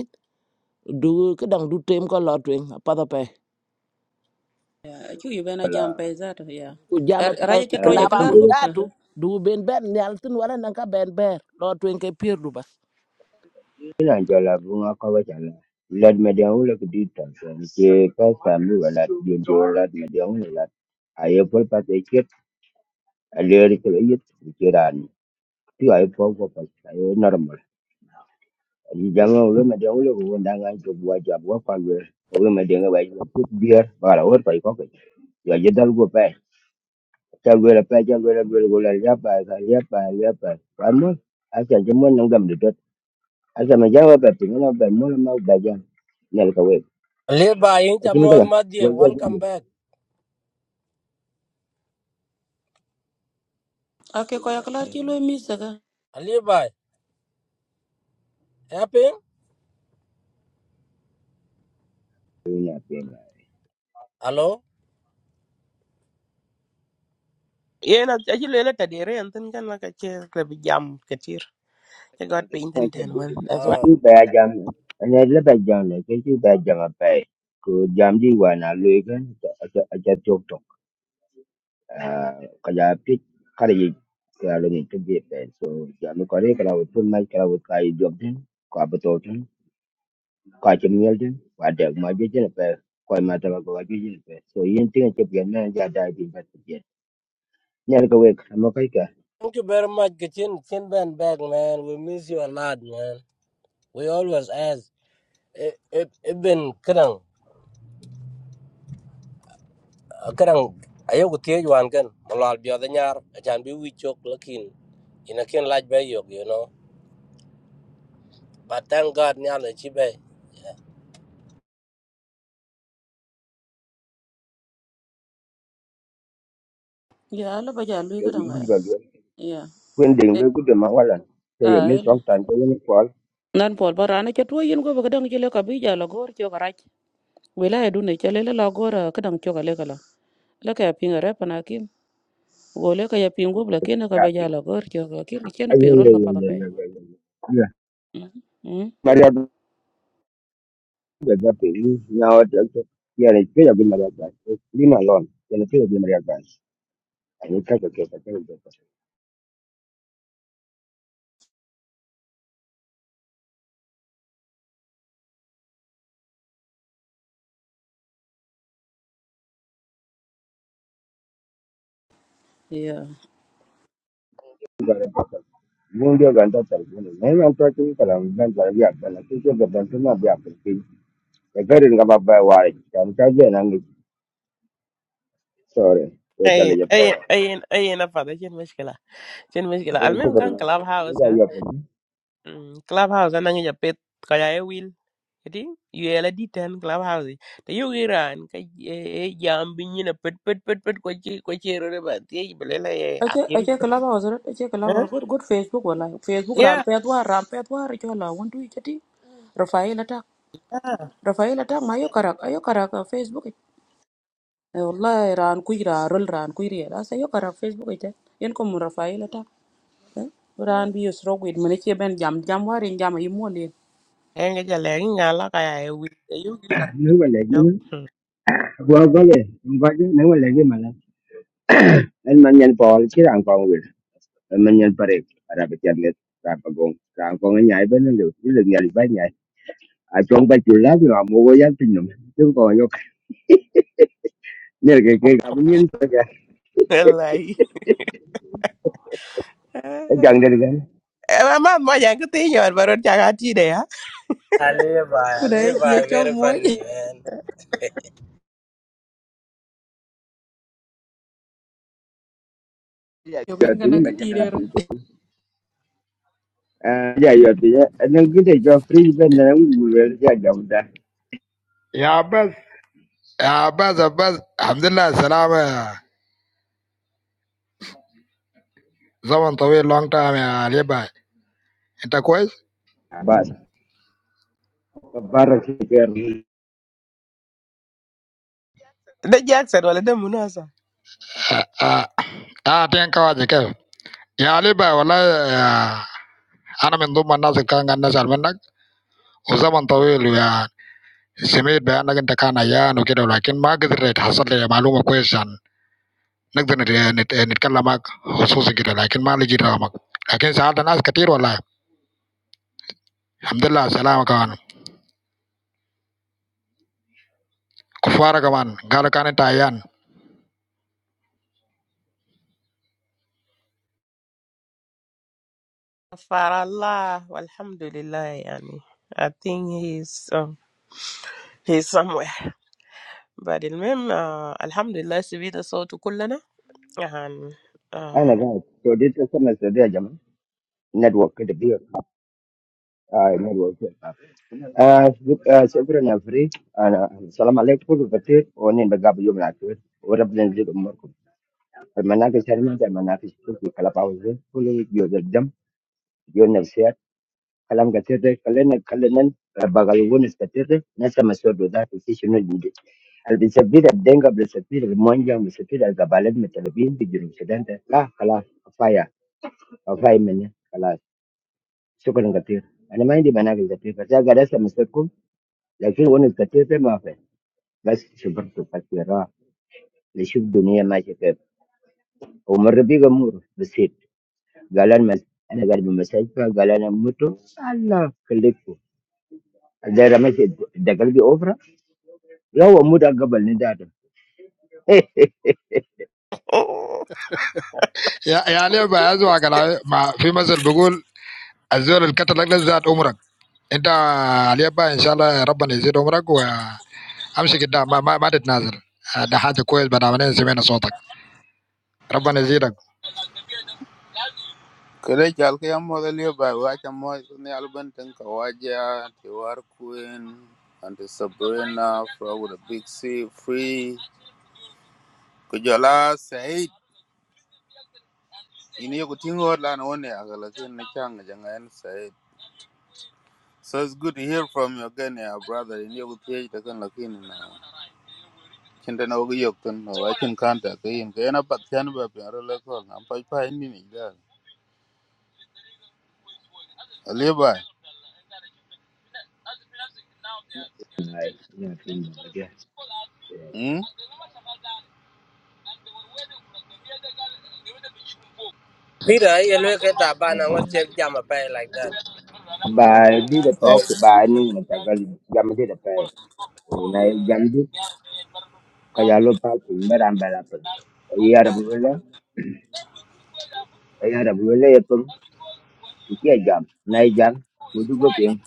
du ke dang du tem ko lo twen pa da yeah chu yu bena jam pe za ta yeah ku jama pay raja ke ku to je laba kala ko wazatu du ben ben nyal tin wala nan ka ben ber lo twen ke pierdu ba Kila njɔla bunga ka ba chana. Lɛt mɛ̀dyɛŋ wula kìdii tɔ̀ tɔ̀ ǹkyèè pɛs pàm mɨ bà làt, dyèdyèè lɛt mɛ̀dyɛŋ wula làt. À ye pas è cet, à leeri kìlò yɨt ì ci ràan. pas, à normal. Ì jama wula mɛ̀dyɛŋ wula kò wun dangà jòk wa jɔ̀à wa kwa lwer. Wula mɛ̀dyɛŋ wa jɔ̀ pit bier bà là wot kɔ̀ ì kɔkì. Jɔ̀ je dal go pɛi. Cha lwer pɛi, cha lwer lwer go lɛ̀ ya pɛi kɛ̀ ya pɛi ya pɛi. Wan mol, a kɛ̀ je mol nɨŋ gàmdì tɔt. A kɛ̀ mɛ̀dyɛŋ wa pɛ̀ pìŋ nɔ bɛ̀ mol ma bɛ̀ Ali bhai, inch Lakini amon kaka madye. kuanzia Welcome video back. ake ko ya kala chi lo mi sa ga Ali bhai, happy? napenda Hello? yena ci lele ta dire en tin kan la ka ci jam ke Te God pay ten man. That's why. Uh, achu baya jam ana laba jam le ke chu baya jam apa ko jam di wana lu kan acha acha tok tok kaya pit kare ye kalo ni ke je so jam ko re kala pun mai kala kai job den ko abato den ko acha miel den wa de ma je je pe ko ma ta ko ga je je pe so yin tin ke pe na ja da di ba je ne ko we ma kai thank you very much, Kitchen Chin Ben back, man. We miss you a lot, man. We always ask. It Ibn Kerang, uh, Kerang, ayaw ko tiyo yuan kan. Malal biyo da nyar, achan bi wi chok lakin. Ina kin laj bay yok, you know. But thank God nyal da chi bay. ya ala ba ja lu ga danga ka yeah ah nan pol barana ke to yin go ba ga dang chi le ka bi ja la gor cho wilaya dune chale le la gora kadang choka le kala la ka pinga re pana kim go le ka ya pingo bla kina ka ba jala gor choka kim chena pingro ka pata pe mm yeah Hey, hey, hey, hey, na fada chen mishkila. Chen mishkila. Al mem kan clubhouse ka. Mm, Clubhouse anang ya pet kaya e will. Jadi, you di ten clubhouse. i. Te yu ka eh, eh, jam binyi na pet pet pet pet kwachi kwachi rore ba. Te yi belela ye ache apin. ache kala ba ozre ache kala ba Huh? good good facebook wala facebook ran Yeah. pe twa ran pe twa re chola won tu chati rafael atak ah. rafael atak ma yo karak ayo karak ah, facebook eh wallahi ran kuira rol ran kuira la sa yo karak facebook ite yen ko mu rafael atak eh ran bi yusro gwid mene che ben jam jam warin jam yi Eh, ngala kaya e will. Te yu giran kichok. en man nyen pol chi rang kong wil en man nyen parek ara be tiam net ra pa gong rang kong en nyai ben lu ni lu nyai ba nyai a chong ba chu la ngam mo go yak tin nom tu ko yo ne ke ke ga bu nyen pa ga Wallahi. Eh, gang den ga eh, ma mo yang ketinya baru jangan tidak ya. Ali bhai, Kuda Ali ya bhai, chok very moy. funny, man. ya Yo yo ken pe ni kana ma ka ya tirero. ya yo pe ya en ki de jo free ben na ngu wel ya ga u da يا عباس يا عباس عباس الحمد لله السلامة يا زمن طويل لونج تايم يا علي باي انت كويس؟ ba ka bar ki ke The Jackson wala the Munasa. اه اه تين كواجه كيف؟ يا علي باي والله آه، انا من ضمن الناس اللي كان قاعد نسأل منك وزمن طويل ويا سمعت بانك انت كان عيان وكده ولكن ما قدرت حصل لي معلومة كويسة عن نقدر نت- نت- نتكلم معك خصوصي كده لكن ما لقيت رقمك لكن سألت ناس كتير والله الحمد لله سلامة كمان كفارة كمان قالوا كان انت عيان For Allah, Alhamdulillah, yani. I think he's um, he's somewhere. But المهم uh, Alhamdulillah سبيت صوته كلنا يعني ana uh, ga to dit ko na se de jam network ke de bi ai network آه شك- آه، شكرا يا فريد انا السلام عليكم كل بخير ونين بقابل يوم العسير وربنا يجزيك اموركم المناقش هذه ما دام مناقش كل في كلاب هاوس كل جود الدم جود النفسيات كلام كثير ده خلينا خلينا بغلبون كثير ده ناس مسؤول ذات في شنو الجديد اللي بيسبب الدنقة بيسبب المونجا بيسبب القبائل المتلبين في جنوب السودان ده لا خلاص كفايه كفايه مني خلاص شكرا كثير انا ما عندي مناقش كثير بس أنا قاعد اسمع مسؤولكم لكن ونس كثير ده ما في gas seperti katira lihat dunia macam itu umur lebih gemur besit galan mas ada gadis memasak galan yang muda tu Allah kelihku ada ramai sih dagang di opera ya muda gak balik ada hehehe oh, يا يا ليه بقى ازوع على مع في مثل بيقول الزول اللي كتلك ده زاد عمرك انت علي بقى ان شاء الله ربنا يزيد عمرك وامشي قدام ما, ما, ما تتنازل آه، ده حاجه كويس بعد ما سمعنا صوتك ربنا يزيدك Kede jal ke yam model yo ba wa cha mo ni alban ten ka waja ti war queen and Sabrina from the big sea free ku jola Said ini yo tingo la na one ya la ken na chang jang en Said so it's good to hear from you again yeah brother ini yo tie ta kan la kin na chinda na ogi yok ten na wa chin kan ta ke in ke na pat chan ba pe ro le ko na pa pa ni ni da Alibi. Hmm? Peter, ayaw lo kaya taba na ngot chep jam a pay like that. bali dapat Okay. banyu macam dagang jam itu dapat naik jam dua karyawan parkin berambel apa karyawan bule karyawan bule yang pun setiap jam naik jam butuh kepeng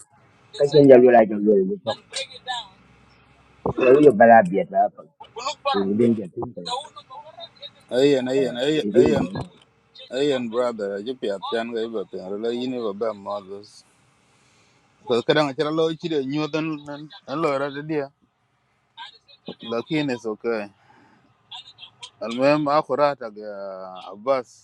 kacian jalur lagi jalur besok kalau huyo balaa biata hapa. Kuingilia nje ya tumbo. Ayen, Eh, ayen, ayen, hivi ayen, ndio. ayen, brother. I just Aje pia pian ga iba pian. Relo you never ba models. Because kadang acara lo ichire nyu dan dan dan lo rada dia. Lakini it's okay. Almuhim akhurat ag Abbas.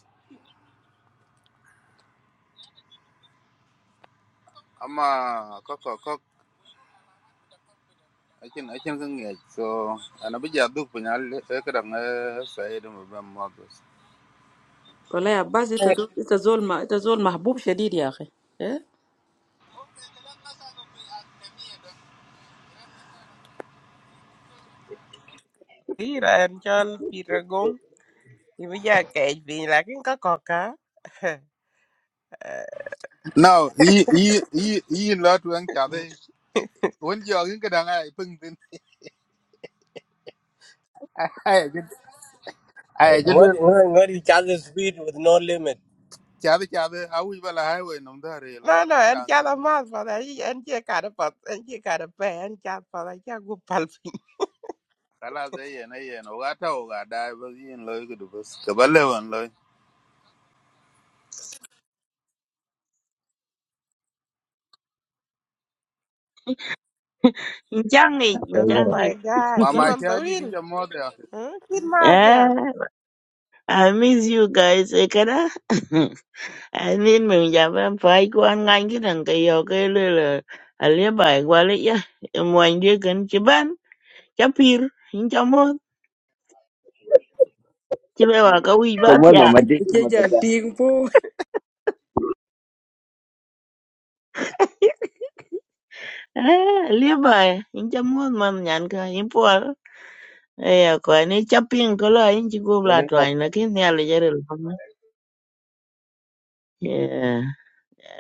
ama ko ko ko akin akin kan ngi so ana bi ja duk pina le ka dang sai de mo ban mo dos Wala ya bas ita do ita zol ma ita zol mahbub shadid ya akhi. Eh? كثير ان شاء الله في رقم يبقى كيفين لكن ككوكا now i i i yi lot wan cha de won jo kin ka dang ai pung tin ai je ai je de Ngodi ngodi charges speed with no limit. cha de cha de a wi bala hai we nom da re lo No, no, re kira en ngel cada nom más para ahí, en que cara para, en que cara para, en que para, ya gupalpin. kala ze ye na ye no ga ta o ga da ba yin lo ku du bas ka ba le wan lo Changi, Kwa Oh hiyo my changi. God, mama zaman cha di tawil. din ja mo de Kid Mark, yeah. Yeah, I miss you guys. Eh, Kada. I mean, mình chả phải phải của anh ngang cái thằng cái yêu cái lừa là à lẽ bài qua lấy ya. Em muốn đi gần chế ban, chế pir, in chăm mốt. Chế bây giờ cái uy bát kamar ya. mamadik Ke kuma jal kaza ting po. À lấy bài, in chăm mốt mà nhàn cả, in poa. Ê, à, coi này chế pin có là in chỉ có là wani trai, là cái nhà là giờ rồi. Yeah,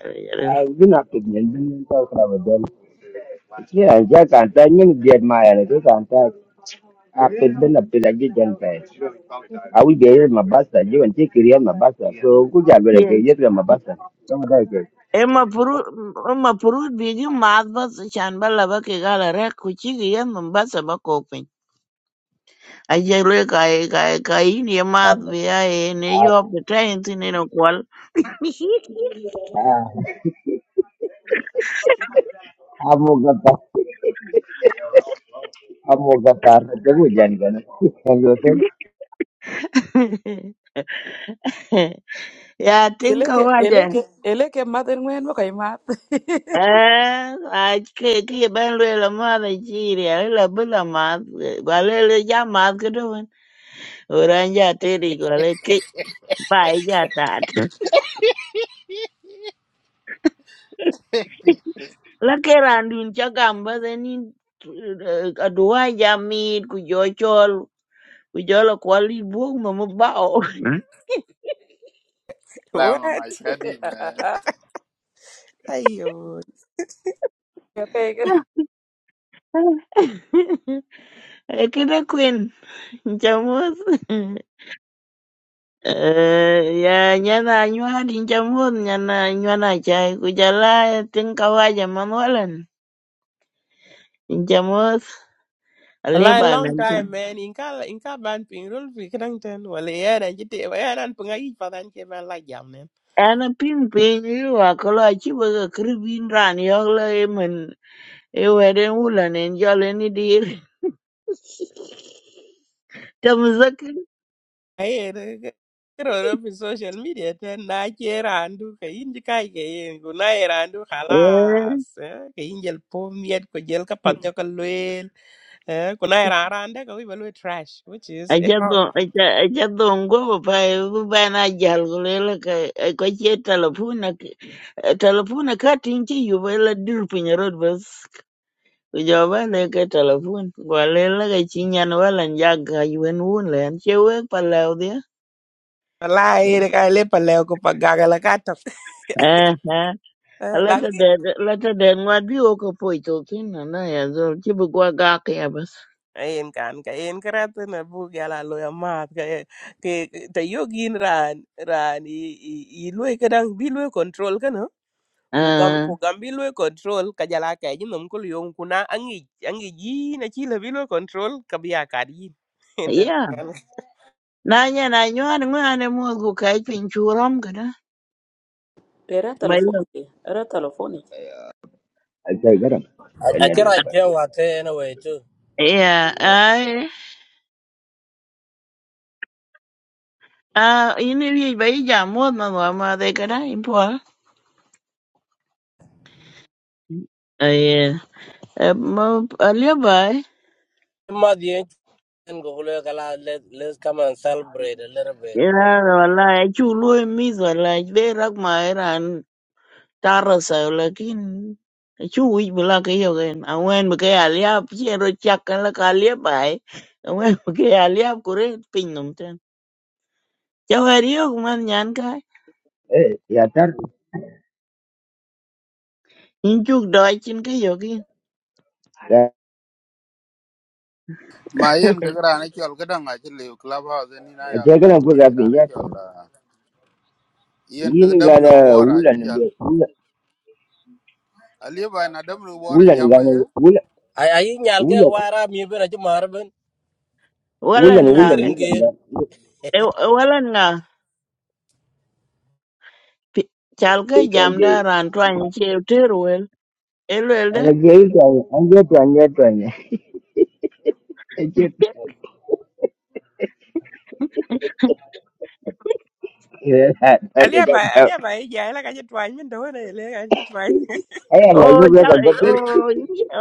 giờ rồi. a gina to yanzu ta kula ba dal ke a ja ka ta yin biyar ma ya ke ka ta a pedben a pelagi jan pa a wi so aku ja bere ke yet Yeah. ma basta don da ke Emapurut emapurut bigi math bas chan ba laba ke gala rek ku ci ki yen min basa ba kopin. Aje lwe ka ka ka yin ye tar math bi ya ye ne a yo pita yin tin ino kwal. a mo ga ta a mo ga ta da mu kan ya tin ka Eleke waje. eleke eleke mat en wen bakay mat. Eh, a ke ki ye ben lwe la math a ci ri a la bu la math ba le le ja math ka to ben. Oran ja te ri ko le ke ba ja tat. la keran dun ca gam ba deni aduwa jamit ku jo chol ku jo la kwal i buok ma ma bao la mama What? cha di Ayo. Ya pegar. Mm. Ekida queen nchamus. eh? kida kwin chamus ya nyana nywa din chamus nyana nyana chai ku jala tin kawaja manwalan in chamus Wallahi aliba long men jam time man. Inka inka ban ping rul fi kadang ten. Wala ya dan jite wa ya dan pengai padan ke ban la jam nen. ana pin pin wa kolo chi ba kribin ran yo le men e weden wulan en jalen Chamuzaka. Aye de kero ro fi social media ten na ke randu ka inji kai ke yin ku na ye randu khalas. eh, Ka injel pom yet ko jel ka pat jo ka luel. eh, Ku na ye ran ran de ka wi ba luel trash which is eh, Achadho achadho ngovo pae vana jal kulela ka kwache talapuna talapuna kati inchi yuvela dir pinya road bus kujawale ka talapun walela ka chinyan wala njaga yuen wunle an chewe palau dia wallahi de ka le pa le ko pa gagala ka eh eh lata tok. de lata de ngwadi oko poito kina na ya zol chibu kwa gaki ya bas em kan ka em karate na bu gala lo ya mat ka ye- ke te yogin ran ran i i i lo ka dang bi lo control ka no ku gam ku eh gam bi lo control ka jala ka ji nom ko yong ku na angi angi ji na chi le bi lo control ka bi ya ka di ente na nya na nyuan ŋwan muöt ku pin piny cu rom ködö Era ba yö telefoni ke. Era telefoni. ja garam I en na Achira jeo ate anyway too. iya ai a in riyec ba ija muöt na thua madhi ködö in pol aye alio ba Ma the and go le kala let let's come and celebrate a little bit. ira walai acu lwoi mith walai de rak ma iran tarasa lakin acu wic bï lake yökën angwën bï ke aliap cen ro cak kën lëkë aliap ai angwën bï ke aliap kuret piny nom tën cë wer yok man nyan ka Eh, ya tar, in cuk döc cïn ke yökin da ma yen ke gra ne chol ke danga che le club house ni na ya ake ga gana lai te buga gra bin ne ya chol ah, yen ke yin dam ne gana wora wulan chal wulan ali ba na dam ne wora wulan jama gana ye wulan Ay ay nyalge wulan wara mi ben achu marben. wulan Walan Wala nga wulan chigrin wulan gana. gear. e- e walan nga pi- chal ka Eh, ka jam da je. ran twan che ter wel e lwel de Ana je yi to an je to an je to an je. Ake ta ta Alia ga ba ta. alia ba ya la kaje twany min do ne le kaje twany. Ai Allah Oh, ya buga chal ka doktor. oh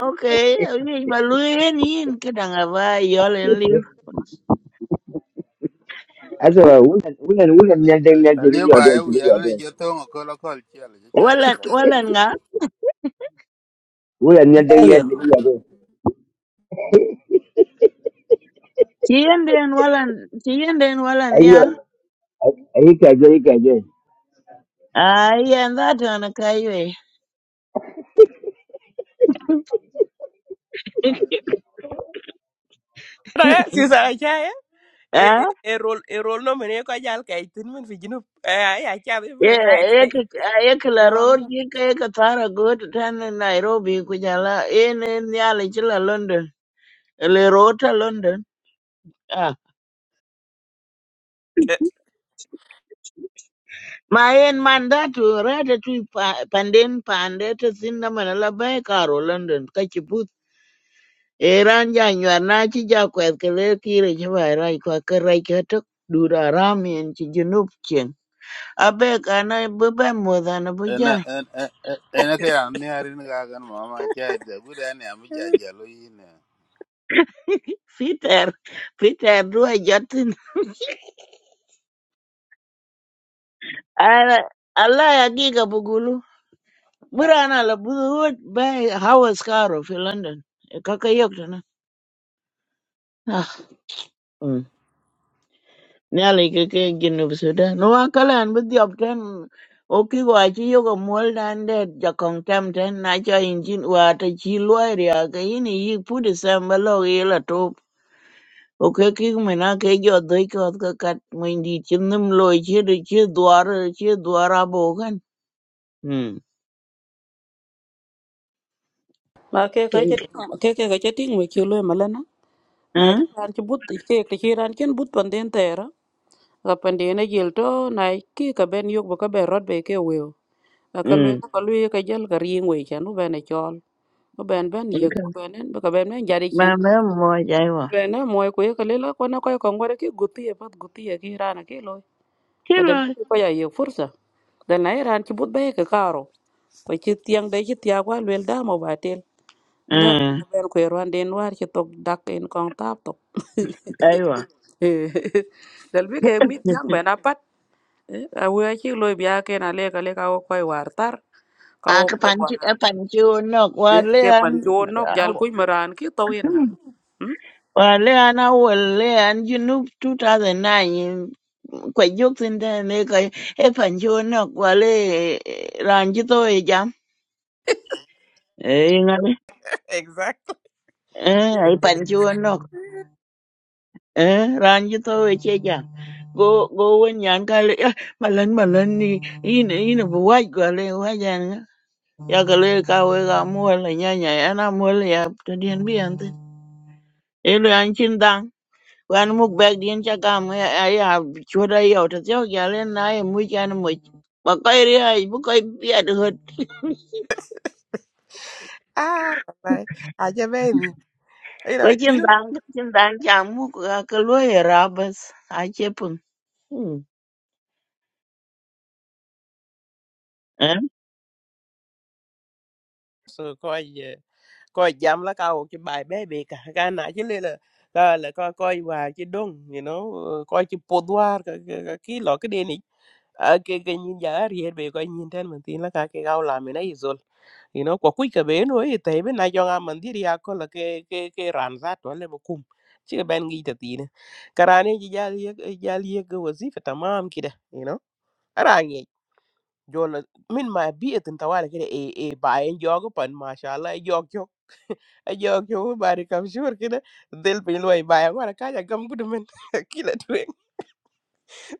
okay ni ba luen yin ka danga ba yol en liu Azo wulan wulan wulan ali ne dan Ali- ne ji ali ya do ba ye wi ji ya ala ne do. je to ngo ko la kol chel je chen to walan inda ge walan nga Wulan ne dan ne you ji ya do. chien den walan chien den walan Ayo ya ai ka je ka je. ai en da ton ka ywe Ra si sa cha ya. E e ah e rol e rol no mene ko jal kay tin min fi jinu. Eh ya cha bi ye le kay ye kay. ka ye ka E la wang ror no. ki ka ye ka tara go tan Nairobi ku jala en en ya le chi la London elero ta london ah ma yen man da tu rata tu pa- panden pande ta sinna man la bai karo london ka ci put eran ja nyar na ci ja kwet ke le kire ci bai rai kwa ke rai ke tok dura ram yen ci junub chen abe kana bu ba mo da na bu en ja en en en en ke ya ne ari ne ga gan ma ma cha e de gu de ne am ja ja lo yi ne peter peter duwa jatin ala ala ya giga bugulu burana la budu bay hawas karo fi london kaka yok na ah Nyali ke ke Junub Sudan. No akalan bi diop ten o ki wa chi yo ko mol dan de ja kong tam ten na cha in jin wa ta chi lwa ria ke in yi pu de sam ba lo ye la to. O ke ki me na ke jo doi ko ka kat mo indi chin nim lo chi de chi dwar chi dwar abo kan. Hmm. Ma ke Ke. ka ke ke ke ka ke ting we kilo malana. Na Hmm. kan ke but ke ke kiran ken but panden tera. Ga pandene gelto na ke ka ben yok ba ka ben rod be ke weo. ka lwe Hmm. ka lwe ka jal ka riŋ wei chan u bene chol u ben ben yek u benen ka ben ben jadi Ba kin me mo jai wa. bene moy ku ye ka lela ko na ko ko ngore ki guti e pat guti e ki rana ki loy Chi badal lo. ko ya ye fursa dal na iran ki but be ka karo ko ci tiang de ci tia kwa lwel da mo batel la Hmm. na ben ko ran den war ci tok dak en kong tap tok Ai wa. dal bi ke mit jang ben apat a we ci loy biya ken ale ka le ka ko war tar ka a ko cái pan chi war cái pan chi o nok wa ke le ke pan chuo nok an jal kuy maran ki to yen nga hm Wale ana wale an junub 2009 kwa jok sinde ne ka e pancho nok wale ranji to e jam e ingale Exactly. eh ai pancho nok eh ranji to e che jam go go wen yan ka le "Ah, malan malan ni in in bu wai ga le wa jan nga." ya ga le ka we ga mo le nya nya ana mo le ya to dien bi an tin e le an chin Wan muk bɛk din cha gam ya chwot ayo to thio jalen na e mu chan mu ba kai ri ai bu kai biat hot Ah, bye. Aja be ấy we là chin chứ dang chin dang cha mu ka ka lo e rabas a che pun eh sự coi về coi dám lá cao cái bài bé bị cả cái nãy chứ lên là là là coi coi và chứ đông you know coi chứ bột hoa cái cái cái cái lọ cái đèn này à, cái cái nhìn giá thì hết về coi nhìn trên mình tin là cái cái gạo làm mình ấy rồi you know quả quýt cái bé nữa thì thấy bên này cho ngang mình thì đi học là cái cái cái rán rát đó là một cùng chứ cái bên nghĩ thật tin này cái này chỉ giá liếc giá liếc cái gì phải tamam kìa you know jolla min ma bi'etin tawali kida e e bayen jogo pan mashallah e jog jo e jog jo bari kam shur kida del pin loy bayen wala kaja gam gudu men kila tuen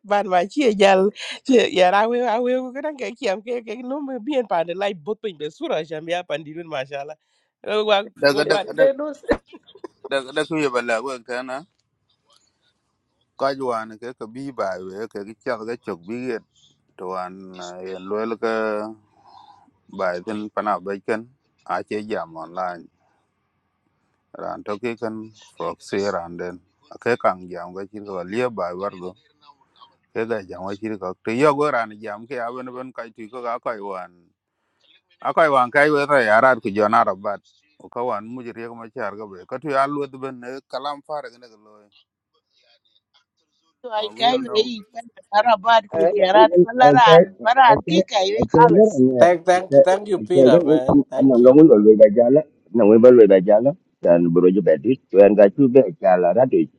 ban ma chi e jal chi yara we we ko kan ke kiam ke ke no me bien pan de lai bot pin be sura jam ya pan dirun mashallah wa wa daga wa- daga daga Janus. daga daga ye ba la go ka na ka ju an ke ke bi ba we ke ke chal ga chok bi ye to an yen lo bài tin pana bacon ai chơi jam online ran to ki kan proxy ran den ke kan jam ga chi ko lie bai war go cái ga jam wa chi ko te yo go ran jam ke a bên bên cái ti có cái kai wan a cái wan kai we ra ya rat ku jona ra bat o ka wan mu jiri ko ma char ga be cái tu ya lu de này ne kalam far ga ne lo to ai o kai will we know i pa arabat ku ti arat palaran paran Ai ki kai we ai kalas ai Thank thank you Saya thank you Peter man. kan anak Thank you. orang orang lebih baca lah, anak orang lebih baca lah. Dan berujuk berdiri, tuan kacu baca lah radit.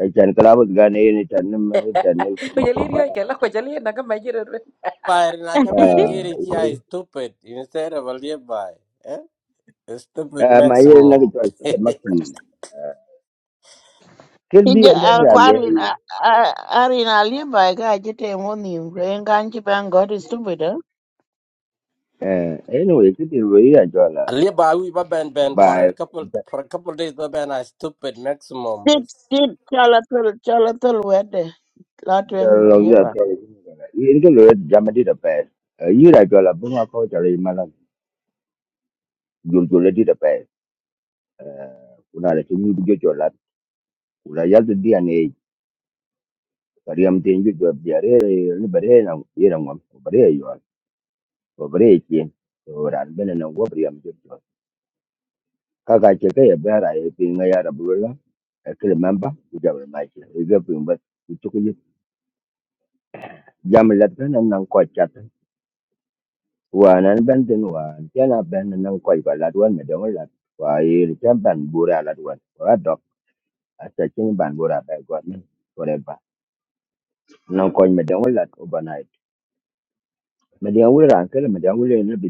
Jangan kelabut gan ini dan ini dan ini. Kujalir yo sama. ke la kujalir na ga majira re. Fire na cha ben gear chi I stupid instead of a nearby. Eh? Stupid Ah, maya nak maximum. jual sebab maksimum. Kerja Inja anda lah, kwarin arin alimba ka jite moni rengan ki ban god is stupid eh? eh, anyway kerja lebih aja lah. Aliba we ba ben ben for a Bye. couple for a couple days ba ben I stupid maximum. But, Tit tit chala tul chala tul wede Jalan latwen jalan ini kan lebih zaman di depan. Ia dah jual lah, bunga kau cari malam. Jual jual di depan. Kuna ada sini jual jualan. Kuna jual tu dia ni. Kariam tenju jo biare ni bare na yera ngom ko bare yo ko bare kin ko ran bene na go briam jo jo ka ka che ka ya bara ye pin ga ya da bulla e kle mamba ku ja ba mai che e ga pin ba ku chu ku ye jam lat ka nan nan ko chat wa nan ben den wa ya na ben nan ko ba lat wan me de wa lat wa ye chan ban bura lat wan wa dok a cha chin ban bura ba go ni ko re ba nan ko me de wa lat ko ba nai me de wa ran ka me de wa le ne bi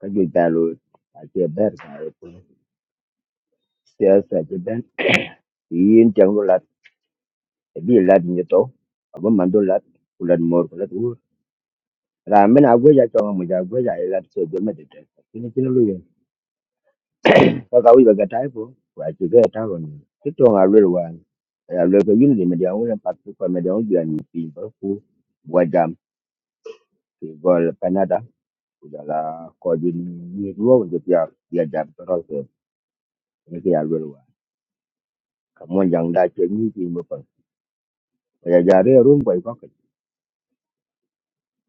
ka juic thaa loo acie ber thaa e piny siasa aci ben yin tiang lo lat e bi lat nyi to abo man do lat ku lat mor ku lat wur raa min agwe ja chong mu ja agwe ja e lat so jol ma de te kini kini lu yen ka ka wi ba ga tai po wa ci ga ta ron ki to nga lu wa ya lu ko yin de me dia wen pat ko me dia wi an pi ba ku wa jam ki gol canada ku ja la ko jin ni ruo wa ja ya jam to ro ke ni ki ya lu wa ka mon jang da che ni pi mo ya jare ya rum bai kwa kai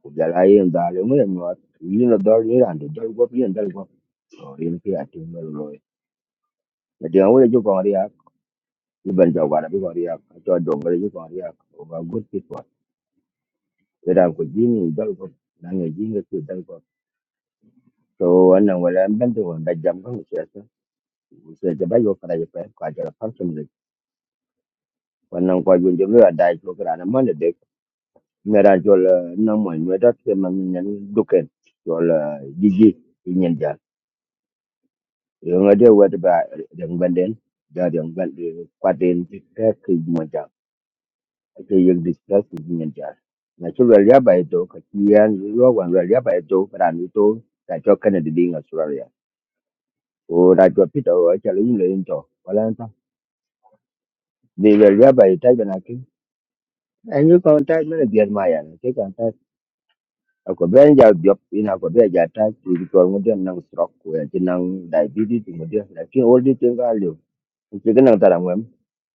ku jala yin da le mu yan wa yin da dor yin da dor go yin da go so yin ki a tin lo lo na dia wo le ju ko ri ya ni ban jaw ba bi ko ri ya to do go le ju ko ri o ga good people da da ko ji ni da go na ne ji ne ki da go so wannan wala an ban da wanda jam kan shi ya san sai da bai yo ya fa ka jara function ne wannan kwa jun jun da dai ko kana man da dai mera jol na mo ni da ke man ni duken jol jiji yung ade wet ba yang benden da yang ben kwaden ka ke mo ja ke yung discuss ku nyen ja na chulu ya ba to ka kian yo wan ra ya ba to para ni to ta cho kana de dinga sura ya o da cho pito o cha lu le into wala nta ni le ya ba ta ga na ki en yu kon ta me de ma ya ke kan ta a ko ben ja job ina ko be ja ta ti ko mo de nang stroke ko ya ti nang diabetes mo de na ki all di tin ga chỉ cái năng tara ngwem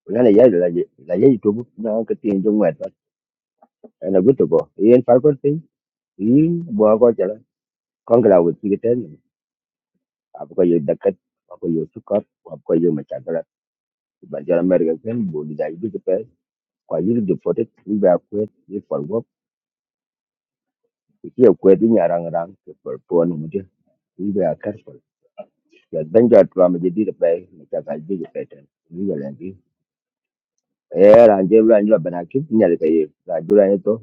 la ne ya la ye la ye tu na ka tin jong wet na gu tu bo yen far ko tin yi bo ko cha la kon la wu ti ten a ko ye da kat a ko ye su ko a ko ye ma cha la ba ja mer ga ken bo di da gu pe ko ini de ini te ni ba ko ni fo go ki ye ko di nya rang rang ke fo po no mu de ni ba ya dan ja tu ma je di de pe ma cha ka ji pe ten ni ya ni e ran je ran jo ni to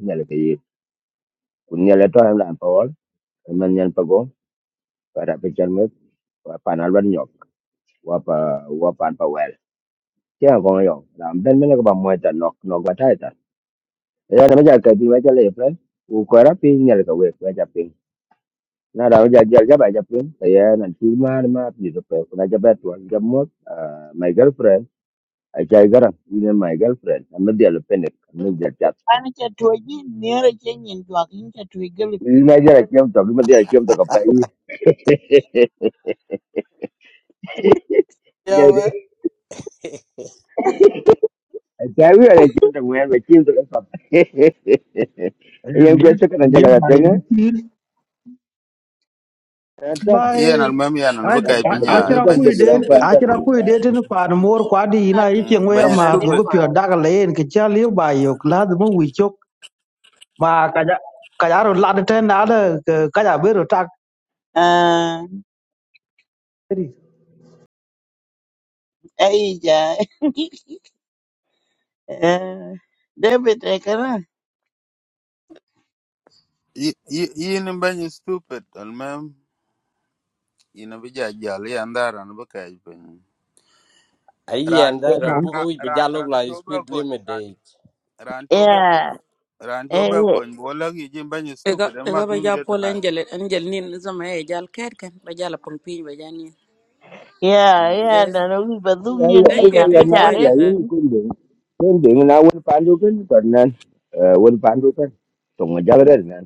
kunyele to em lan pawol men nyen pago para pichal me wa panal ban nyok wa pa wa pan pa wel ke ko yo ram ben men ko ba mo ta nok nok ba ta ta ya na ja ka bi wa ja le plan u ko ra pi nyel ka we wa ja pin na ra ja ja ja ba ja pin ta ya na ti ma ma pi do pe na ja ba to ga mo my girlfriend a ja garan ni my girlfriend na me dia le pen ne me dia chat An k'ëtwërgï myero cë nïn jwak in k'ëtwïgï lübërë ni na ja ra kem to bi me dia kem to ka pa yeah, what? Ờ, Chả biết là chiêu Trần Nguyên và chiêu từ cái Phật. Em quên sức cái này Chawi live ada by cium tak feel main, cium tak lepas. by yen al mem yan no Yang biasa kai kan aja kalau tengah. Entah, entah begitu, pinya achira entah ben kui begitu, det entah stupid entah achira begitu. kui det ni pan mor kwadi ina ichi ngoya ben atwëra mat go go stupid lïbö pyo dag len ke cha live by yok lad mo wi chok ma kaja kaja ro lad ten na da kaja bero tak aa ri ëyïca aa David ëkënë yin ben stupid al ina bi jajal ya ndara no bakay pin ran ayen that a ran ko which be ran jalog ran la to be speed ko limit ran date ran to be ëa ko ran to be ko bola gi jin ban ega stupid ega ma ba dun ja de pol tana angel angel nin zama e jal ker ken ba jal pon pin ba ja nin ya ëa eh nënö wic ba dhum nyen Ayah, thank dyeci ayah, you an bï ayah, tin cë ko mana ni arë waje lagi ni pïny kundi. Kundi, nak wan pandu kan, karena wan pandu kan. Tunggu jang dah, nan.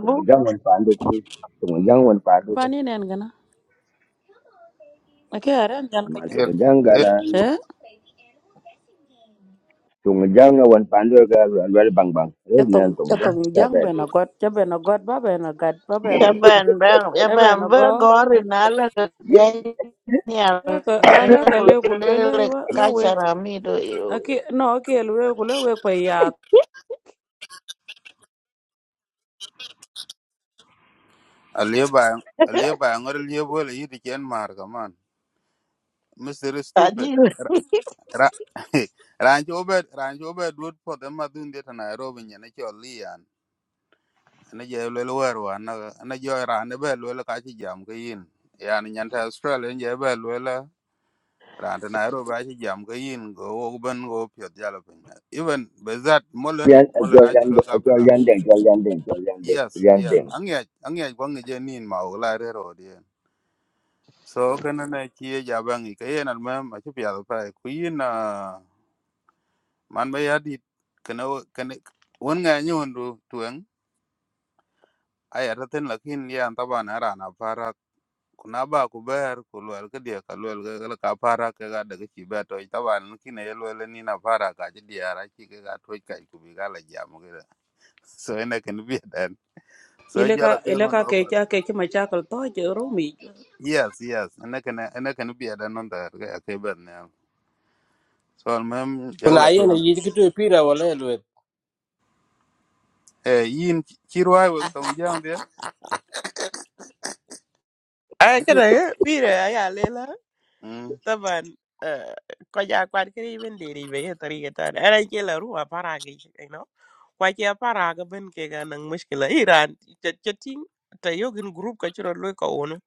Tunggu jang wan pandu kan. Tunggu jang wan pandu ba kan. ni nen gana ake aran jal ka Mà ju tụng er giang gà er là eh tụng giang là quần phản đôi gà loạn với bằng bằng thế cha tong nên cha tụng giang tong ta jang về be thì na got cha be na got ba be na gat ba be ka ber ba yen e be an na bër go görü eh na lëkë gëj nï ala ka alögï ala ka le ku culture le la lëk wa la we kalcara mïtö yoo Aki no akielwe kule we kwa ya aliye ba aliye ba ngor liye bola yidi ken mar ga man Mister stupid adïö Ra- ran to be ran to be dut po de ma dun de tana robi nyane cho lian na je lelo werwa na na jo ran be lelo ka chi jam ga yin yani nyanta australia je be le ranta Nairobi ake jam ka yin go wok ben go piot jalo piny even be that cho molen molen ake gian lo cho kapila gian đèn cho gian đèn cho gian đèn yes gian yes đèn ang'ech ang'ech kwa ng'eje nin ma wok la rero odien so kana na chie jabangi ka yen almem ake piadho pae ku yin ah, man be yadit kana kana won ng'e nyon du tueng ayata ten lakin lian taban aran kuna ba ku ber ku luel ke dia ka luel ke le ka para ke ga de ki be to ta ban ki ne luel ni na para ka ji dia ra ki ke ga to ka ku bi ga la jam ke da. so ene ken bi den so ile ja la ka te ile ngon ka do ke pa cha ke cha machakal to je romi yes yes ene ken ene ken bi den non da ke ke be ne so al mem ja kuna la te ayen yi kitu pira wala elwet eh yin ki ruai we to jam bi a ai ki kada pire ya lela mm طبعا آه، كوجا كوان كري بن ليري بي طريقة تانية أنا كي لا روح أفرعك you know كوكي أفرعك بن كي كان مشكلة إيران تتين تيوغن جروب كتير لوي كونه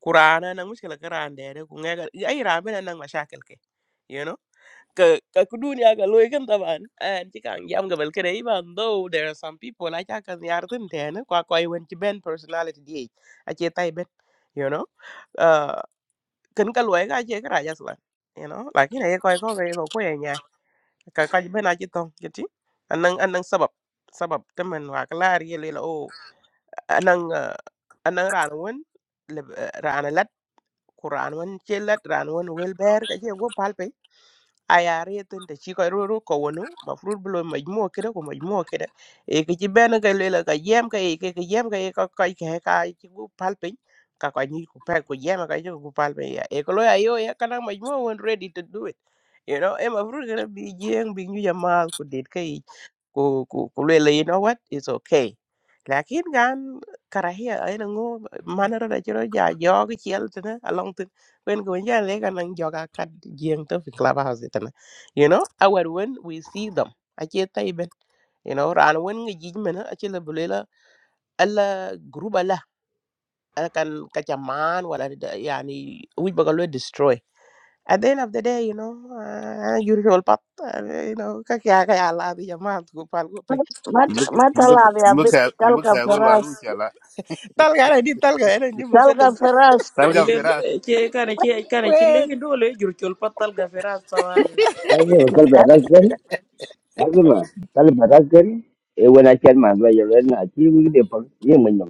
كورانا نang مشكلة كران ده كونغا إيران بن نang مشاكل كي you know ka ka dunia ka loy kan taban an ti kan yam ga bel kre iban though there are some people like I can yarden ten kwa kwa i went to ben personality di a che tai ben you know Eh, kin ka luwai ka che ka raja slan you know lakini ye koi ko ke ko ko ye nya ka ka be na chi tong kiti anang anang sabab sabab temen wa klar ye le o anang anang ran won kuran wan chelat ran wan wel ber ka je go palpe aya retin te chiko ru ru ko wono ma frut blo majmo kede ko majmo kede e ke ci ben ka lela ka yem ka e ke ke yem ka e ka ka ke ka ci go palpe ka ka ni ku pe ko yem ka jo go palpe ya e ko lo ya yo ya kana majmo won ready to do it you know e ma frut gonna be jeng bi nyu jamal ku dit ku ku ku le le you what it's okay lakin gan karahia ay mana ngo manara da jiro ja jog chiel tena along ten when go ja le gan ang joga kat jeng to fi clubhouse tena you know our when we see them ache taiben you know ran when ngi jij men ache le bulela alla gruba la kan kacaman man wala da- yani we baga destroy at the end of the day you know uh, usual pat uh, you know ka kya ka ala bi jamaat ku mà mbe mà thở mbe labia mbe bị ka sáu mbe cái ka go la pherrous lu cha la tal gà này đi tal ga ni ni sáu Mercedes cái pherrous tal ile ga che kana che kana che wait le do le jur chol patal ga firas tawale lazima kale baraken e wona chen man ba yelo na chi wi de pa ye mun no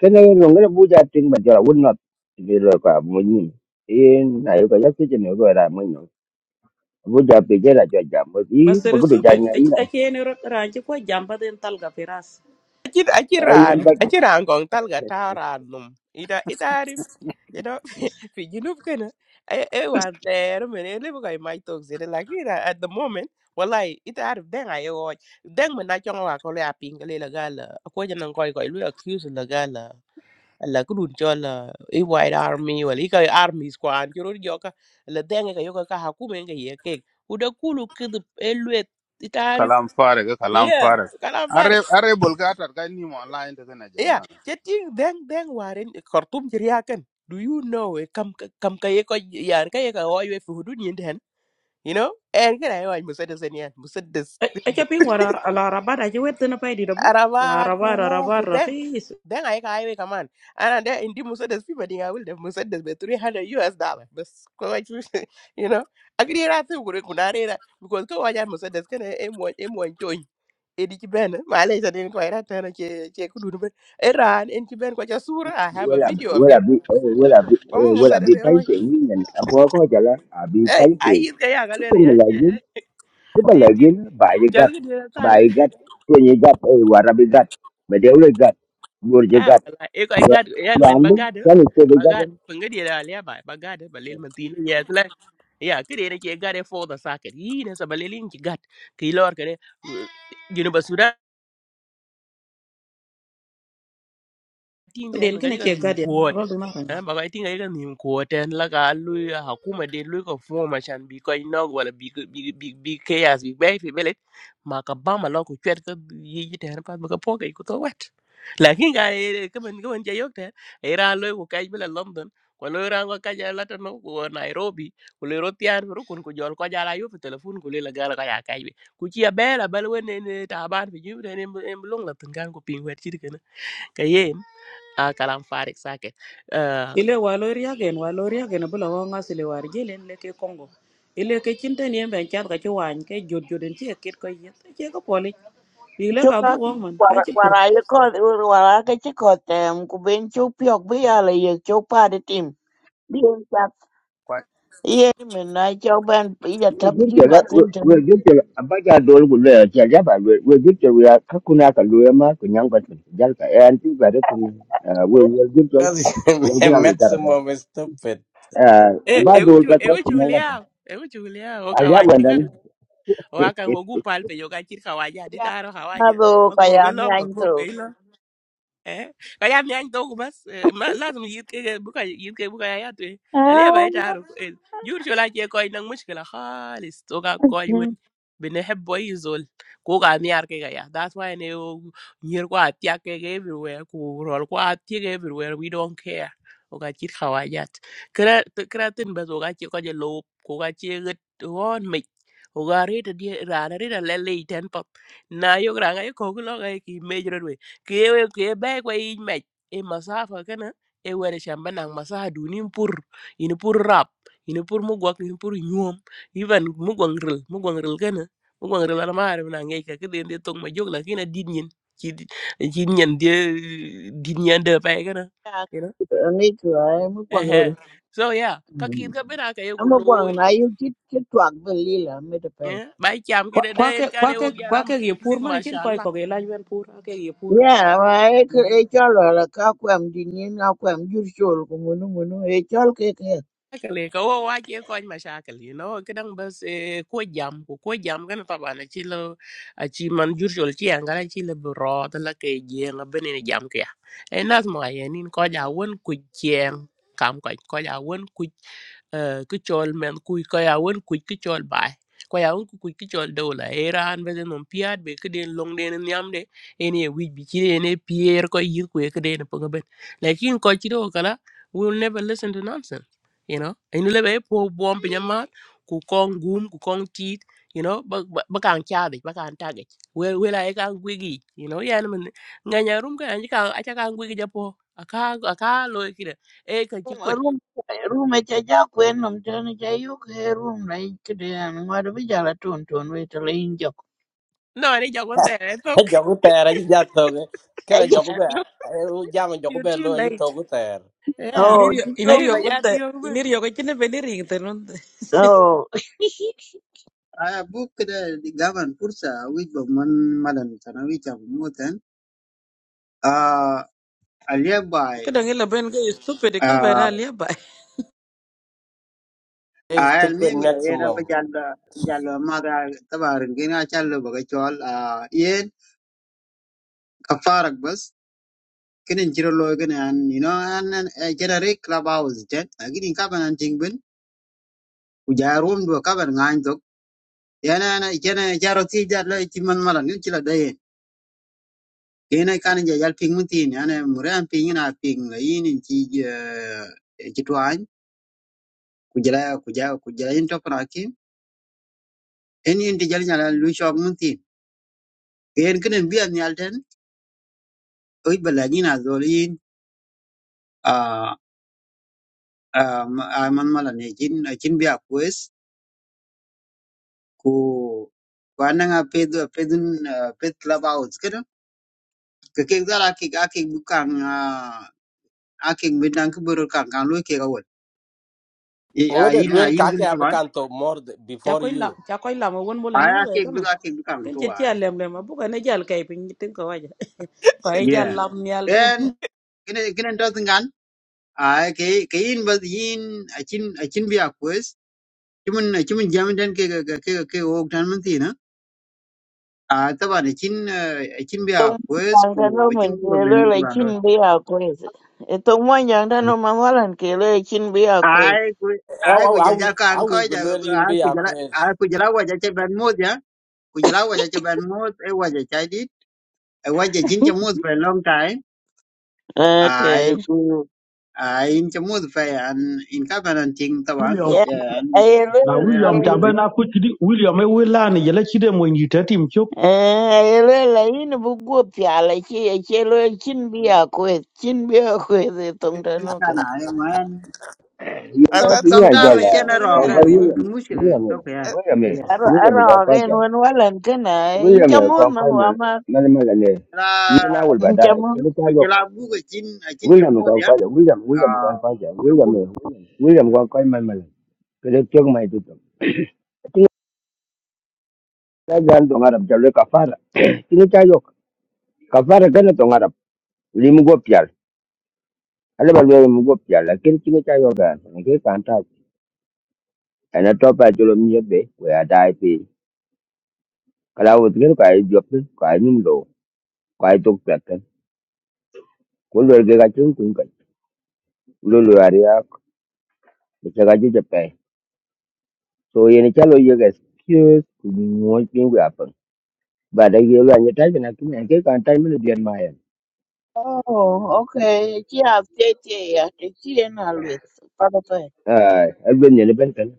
kana no ngara buja ting ba jara won not de lo ka mun ni e na yo ka yakse chen yo ra mun no buja pe je ra jo jam bo yi master bo ko ja subet nya yi na ake ne ranji ko jamba den tal ga firas achi achi ai ran yin ba achi ran kong tal ga ta ran num ida ita arif you know fi junub kana e e wan ter men e lebo kai mai tok zede like it, uh, at the moment wallahi ita arif Deng ai watch Deng men na chong wa ko le aping le la gala ko janan koi koi lu accuse la gala la kudun chola e white army wala i kai army squad juro joka la den ga yoka ka hakumen ga yeke uda kulu kid elwe kalam farag kalam Yeah, farag kalam are farik. are bolgatar ganni mo online daga na Yeah, jama'a jadi deng deng warin Khartoum ceria kan. Do you know eh, kam kam kaya ko yan kaya ka wa yue fi hudud yin den. You know? En kan ay wa musaddas en yan, musaddas. ake pin wara ala rabada je wetna pay di dabu la Arabat ku rabada ngu ku rabada deng. rakhis Deng ay ka ay kaman. Ana de indi musaddas fi madinga wil de musaddas be 300 US dollar. Bas ko wa you know. Agri ra tu ku ku na ra because ko wa ya musaddas kan e mo e mo edi ci ben ma lay sa den ko ira tan ci ci ku dun ben iran en ci ben ko ca sura i have a wala video of wala him bi wala bi ko mo musa wala de bi o pai te ni nen a bo ko jala a bi ay pai ay te yit ga ya ga ko lele mo ya la eh, yi eh, eh, ko ba ti la ti yi ba yi jal gat ga dina tal ba yi gat ko ni gat e wara bi gat ba de wala gat ah wala e ko ay gad yan men Randu, bagad that is the bagad government. panga di la le ba bagad ba lel man tin ya la ya ke de ne ci gad e for the socket yi ne sa ba ci gad ki lor ke tin ten den man kina kachi ka che nim gade kuot rodu na eh ba kai tin kachi ka nim kuot ten la ka lui hakuma de lui ko form achan bi ko inog wala bi bi bi bi chaos bi bai fi belet ma ka ba ma lo ko chwet ka yi yi ten pa ba ka po kai ko to wet lakin ka ka man ka man ja yok ten era lo ko kai bela london ko lo ran ko kai la tan ko nairobi ko le ro tiar ro kun ko jol ko jala yo fi telefon ko le la gala ka ya kai be ku ci ya bela bal wene ta ban fi ju ten em em long la tan kan ko pin wet ci de Ah, kalam farik sake Ile waloriagen waloriagen bï lökö ngasï war jïlïn lëkë Congo Ilek k'ecin thë nïën bene cath ka cï wany k'ëc jot joden cë ekit kö ïë ëcë ka pölic pïï lëk chỗ adhu nào wök mën quay ka cï quay pur cái cổ rồi quay cái cổ thì em cũng bên chỗ phía bên này chỗ phá đi tim điên chắc yeah mình nói cho bạn bây giờ We tháp give gì you mà that. xin chào We give you a bunch of dollars. We are Java. We give you a Kakunaka Luema, Kunyanga, Jalka, and two better than we will give you. Kazi We're going to make maximum is stupid that Eh, e e about the old wucu e wucu better. liaw e wucu liaw o I have kawaje one kan then. o akan o gu palpe yo ka chir kawaja di yeah taro nó kawaja có ba cái ko gì ga lom ka ko intro pe eh ka ya miany dhogu bas eh, ma lazim yit ke buka yit ke buka ya yatwe à aliya ba ita aruf eh, jur shola ke koy nang mushkila khalis to ga koy wen bene hebbo izol ko ga miar ke ga ya that's why ne o nyer ko atya ke ga everywhere ko rol ko atya ke everywhere we don't care o ga chit khawajat kra t- kra tin bas o ga chi ko je lo ko ga chi gat won me o ga re ta di ra na re ta le le ten pop na yo gra ga ko ko lo ga ki me kiyewe kiye bai kwa yi mech e masafa kana e wede shamba nang masaha duni mpur ini pur rap ini pur mugwak ini pur nyuom even mugwang ril mugwang ril kana mugwang ril ala maare na ngai ka kede ndi tong ma jog la kina dit nyen ci ci nyen de dit nyen de bay kana yeah you know này tuổi em quăng rồi ehe so yeah ka kir ka bena ka em yego loy quăng này em cứ cứ quăng về đi là không được hết eh bai cham kede de en kane wo gyala kwa ma kek ye pur mërë cïdh köc mashallah kögï ïlac mën pur akek ye pur Yeah, ma e ke e chol la ka kwem di ni na kwem jur chol ko munu munu e chol ke ke. cái Actually, ko wo wa che mà ma cái này nó cái bas bớt ko jam ko ko jam kan pa bana chi lo a chi man jur jol chi an gara chi le bro ta la ke je nga bene ni jam ke e nas mo ye nin coi ja won ku jeng kam coi coi ja won ku ku chol men ku ko coi won ku ku chol bai ko coi won ku ku ku chol do la era an be non piat be ke den long den nyam de ene wi bi chi ene pier ko yir ku ke den po ga coi lakin ko chi do kala will never listen to nonsense you know inu lebe po bom pinya mat ku kong gum ku kong tit you know ba ba- ba kan chadi ba kan tagi we we la ka gwigi you know yan men nga nya rum ka anji ka acha kan gwigi japo aka aka lo kire e ka chi kwet Rum rum e cha ja kwen nom tan cha yu ke rum na i ke de an ma de ja la ton ton we to le in jok. no ni ja kon tere tok jogu tera ji jatoge Kera jogu be eh, u jam jogu you're be too lo ji late togu ter yeah Oh, ju in to ayo iryökö ya thë pio in ruben iryökö cïnë bedo nï ring thë nön Oh, A buk dek dijamin pursa, wujud mohon makan. Wajar mohon. Ah, alia bay. kë dong ïlëbën ka stupid kïbën na Ah, lïëbërë is almi stupid mira. Ia nak maximum perjalanan jalan madah, tabar. Kena jalan bagai cawal. Ah, ia kaparak bus. Kena jiruloy kena. Ino ane jadi rek labauz jen. Kini cover nanchingben. Ujar room buka cover nganjuk. Iana ikan jari tiga lalu. Istiman makan yang cila deh. Ina kan ja jal ping mutin ane muran ping ina ping la yin in ci ci twan ku jala ku ja ku jala yin top na ki en yin ti jal nyala lu shok mutin ken kenen bi an yal ten oi bala yin azol yin a a a man mala ne jin a jin bi a kwes ku kwana nga pedu pedun ped club out kedo ke ke dala ki ga ke bukan a ke bidan ke buru kan kan lu ke ga wol ya ngode yin na lwel yin kake gin taban abakan to more th- cha before koy lam you cha koy lam won mo le na aya lo ke ka bi man ga ke bukan ken che to cha lem lem bu ka ne jal kay pin tin ko waja ko ay jal yeah lam nyal de en kene kene to tingan ai ke ke in bas yin achin achin bi akwes chimun chimun jam den ke ke ke ke ke o tan mun ti na a taban achin achin bi to akwes man ta no ku achin men bi ke ro le ben le ro chin lo bi a kwes. E to mo yang ta no man walan ke le chin bi a kwes. ai ku I ai ku I jal will, jal I kan ko will be ja lwel in ai be ku jal akwes ai ku jal wa ja che ben mo ja ku jal wa ja che ben mo e wa ja chai dit e wa ja chin che mo for a long time ai Okay. cũng ai in chém mướt vậy anh in cái bên anh chinh tawan William Yeah. yeah anh Ai na cho nên William hobby le rất jabe na ku chidi William e wela ni yele chide mo nyi tetim Eh, ele la ina bugu piala chi e chelo chin bia kwe chin bia kwe de tong nhiều tanu đó ka na ai mà You and some that asa to thing ko I got nuere sometimes chém ato nó ko a rau nuere cái conquer wi nó William. chém mướt William, đâu vậy yeah William, giờ ara William, ara ga en Conquer. wan walan kana in William, chamon man wa Conquer, ma Manaman. chúng ta Ian, I will buy in chamon cũng that. chém William mướt kwa vậy kwa William à William kwa kwa không William biết này William kwa kwa mai mai kile kyo mai tu tu tinga ta gan to ngarap cái kafara tinga cha yo kafara kana to ngarap limu go pyal ale ba là bây giờ mình gộp chả là cái pyal lakin tinga cha yo gan ne ke kan ta ana to pa chalo mi be we adai pi kala wo tinga ka yo pi ka num lo đồ to pa kan ko lo ge ga chung kun cũng lo lo ari ya ke ga ju je pe so ye ne chalo ye ga excuse ku ni mo kin badagirwa nyetai bina kimya ke kan tai mini dian mayen oh okay chi a te te ya te chi en alwet pa pa pa eh agwen nyene ben kan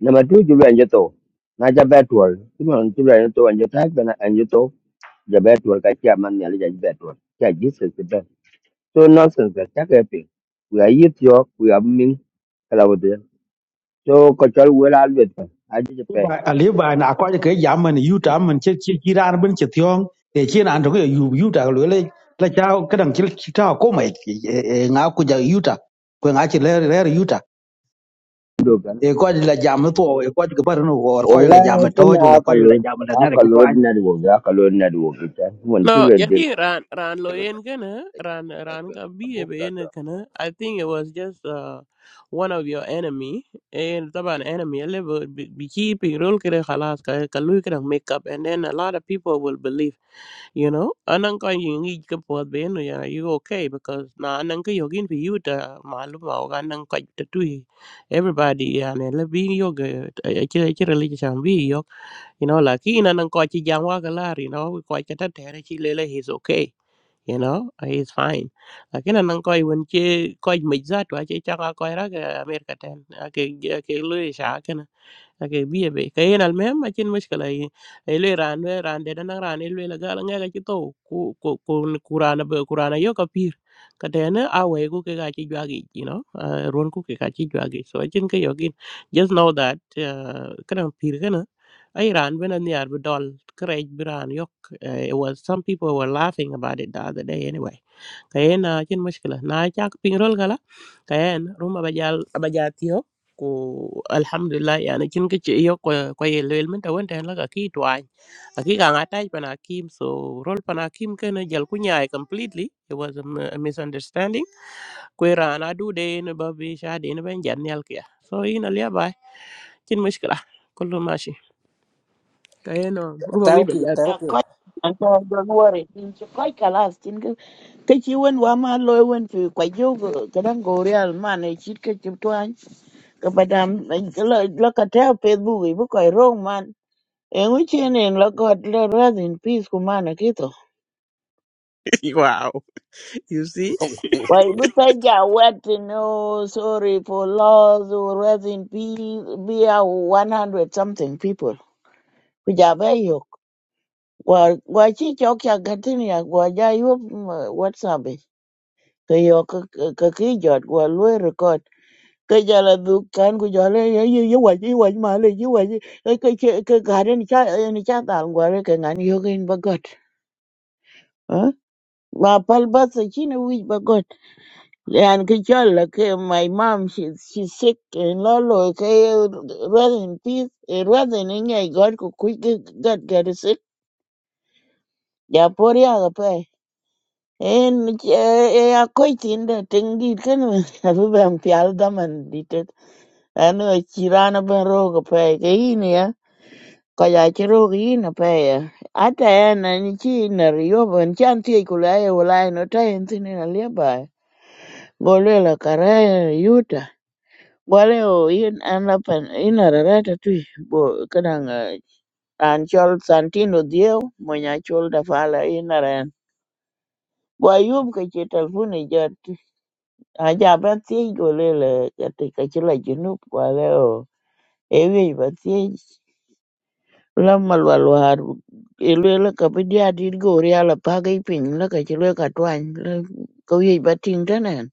na ma tu julwa nyeto na ja betwol kuma julwa nyeto nyetai bina nyeto ja betwol ka kya man nyali ja betwol kya jesus the best so nonsense that ka kepi we are yit yo we are min kala wode so ko chal wela alwet kan aji je pe bài à lý bài nà có cái giảm mình ưu trả mình chỉ chỉ chỉ ra nó bên chỉ thiong để chi là anh trong cái ưu ưu trả lưỡi lên là chao cái đằng chỉ chỉ trao có mày ngã của giờ ưu trả của ngã chỉ lấy lấy ưu trả do kan để coi là giảm nó tuổi coi cái bao nó gọi coi là wala giảm mà kan thôi rồi là coi akalo là giảm là ngay là cái akalo toan na do akalo na do kan mon No, julwa de yati ran ran lo yen ran ran ka biye be yen kana. I think it was just uh, one of your enemy. And taban enemy level be be keeping role kere khalas ka kalu kere make up and then a lot of people will believe, you know. Anang ka yung i ka pod be no ya you okay because na anang ka yogin fi you ta malum ma ka anang ka ta tu everybody ya ne le bi yoga. Akira akira le you know lakini anan ko ci jam wa galar you know ko ci ta tere ci lele he's okay you know he's fine lakini anan ko won ci ko mi za to ci ta ko ra ga america ten ake ke lu sha kana ake biye be kayen al mem akin mushkila yi ele ran we ran de nan ran ele la gal nga ki to ku ku ku kurana be kurana yo ka pir ka de ne awe ku ke ga chi jwagi you know uh, ron ku ke ga chi jwagi so akin ke yogin just know that uh, kana pir kana ai ran be nan yar be dol krej bi ran yok uh, it was some people were laughing about it the other day anyway kayen a chin mushkila na chak pingrol gala kayen ruma bajal abajatiyo ku alhamdulillah yani chin ke che yo ko ko ye lel men ta won ten la ka ki twan a ki ka ngatai pana kim so rol pana kim ke na jal kunya completely it was a, mi- a misunderstanding ku ra na du de ne ba bi sha de ne ben jan yal kya so ina liya ba chin mushkila kullu mashi kayen ruma wi thank you bajat ya thank ko anto don't worry in chi ko kalas tin ka ke chi wen wa ma loy wen fi kwa jo go kadan go real man e chi ke chi twan ka badam la la ka te facebook bu ko rong man En wichien en lo God let rest in peace kumana kito. wow you see Wai buta ja wet no sorry for loss or rest in peace be a 100 something people. Kuja be yok. Wa wa chi chok ya gatini ya wa ja yop mm, WhatsApp. eh. Ke yo ka ka ki jot wa lu record. Ke ja la du kan ku ja le ye ye ye wa ji wa ma le ji wa ji ke ke ke ga ni cha ni cha ta ngwa le ke ngani yo kin ba God. Huh? Ma pal basa chine wij ba God. And Kichola, okay, my mom, she she's sick, and Lolo, okay, rather in peace, and rather in any God could quick get get sick. Yeah, poor young pay. And a quite in the thing did can have been pialdam and did it. And a chirana ben rogue pay, Gainia, Kayachirogina pay. At the end, and she in a riob and chanty could I will I not tie in a nearby. Bolilla, Caraya, Wale o in an la pan in a rarata tui bo kadang an chol Santino Dieo mo nya chol da fala in a ran. Bo ayub ka che talfuni jat a ja ba tiye go le le ka te ka chila jinup wale o ewe ba tiye la malwal war ilwe la ka bidia dit go ria la pagai pin la ka chilwe ka twany la ka wi ba ting tanen.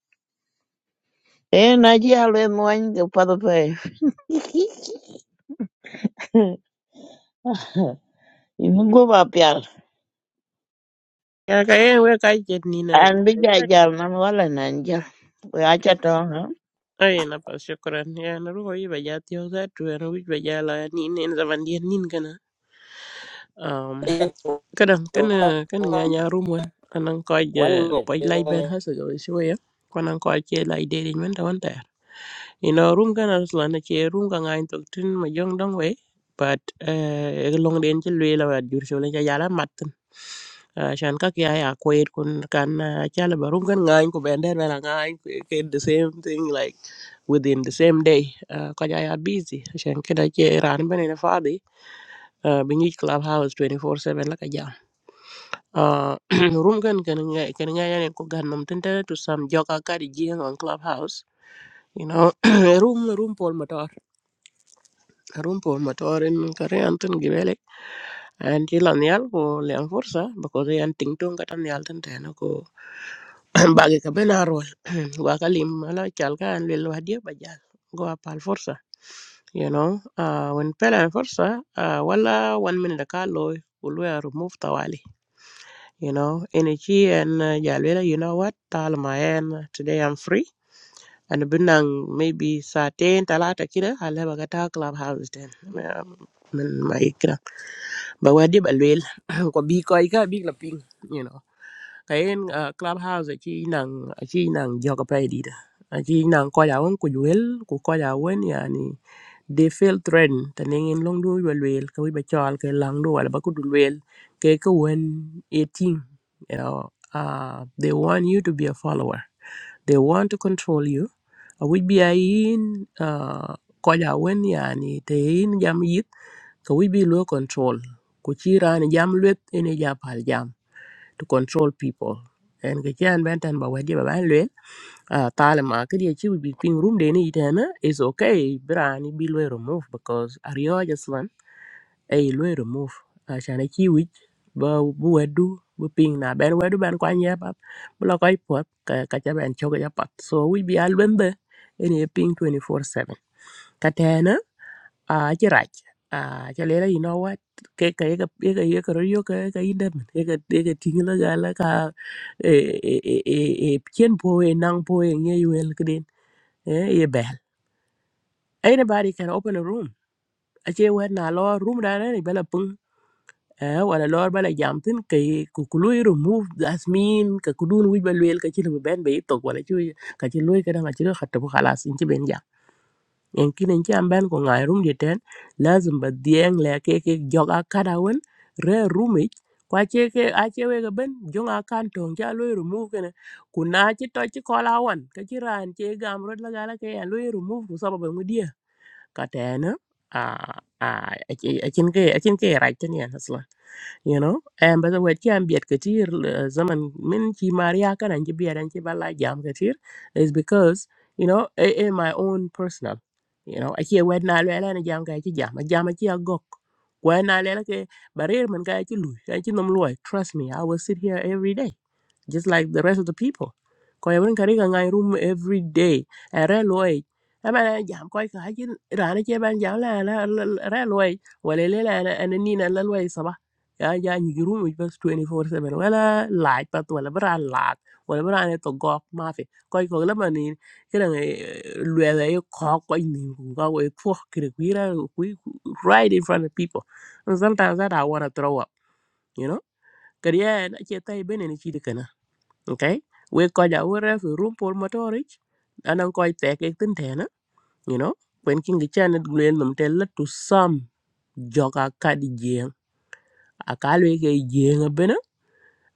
E na ji alwe mwany ka padho pe. Imugo ba pial. Ya kayen we kai jet ni na. An bi ja jam na mi wala nan ja. We acha to ha. Ai na pa shukran ya na ruho yi baja tiyo za tu ya na wich baja la ni ne na zaman dien nin kana. Um kadang kana kana you nga nya rumon anang ko je One poj lai ben minute. hasa go shoya. Kwanang ko che lai de ni man ina room kana sla na che room ka ngai tok tin ma jong dong we but eh e long den che lwe la wat jur chole ja yala mat tin Ah, shan ka kya ya kwer kun kan ah, chala ba room kan ngai ko bender bela ngai ke the same thing like within the same day Ah, ka ja ya busy shan ke da che ran bene na fadi bi ngi club house 24/7 la ka ja Ah, room kan kan ngai kan ngai ya ne ko gan nom tin ta to some joka ka di on club house you know room room pol ma Harun Paul Matar kare antun tun gi welik an ci lan yal ko lian fursa because yan ting tong katan yal tan tena ko bagi ka ben arol wa kalim ala chal ka an lel wadi ba ja, go apal fursa you know uh, when pela an fursa uh, wala one minute ka loy will remove tawali you know any chi and uh, jalwela you know what tal ma en today i'm free and binang maybe saatin talata kida halaba ka ta club house then um, min ma ba đi ba lwel còn bi coi ka big la ping you know cái kayen clubhouse chi nang chi nang joga pay di da chi nang ko ya won ku wel coi ko ya won yani they feel trend thế nên ngin long du wel wel ka wi ba chal ke lang du wala ba ku du wel ke ka won 18 you know uh, they want you to be a follower they want to control you uh, which be a in uh, koja wen yani te in jam yit so we be low control ku ci raan jam luet ene japal jam to control people en ke cian ben tan ba wadi ba ban luel uh, talema ke die ci bi ping room de ni tena is okay brani bi lo remove because are you just ai lo remove asan e chi wich ba bu wedu bu ping na ben wedu ben kwa nya pap bu lo koi pot ka ka cha ben choga ya pat so wi bi al ben de ene ping 24/7 ka tena a chi rach a cha le you know what ke ka ka ka ka ka ro ka ka idem ka ka ting la ga la ka e e e e e chen po e nang po e nge yuel kden e e bel anybody can open a room ache wen na lo room da ne bela eh wala lor bala jam tin kay ku ku lui remove asmin ka ku dun wi balwel ka ci lu ben be tok wala ci ka ci lui ka nga ci lu khatta bu khalas in ci ben jam en kin en ci am ben ko ngay rum de ten lazim ba dieng le ke ke joga kada won re rumi kwa che ke a che we ga ben jonga kan tong ja lui remove kana ku na ci to ci kola wan ka ci ran che gam rod la gala ke en lui remove ku sababa mu dia ka tena a a a cin ke a cin ke right ten yan you know and by the way chi an biet katir zaman min chi maria kan an chi biet an chi bala jam katir is because you know eh eh, my own personal you know aki wed na le na jam ka chi jam a jam a chi agok kwa na le ke barir man ka chi lu ka chi nom loy trust me i will sit here every day just like the rest of the people. Ko yawon kari ka ngai room every day. A re loy. Ama na jam koi ka hakin rana ke ban jam la la la- re loy. Wale le la na na ni na la loy và giờ nghỉ luôn một chút twenty four seven là light, bắt đầu là mưa lạnh, hoặc là mưa này to gộc, ma phi, coi coi là màn hình cái này luôn là có cái gì cũng có một cái phô khi người ta quay right in front of people, and sometimes that I wanna throw up, you know? cái này là chưa thấy bên này chưa được nữa, okay? We call the word for room for storage, anh em coi chắc cái tên thế nào, you know? Quên cái chuyện này, người nào muốn trả lại to sum jogakadige, akalui cái gì nghe bên nào?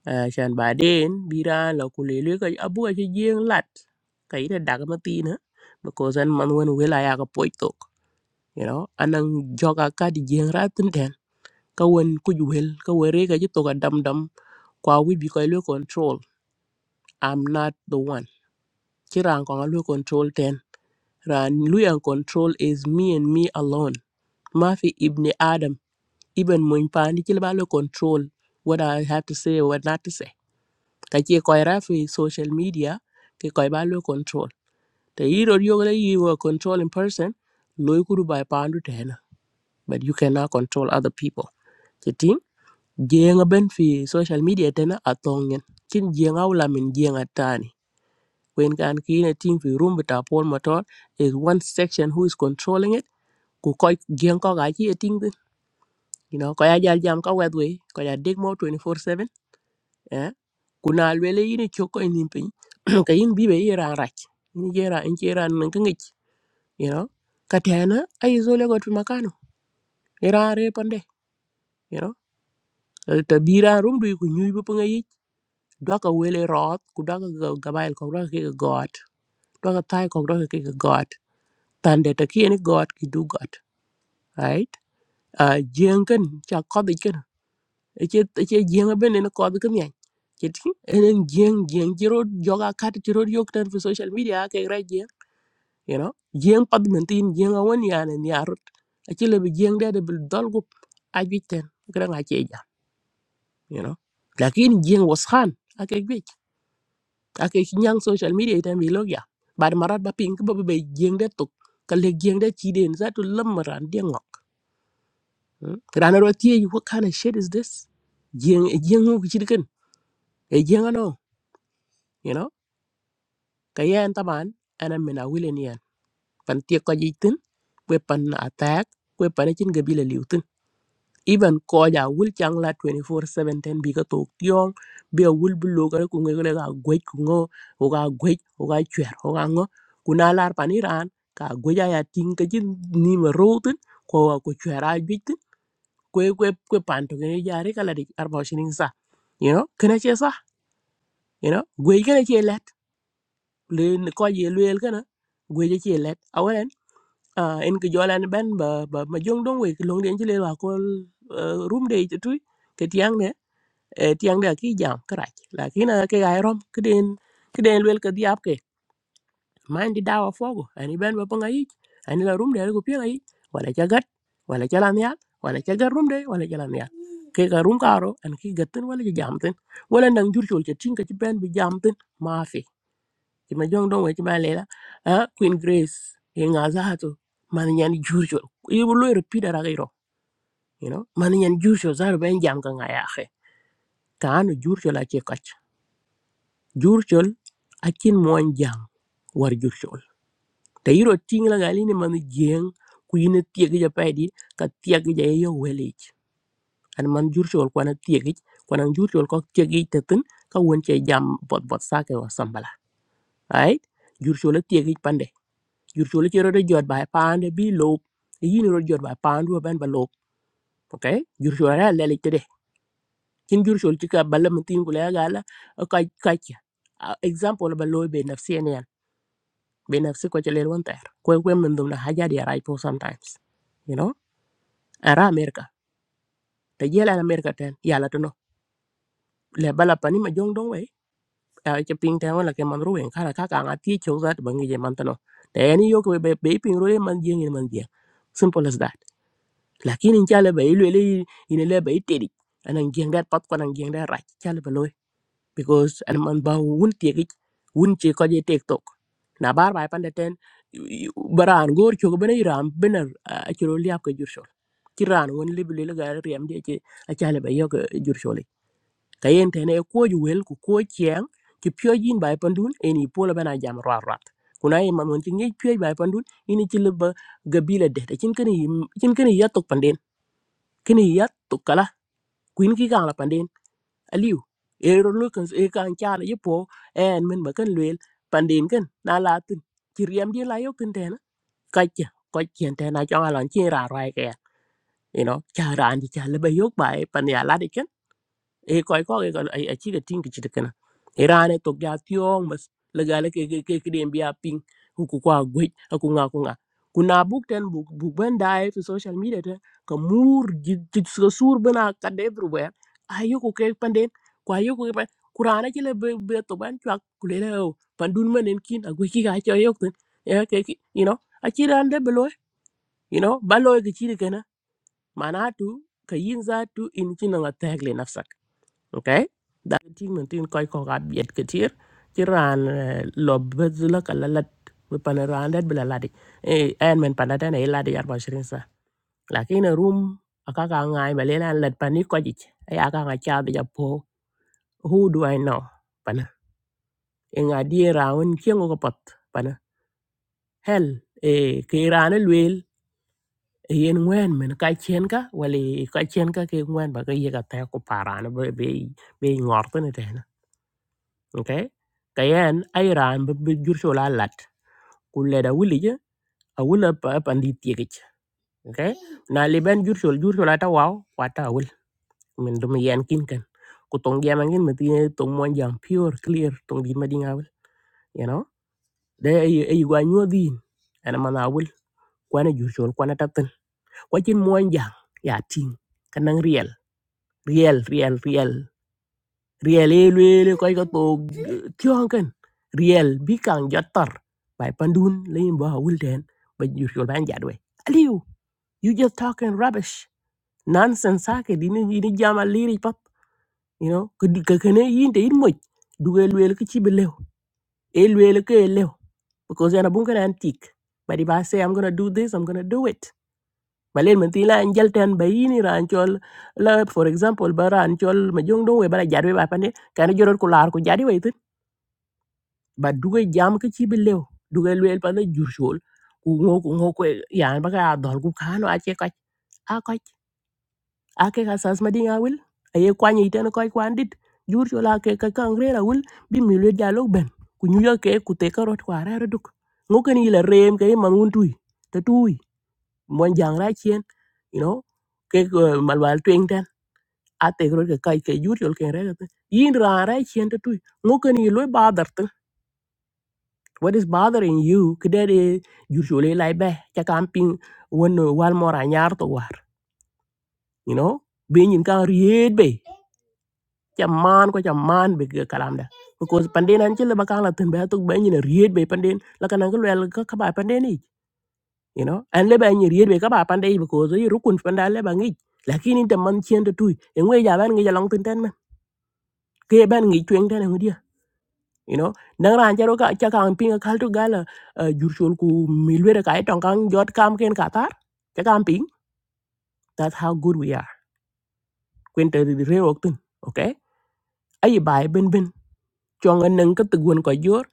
Shan baden bira la kulele ka abu ka jeng lat ka ida daga matina because an man wen wela ya ka poitok you know anang joka ka di jeng rat ten ka wen ku juhel ka were ka jito ka dam dam kwa wi bi ka lu control i'm not the one kiran ko lu control ten ran lu yang control is me and me alone mafi ibni adam ibn mun pa ni kila ba lu control what i have to say or what not to say ka ci ko ra fi social media ke ko ba lo control te yiro yo le you were control in person lo ku du by pandu te na but you cannot control other people ti ting jenga ben fi social media te na atongen kin jenga wala min jenga tani when kan ki na ting fi room ta pol motor is one section who is controlling it ku ko jenga ko ga ci ting you know ko ya jal jam ka wedwe ko ya dig mo 24/7 eh kuna lwele yini choko in pin ka yin bibe yera rach ni jera in jera nan kan ich you know katena ay zole got fi makano era re pande you know ta bira rum du ku nyuy bu panga yi doka wele rot ku doka gabail ko doka ke god doka tai ko doka ke god tande ta kiyeni god ki du god right a jengen cha kodiken ece ece jenga benen kodiken ya chit enen jeng jeng ci rot joga kat ci rot yok tan fi social media ke ra you know jeng pad men tin jeng awen yani ni arut akile bi jeng de bil dol gup ajiten gran a cheja you know lakin jeng was khan ake gwech ake nyang social media tan bi log ya bad marat ba pink ba be jeng de tok kale jeng de chi den za to lamaran de ngok gran ro tie you what kind of shit is this jeng jeng ngu chi diken e jeng ano you know kayen taban ana mena wilen yan pan tie ko jitin we pan attack we pan e chin gabila liutin Even koja wul chang la 24/7 ten bi ka tok tiong be wul bu lo ka ku ngi le ga gwej ku ngo o ga gwej o ga chwer o ga ngo ku na lar paniran, ran ka gwej ya ting ka jin ni ma ro tin ko wa ku chwer a jwi tin ko ko ko pan to ngi ya re ka la di arba shinin sa you know kana che sa you know gwej kana che let le ko ye le kana gwej che let awen uh, en ke jolan ben ba ba ma jong dong we long den jile wa ko room de tu ke tiang e tiang da ki jam krach lakini ke ga rom kiden kiden lwel ka diap ke man di dawa fogo ani ben ba panga yi ani la rum de ko pia yi wala cha gat wala cha lam ya wala cha gar rum de wala cha lam ya ke ga rum karo an ki gatin wala cha jamtin wala nang jur chol cha tinga ci ben bi jamtin ma fi ci ma jong don we ci ma lela ha queen grace e nga za to man nyan jur chol yi bu lo repeat ara gairo you know man nyan jur chol za ben jam ka nga ya xe kanu jur chol a che jurchol akin mon jang war jurchol te yiro ting la gali ni man jeng ku yine tiegi ja paydi ka tiegi ja yo welij an man jurchol kwana tiegi kwana jurchol ko tiegi tetun ka won che jam bot bot sake wa sambala ay jurchol tiegi pande jurchol che ro de jot bay pande bi lob yini ro jot bay pandu ben ba lob okay jurchol ra lele tede kin jurchol ci ka balam tin ku la gala ka ka example ba loy be nafsi en bên áp sĩ quạt chơi lêu một tay, quẹt quẹt mình đun là hajar đi ra ipo sometimes, you know, ra Amerika. Tại gì là Amerika tên? Yêu là tao nó, lấy balapani mà jong dong vậy. Tại cái ping tay mà lại mang rùi, khai là khai cả ngắt tì chung sát bưng cái gì mà tao nó. Tại anh ấy yêu cái bài bài ping rùi mang riêng gì mang riêng, simple nhất đất. Lần khi anh chàng lấy bài lôi đi, anh lấy bài tê đi, anh anh giang đất, bắt con anh giang đất ra, chàng lấy baloy. because an man ba wun tiegi wun ci ko je tiktok na bar bay pande ten y- y- baran gor ci ko bena iram bena a ci ro liap ko jur sol ci ran won libi le ga rem đi ci a ci ale ba yo ko jur sol kayen ten e ko ju wel ku ko cieng ci pyo jin bay pandun eni pola bena jam ra rat kuna e man won ci ngi pyo bay pandun ini chỉ leba gabila de te cin kene cin kene yatok panden kene yatok kala queen cái gang ki gala panden aliu e ro lu kan e kan cha le po en men ba kan luel pandin kan na la tin chi riam di la yo kan ten ka cha ko chien ten na chong alon chi ra rai ke you know cha ran di cha le ba yok bai pan ya la di e koy ko e ay ay chile ting chile kana irane to ga tiong mas legale ke ke ke ke dem bia ping ku ku kwa gwe ku nga ku nga kuna buk ten buk buk ben dai fi social media ten ka mur ji ji so sur bena ka de everywhere ayo ku ke panden kwa yo ku pa kurana chile be be to ban chwa ku le leo pandun menen kin agwe ki ga cho yok ten e ke ki- you know a chile ande beloy you know baloy ke chile kana manatu kayin zatu in china nga tagle nafsa okay da ting men tin koy ko ga biet ke tir ti ran eh, lo bezula kala lat we pana ran dat bela ladi eh en men pana tan e ladi 24 sa lakin room aka ka ngai ba le lan lat pani ko ji ay aka ka cha be po who do i know pana en adi raun kiengo ko pat pana hel e ke ran luel yen ngwen men ka chen ka wali ka chen ka ke ngwen ba ke ye ka ta ko parana be be be ngor okay kayen airan ran be be jur shola lat ku leda wuli je a wula pa pandi tiege okay na li ben jur shol jur shola ta waw wata wul min dum yen kin kan ku tong jam ngin meti tong mon jam pure clear tong di madinga awul. you know de ay ay gwa nyodi ana mana awul, kwana jur shol kwana tatin kwa chin mon jam ya ting kanang real real real real real e luele koy ko to tyon ken real, bi kan jottor bay pandun lein ba wulten ba jur yol ban jadwe aliu you just talking rubbish nonsense sake dini dini jama liri pap you know ko di- ko kene yinde yin moj duge luele ko ci be lew e luele ko e lew because yana bun kana antik but if I say i'm gonna do this i'm gonna do it balen man tila en jalten bayini ran chol la for example ba ran chol ma jong dong we bara jadwe ba pande kana joror ko lar ko jadi we ba duge jam ke ci be lew duge lwel pa na jur shol ku ngo ku ngo ko yan ba ka dol ku kano a che ka a ka a ke ka sas ma dinga wil a ye kwa ni ten ko kwa ndit jur shol a ke ka kan re ra wil bi mi le dialog ben ku nyu ya ke ku te ka rot kwa ra ra duk ngo ken ile rem ke man un tui te tui mon jang ra chien you know ke ko malwal twing ten a te ro ke ka ke jur shol ke re yin ra ra chien te tui ngo ken ile ba dar what is bothering you kidade usually lai be cha camping won wal mora nyar to war you know be nyin ka ried be cha man ko cha man be ga kalam da because pandin an chile bakang la tin be to be nyin ried be pandin la kana ko wel ka ka ba pandin ni you know and le ba nyin ried be ka ba pandai because yi rukun panda le ba ngi lakini te man chien to tu engwe ja ban ngi ja long tin ten man ke ban ngi twen ten ngi you know nang ran jaro ka cha kang pinga kal to gala uh, jur chol ku milwera ka tong kang jot kam ken qatar cha kang ping that's how good we are kwen te re oktun okay ai bai ben ben chong an nang ka tugun ko jor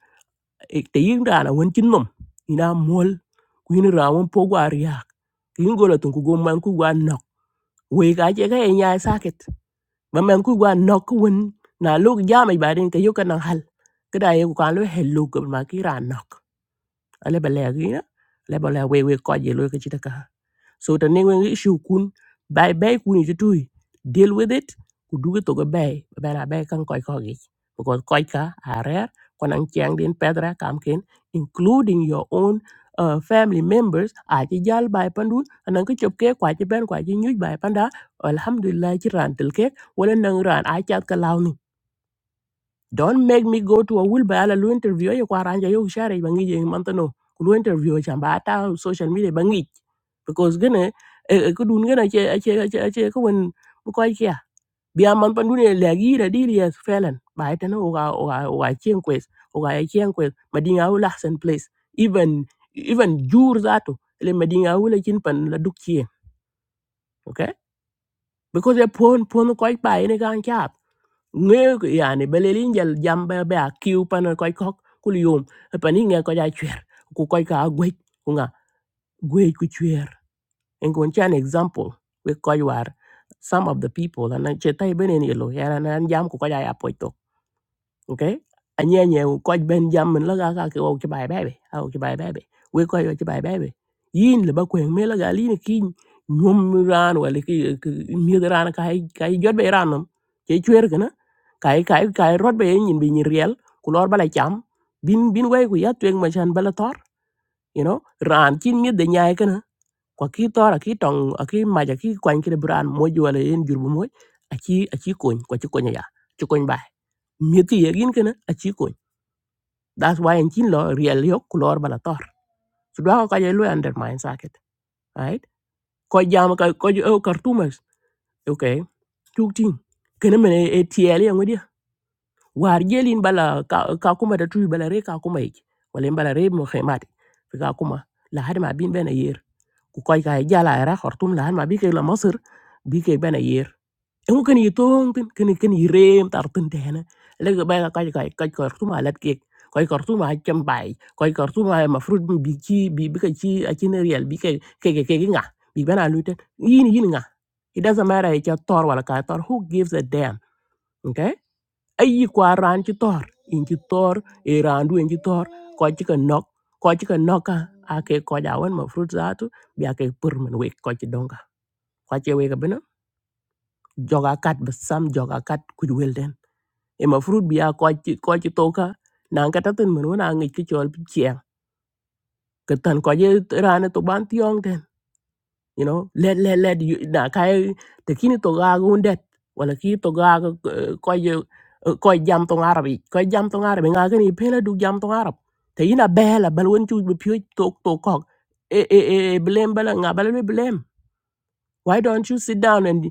te yin ran won chin mum ina mol ku yin ra won po gwa riak yin gola tun ku go man ku gwa nok we ka che ka nya saket ba man ku gwa nok ku won na lok jam ai bai den ka yo ka nang hal cái ye ku kan lo hello ko mà ki ra nok ale ba le gi na le ba le we we ko je lo ke chita ka so ta ne wen issue kun bay bai kun ju tu deal with it ku du to go bay ba la bai kan koi ko gi because koi ka are kon an chang din pedra kam ken including your own uh, family members a ci jal bai pandun anan ka chop ke kwa ci ben kwa ci nyuj bai panda alhamdulillah ci ran tel ke wala nang ran a chat ka lawni Don't make me go to a will by ala lu interview ya kwa ranja yo share bangi je mantano. Lu interview cha ba ta social media bangi because gane e ko dun gane che che che che ko wen bu ko kia. Bia man pan dun le gi ra di ri felan. Ba ta no ga ga ga chen quest. Ga ya chen quest madinga u lahsen place. Even even jur zato le madinga u le chin pan la duk chien. Okay? Because ya pon pon ko pa ene kan nghe ko- yani belelin jal jamba be a kiu pana koy kok kul yum pani nge ko ja chwer ku koy ka gwej ku nga gwej ku chwer en kon chan example we koy war some of the people and che tai benen yelo yana nan jam ku ko ja apoito okay anye nye ko ben jam min la ga ka ke o ke bai bebe a o ke bai bebe we ko yo ke bai bebe yin le ba ko me la ga li ni ki nyom ran wala ki mi ran ka hay ka ai jot be ran no ke chwer kana ka ai ka ai ka ai rot be yin bi ni riel ku lor bala cham bin bin we ku ya twen ma chan bala tor you know ran kin mi de nyaay kwa ki tora ki tong a ki ma ja ki kwan ki bran mo ju wala en jurbu moy a chi a chi kon kwa chi kon ya chi kon ba mieti ye gin kana a chi kon that's why en kin lo real yo kulor bala tor so do ka ye lo undermine saket right ko jam ka ko ju o kartumas okay tuk tin kana mene e tiel ye ngodi war gelin bala ka ka kuma da tu bala re ka kuma yake wala en bala re mo khemati ka kuma la hadi ma bin bena yer cô gái cái gì là ở đó họ tung làm mà biết cái là Moser biết cái bên ở đây em có cái gì tung tin cái cái gì rẻ tao tung tiền á lấy cái bên cái cái cái cái họ tung mallet cake cái họ tung bánh kem bảy cái họ tung mâm fruit bích chi bỉ cái chi cái này real biết cái cái cái cái ngã biết bên nào luôn tin y như như ngã it doesn't matter cái tour hoặc là cái tour who gives a damn okay ayi kwa ran ci tor in ci tor e randu in ci tor ko ci ka nok ko ci ka noka ake ko jawan ma fruit zatu bi ake pur men we ko ci donga ko ci we ga bena joga kat be sam joga kat ku wel den. e ma fruit bi a ko ci ko ci toka nan ka tatin men wona ngi ci chol ci en ka tan ko je ran to ban tiong you know let let let you na kai te kini to ga gundet wala ki to ga ko ye ko jam to arabi ko jam to arabi nga gani pela du jam to arab te ina bela bal won chu be pyo to to ko e e e blem bala nga bala be blem why don't you sit down and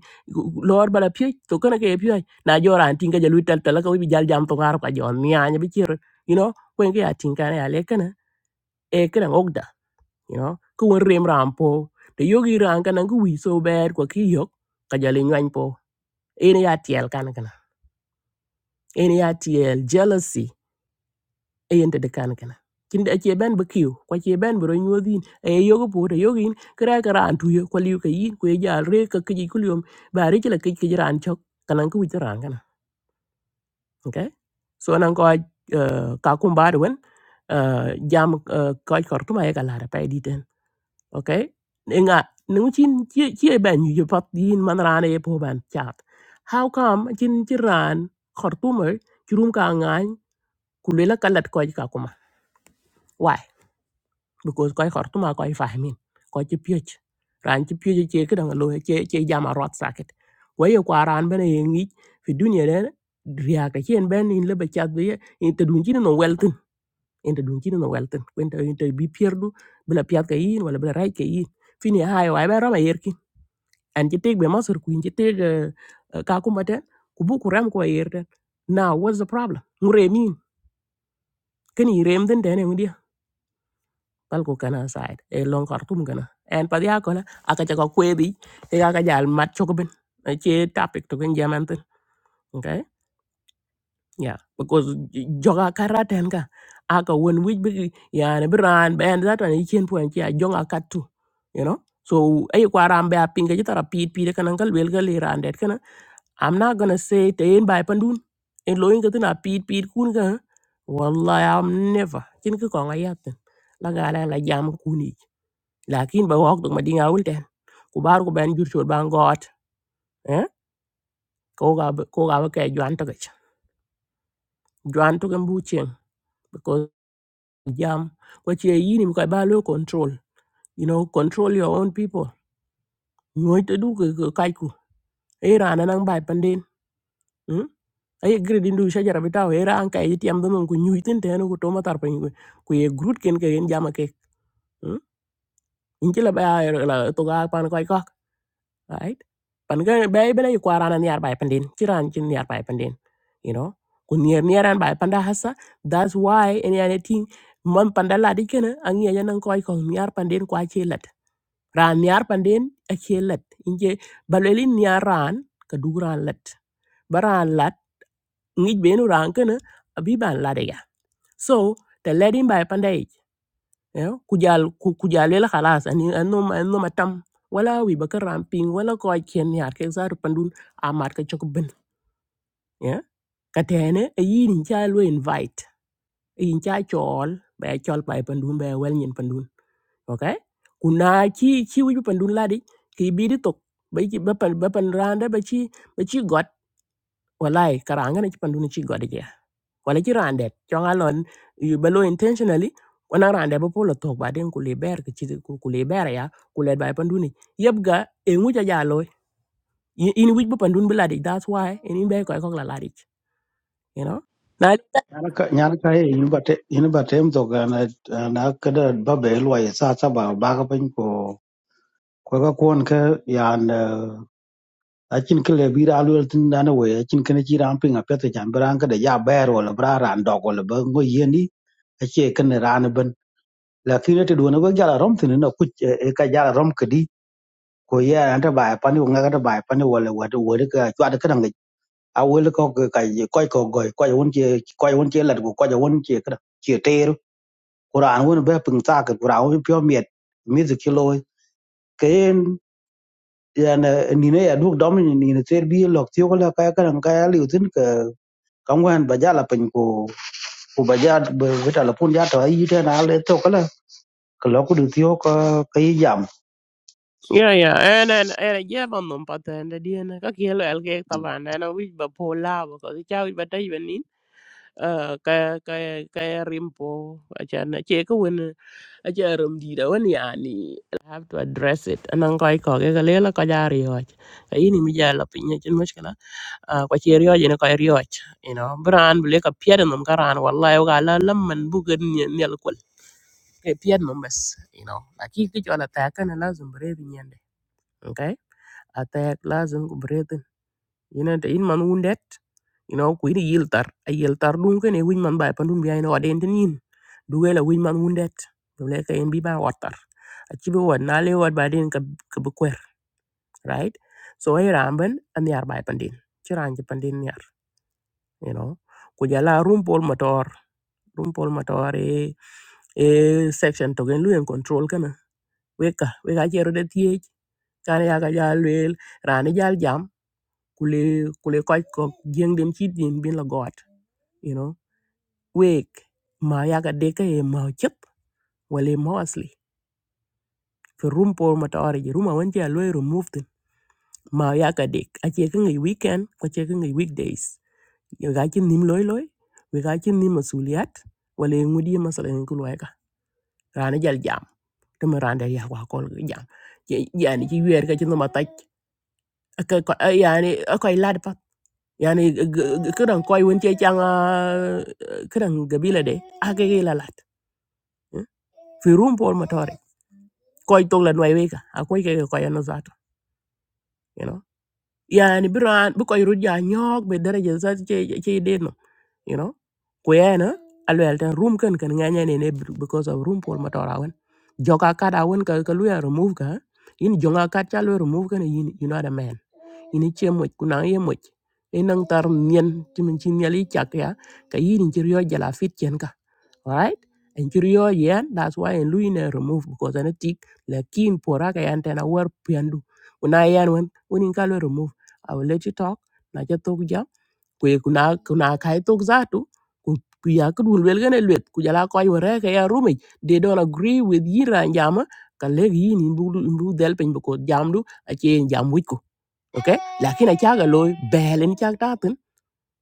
lord bala pyo to kana ke pyo na jora antinga jalu tel tel ka wi jal jam to arab ka jon nya nya be chiro you know kwen ke atinga ya lekana e kana you know ku won rem ram po te yogi ran kana ku wi so ber ko ki yok ka jali ngwan po ene ya tiel kan kana ene ya tiel jealousy e yende de kan kana kinde ache ben be kiu ko che ben bro nyodin e yogo po te yogi kra kra an tuyo ko liu ka yin ko ya re ka ki ku lium ba re chila ki ki ran chok kana ku wi ran kana okay so nan ko ah, ka kum ba de wen ah, jam ah, ko kortuma e kala pa di okay nga nung chin chi chi ben yu pat din man ran e po ban chat how come chin chi ran khartumer churum ka ngan kulela kalat ko ka kuma why because ko khartuma ko fahmin ko chi pyech ran chi pyech che ke dang lo che che jama rot saket ko ye kwa ran ben e ngi fi dunia ne riya ka chen ben in le ba chat be in te dun chin no welten in te dun chin no welten kwenta in te bi pierdu bla piat ka yin wala bla rai ka yin fini hayo ay ba rama yer And ci tek be masur kuin ci tek ka kuma ten ku ko yer now what's the problem ngure min kani rem den den ngi pal ko kana side e long kartum kana en pa dia kola aka ja ko kwedi e aka jal mat choko ben ci topic to kan jaman ten okay yeah because j- joga karaten ka aka won wij bi yani bran ben that one chen point ya jonga katu you know so ay kwa rambe a pinga jitara pit pit kanan kal bel gal iran I'm not gonna say te in bai pandun. In loin ka tina pit pit kun ka. Wallahi I'm never. Chin ka kong ayat tin. La ga la la jam ka kuni. Lakin ba wak tuk ma dinga ul ten. Ku bar ku ben jur chot bang got. Eh? Ko ga ba- ko ga ba ke juan to gach. Juan to kan bu chen. Because jam. Kwa chie yini mi kai ba lo control. You know, control your own people. Nyoy te du ka kai ku. Era na nang bai pandin. Ừ? ay gre din du shajara bita wera an kay yiti am don ko nyuitin te no ko toma tar pany ko ye grut ken ke en jama ke in kila ba ya, la to ga pan koy kok right pan ga ba bela yu kwarana niar bay pandin kiran kin niar bay pandin you know ko niar niaran bay panda hasa that's why en ya ne ting man panda la di ken an ye nan koy ko niar pandin kwa chelat ran niar pandin a chelat inje baleli niar ran ka duran lat baran lat ngi benu ran kena, abi ban la de so ta ledin bai pandai you know, kujal ku- kujalela khalas ani anno anno matam wala wi baka ramping wala ko ken yar ke zaru pandun a mar ka chok ben yeah ka tene e yin cha lo invite e yin cha chol ba chol bai pandun ba wel nyen pandun okay kuna chi chi wi pandun ladi ki bi di tok ba chi ba pan ba pan randa ba chi ba chi got walai karanga na chi pandun chi got wala ci rande chong alon you belo intentionally wana rande bo polo tok baden ku liber ki ci ku ku liber ya ku le bay panduni yebga e nguja jalo in which bo pandun biladi that's why in in be ko ko la ladi you know na nó cái nhà nó cái in bát in bát em to cái na na cái đó ba bể loài sa sa bảo ba cái bên của của cái con cái nhà acin ke lebi ra luel tin dana we acin kene ci ram pinga pete jan bran ka de ya ber wala bra ran dog wala ba ngo yeni ace kene ran ben lakini te dona ba jala rom tin na ku e e, ka jala rom kedi ko ya anta ba pani nga ka ba pani wala wada wada ka chwa de kan a wel ko ka ka ko ko go ko won ci ko won ci lat ko ko won ci ka ci ter quran won ba pin ta ka quran won pyo miet mi zu kilo ken ya na ni ne ya duk dom ni ne ter bi lok ti ko la ka ka ka ya liu tin kaŋ wɛn ba ja la piny ku ku ba ja bi ta la pun ja tɔ yi tɛn a le tho ka la ka lɔ ku du thio ka ka yeah yeah and and and yeah man non paten de dien ka kielo el ke taban and which bo pola bo ko ci ba tay benin ka ka ka rimpo acha na che ko aja rum di da wan yani I have to address it anan koy ko ke gale la ko jari hoj ka ini mi ja la pinya chen mushkila ko che ryo je ko ryo you know bran ble ka pier num karan wallahi ga la lamman bu gen nyel kol ke pier num bas you know aki ki jola ta kan lazum bre bi nyande okay atak lazum ko bre ina ta in man wundet you know ku ina yil tar a yil tar dun kene winy man bai pandun biya ina waden tin yin duwe la winy man wundet dole ka in bi ba watar a chibi wad na le wad baden ka ka bu kwer right so ay ramben an yar bai pandin chiran ji pandin yar you know ku jala rum pol motor rum pol motor e e section to gen lu en control kana weka weka jero de tie kan ya ga jal wel rani jal jam kule kule koy ko jeng dem chit yin bin la god you know wek ma yaga deka e ma chep wale ma asli ko rum por ma tawari ji ruma wanti a loy remove tin ma yaga dek a che ngay weekend ko che ngay weekdays yo ga chin nim loy loy we ga chin nim masuliyat wale ngudi masalan ko loy ka rana jal jam to ma randa ya wa kol jam yani ji wer ka chin ma taj ka yani akoy lad pa يعني ج- ج- كده كوي وانتي كان كده قبيله دي اكي لا لات في روم بول ماتوري كوي تولى نوي ويكا اكوي كي كوي انا ذاته you know يعني بران بكوي رجع نيوك بدرجه ذات شي شي دينو you know kuyena alwel ten room ken ken nganya ne ne because of room pol matora wen joka kada wen ka ka luya remove ka yin jonga kat cha luya remove ken yin you know, the man ini che moch kuna ye moch e nang tar mien ti min chin yali chak ya ka yin chi ryo jala fit chen ka right en chi ryo yen that's why en lui ne remove because an tik la kin pora ka yan tena war piandu kuna yan wen unin ka lo remove i will let you talk na cha tok ja ku ye kuna kuna kai tok za tu ku ku ya ku dul wel gane lwet ku jala ko yore ka ya rumi they don't agree with yira jama ka le yin imbu imbu del pen ko jamdu a che jam wit okay lakini achaga loy belen chak tatin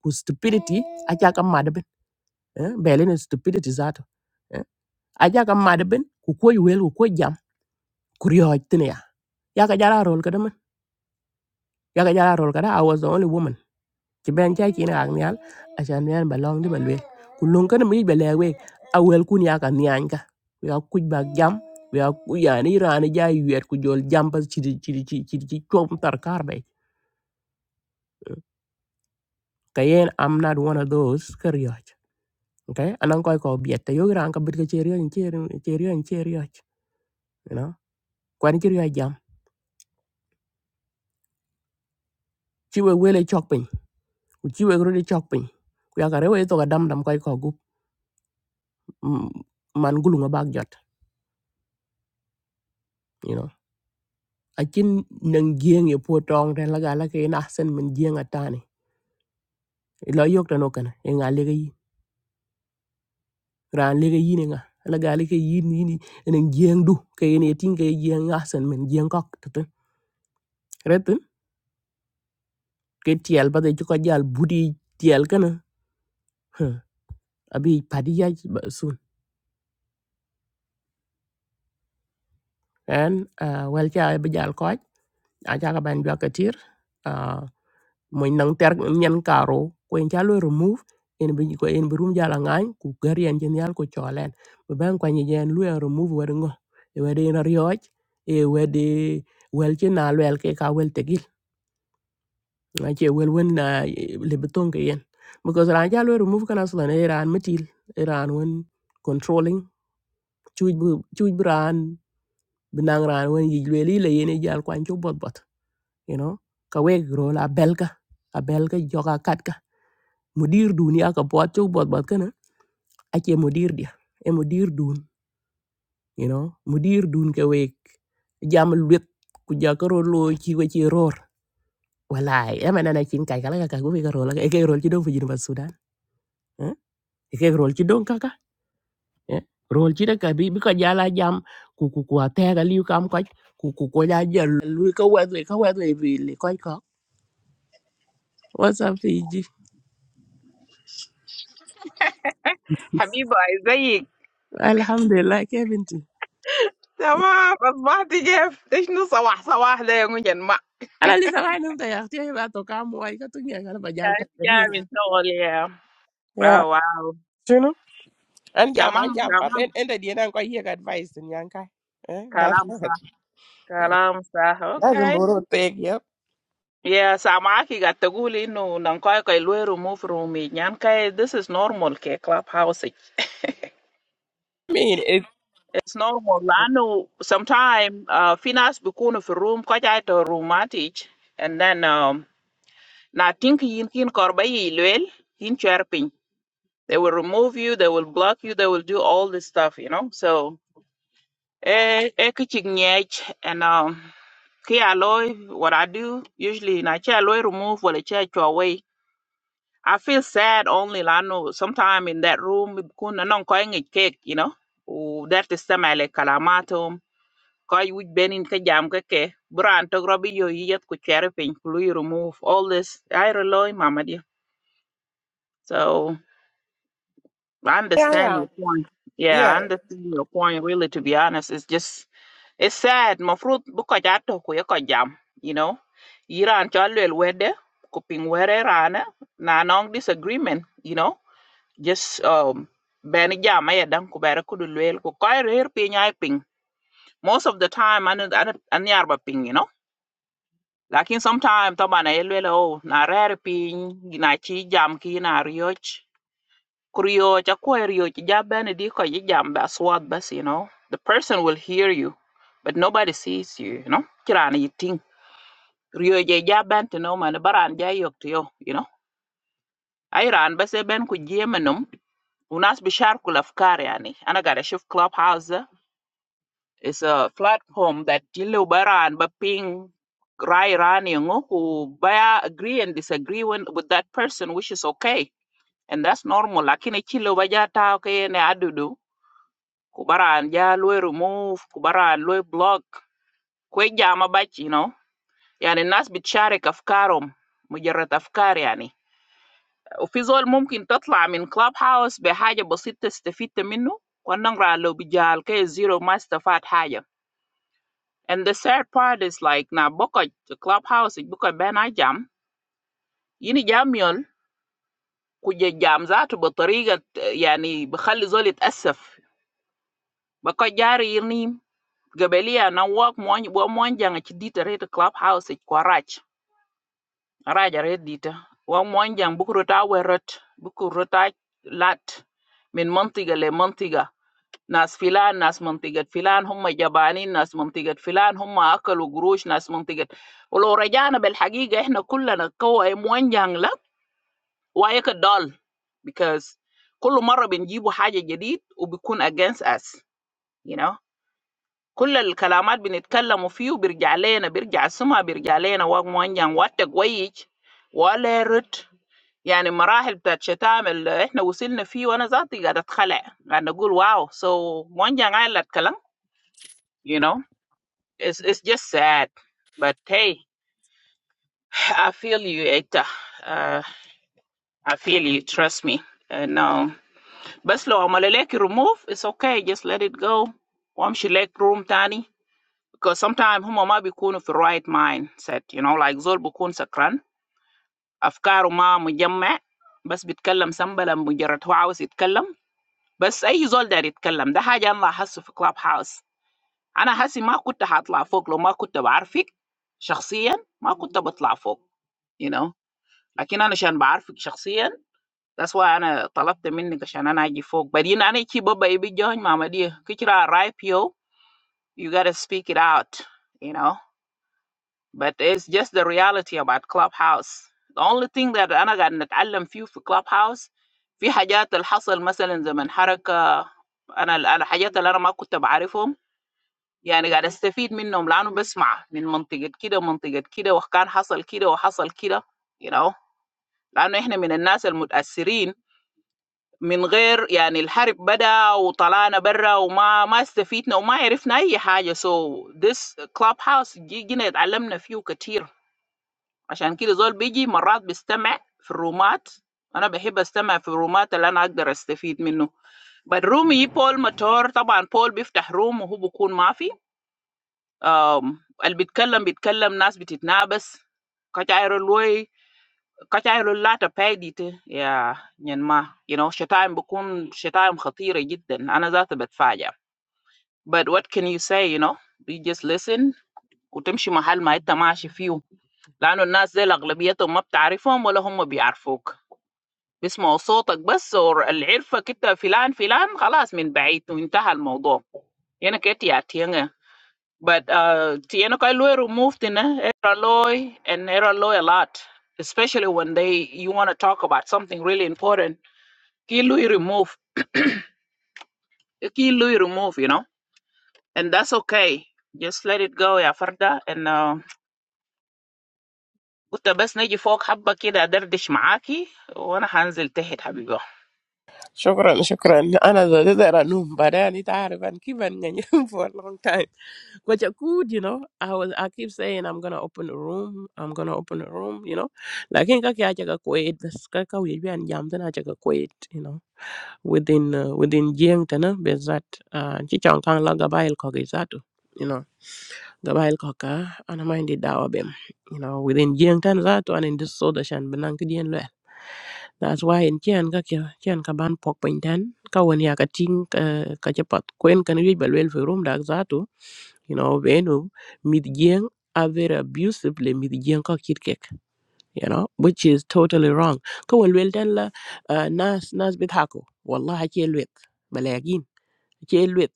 ku stupidity achaka madben eh? belen stupidity zato eh? achaka madben ku koy wel ku koy jam ku rioj tin ya yaka jara rol kada man yaka jara rol kada i was the only woman ci ben chay kina ak nyal achan nyal ba di balwe, lwe ku lon kana mi ba lewe a wel kun yaka nyanka ya kuj ba jam ya ku yani rani jay wer ku jol jam pas ci ci ci ci ci chom tar kar kayen i'm not one of those ka okay anan koy ko biet te yogira an kabit ke cherio in cherio cherio in cherio you know kwani cherio jam chiwe wele chok piny ku chiwe grodi chok piny ku yakare we to ga dam dam koy ko gup mm, man gulu nga bag jot you know akin nang gieng ye po tong te laga la ke na sen min gieng atani lo yok tano kana e nga lege yi ran lege yi ne nga laga le ke yi ni ni nang gieng du ke ne tin ke gieng nga sen min gieng kok tete retin ke tiel ba de ko jal budi tiel kana abi padiyaj soon and uh, wel cha be jal ko a cha ka ban jwa katir uh, mo nang ter nyen karo ko en cha lo remove en bi ko en bi rum jala ngan ku gar yen jen yal ko cholen be ban ko ni jen lu en remove wer ngo e wer en ryoj e wer de wel che na wel ke ka wel tegil na che wel wen na le beton ke yen because ran cha lo remove kana sulan e ran metil e ran wen controlling chuj bu chuj bran binang ran wen yij lweli la yene jal kwan cho bot bot you know ka weg ro la belka a belka joka katka mudir dunia ka pot cho bot bot kana ake mudir dia e mudir dun you know mudir dun ka weg jam lwet ku jaka ro lo chi we chi ror walai e mana na chin kai kala ka ku we ka ro la e ke rol chi don fu jin bas sudan eh? e ke rol chi don kaka eh? rol chi da ka bi bi ka jala jam ku ku ku ta ga liu kam ka ku ku ko ya jal lu ka wa ka wa vi li What's up, Fiji? حبيبه ازيك Alhamdulillah, Kevin. too. تمام اصبحت جيف ايش نو صباح صباح ده يا منجن ما Ala lisa rai num ta yak tiyo iba to kam wai ka tunya kana ba jal ta gani. جاي من شغل يا اه Yeah, واو you know. An jam تمام an jam pa تمام ben enda di nan ko yek advice in yan kai. Eh, that's كلام not. صح كلام صح That's اوكي important. Take yep. يا سامعاكي قاعد تقولي انه نانكايكا الويرو مو فرومي يعني كاي this is normal كي كلاب هاوس it's I mean, it. normal لانه sometime uh, في ناس بيكونوا في الروم كاي روماتيج and then um, na think yin kin korba yi lwel yin chwer They will remove you, they will block you, they will do all this stuff, you know. So eh eh kichik nyech and um ki aloy what I do usually na chi aloy remove wala chi achwa away. I feel sad only lano sometime in that room kun non koy ngi cake, you know. U that is samale kalamatum koy wich benin ka jam ka ke bran to grobi yo yet ku cherpin ku remove all this I rely mama dear. So I Yeah, understand yeah. your point. Yeah, Yeah. I understand your point. Really, to be honest, it's just it's sad. Mafruit buka jato kuya jam. You know, Iran chalwel wede kuping were rana na nong disagreement. You know, just um bani jam ay dang kubera kudu lwel ku kaya rare ping ay ping. Most of the time, anu anu ano yarba ping. You know. Lakin sometimes tama na elwel oh na rare ping na chi jam ki na rioch Kurio chakwa rio chijabene diko jijamba swat bas, you know. The person will hear you, but nobody sees you, you know. Chiran yiting. Rio jaben to no man baran jayok to yo, you know. Iran bas ben ku jemenum. Unas bishar kulafkar yani. Anagara shift clubhouse is a platform that jilu baran ba ping rai rani ngo ku baya agree and disagree when, with that person, which is okay. And that's normal. Lakini chilo bajata okay ne adudu Kubaran ya lui remove Kubaran lui block Kujia ma bati no. Yani nas bichare kafkaram mujerat afkare yani. O fizzle mungkin tatlā min clubhouse bi haya basitte stefite minu. Kwanangra lobi jāl ke zero ma stafat haya. And the third part is like na boka clubhouse boka benajam. Yini jam yul kujia jam zatu baturiga yani bakhali zol itasf boka jarirni. gabelia na wok mon bo mon jang ci dita red club house ko raj raj red dita wa mon jang bu ko ta werot bu ko rota lat min mantiga le mantiga nas filan nas mantiga filan humma jabani nas mantiga filan humma akalu gurush nas mantiga ولو رجعنا بالحقيقة احنا كلنا كوعي موان جان لا وايك دول because كل مرة بنجيبوا حاجة جديد وبيكون against us you know كل الكلامات بنتكلموا فيه وبيرجع لنا بيرجع السمع بيرجع لنا وانجان وات كويس ولا رد يعني مراحل بتاعت شتام اللي احنا وصلنا فيه وانا ذاتي قاعده اتخلع قاعده اقول واو so وانجان قال الكلام you know it's, it's just sad but hey I feel you Ita uh, I feel you trust me uh, no بس لو عمل لك remove it's okay just let it go وامشي لك روم تاني Because sometimes, them ma be ko no in right mind set. You know, like, zol be ko no screen. Afkar ma mujamma. Bas be tklm sambala mujarat hawas tklm. Bas ahi zol dar tklm. Dah haja Allah has in club house. I has ma ko tte hatafuk lo ma ko tte bgarfik. Personally, ma ko tte batafuk. You know. But I ko tte bgarfik personally. That's why I asked you ko. So I can go up. But I ko tte baba ibijah ma ma dia. You got to speak it out. You know. but it's just the reality about clubhouse the only thing that انا قاعد نتعلم فيه في clubhouse في حاجات اللي حصل مثلا زمن حركة انا ال- الحاجات اللي انا ما كنت بعرفهم يعني قاعد استفيد منهم لانه بسمع من منطقة كده منطقة كده وكان حصل كده وحصل كده you know لانه احنا من الناس المتاثرين من غير يعني الحرب بدا وطلعنا برا وما ما استفيدنا وما عرفنا اي حاجة. so this clubhouse جي- جينا اتعلمنا فيه كتير Ach, an kila zol bigi marrat bi stemek frumat. I na behi bi stemek frumat elana ag daras tefit minu. But Rome, Paul metor. Tabaan Paul bi fta' Rome hu bokun maafi. Al bi tkalam bi tkalam nas bi ttnabas. Katayrului, katayrulatta paidi. Yeah, nyan ma. You know, shaytam bokun, shaytam khattira jidden. I na zat btfajja. But what can you say? You know, we just listen. Utem shi mahal maheta ma ashifyu. لأنه الناس ديل أغلبيتهم ما بتعرفهم ولا هم بيعرفوك، بيسمعوا صوتك بس واللي عرفك أنت فلان فلان خلاص من بعيد وانتهى الموضوع. يعني كتير تيجي but uh, tiene que lo removed in error loy and error loy a lot, especially when they you want to talk about something really important. Kilu remove, kilu remove, you know, and that's okay. Just let it go يا فردة. And uh, قلت بس نيجي فوق حبة كده أدردش معاكي وأنا هنزل تحت حبيبي. شكرا شكرا انا there نوم بعدين انت عارف انا كيف for a long time But you could, you know. I was I keep saying I'm gonna open a room, I'm gonna open a room, you know. Like in kaki achaga kwait, bas kaka wiyajbi an jam then achaga kwait, you know. Within uh, within jeng tana bezat uh chichang kang la gabail kogi zatu, you know. Gabail koka ana mind dawa bem, you know. Within jeng tan zatu and in this soda shan benang kidien that's why in chian ka kia chian ka ban pok pin tan ka wen ya ka ting ka ka chapat kwen kan wi bal wel room dak zato you know venu mid jeng are very abusively mid jeng ka kit kek you know which is totally wrong ka wen wel tan la uh, nas nas bit hako wallahi ke lwet balakin ke lwet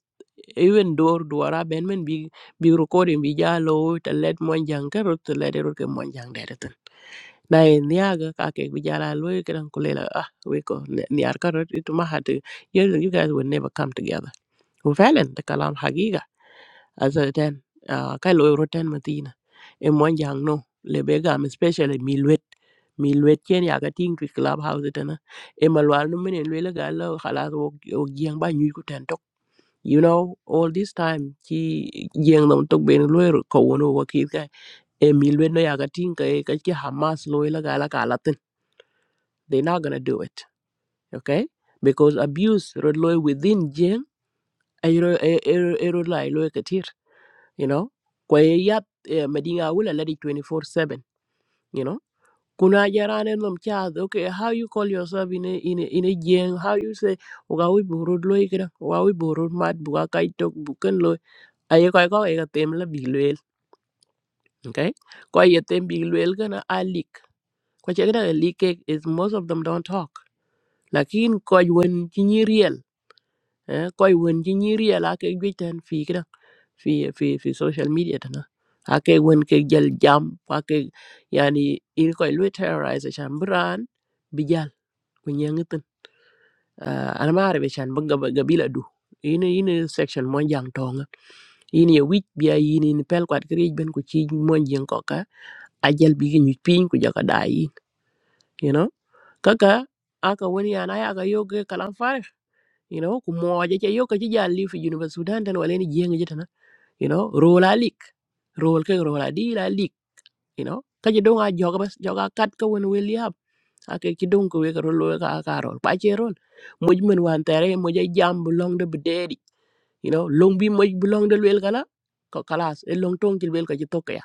even door duara ben men bi bi recording bi jalo to let mon jang ka rot to let e rot ke mon jang de naye niaga kake bijala loy kan kulela ah weko niar karot itu mahati you, you guys will never come together وفعلا ده كلام حقيقة as then uh, كاي لوي روتين متينا e mon jang no le be gam especially mi luet mi luet ken ya ga ting ki club house tana e malwal no menen le ga la khalas wo wo gieng ba nyu ko ten tok you know all this time ki gieng no tok ben lo ko wono wo ki ka e mi luet no ya ga ting ka e ka ki hamas lo la ga la They're not gonna do it. Okay? Because abuse rod loy within jeng ayro ayro ayro lai loy katir. You know? Kwa eh, yap madinga wula ladi four seven, You know? Kuna jarane nom chad. Okay, how you call yourself in a in a, in a jeng? How you say ugawi burud loy kira? Ugawi burud mat buga kai tok bukan loy. Ayo kai kau ega tem la biluel. Okay? Kwa yetem biluel kana alik. Kwa chekda alik is most of them don't talk. Lakin kwa yuwen real. eh, koy wen ci ñiiri yel ake juej tan fi kida fi fi fi social media tan ake wen ke gel jam ake yani in koy lu terrorize chan bran bi jal ku ñengi tan uh, ana maare be chan bëgga bëgga bila du ina ina section mo jang tonga ina ye wich biya ina ni pel kwat kriej ben ku ci mo jeng ko ka ajal bi ñu piñ ku jaka da yin you know kaka aka wani yana ya ga yoge kalam fare you know ku mo je yo ka ci jal li fi junu ba sudan tan wala ni jeng you know role a lik role ke role a dil a lik you know ka je dong a joga bas joga kat ka wen wel yap a ke ki dong ko we ka role ka ka role pa che role moj men wan tere moj a jam bu long de bededi you know long bi moj bu long de wel kala ko kalas e long tong kil wel ka je tokka ya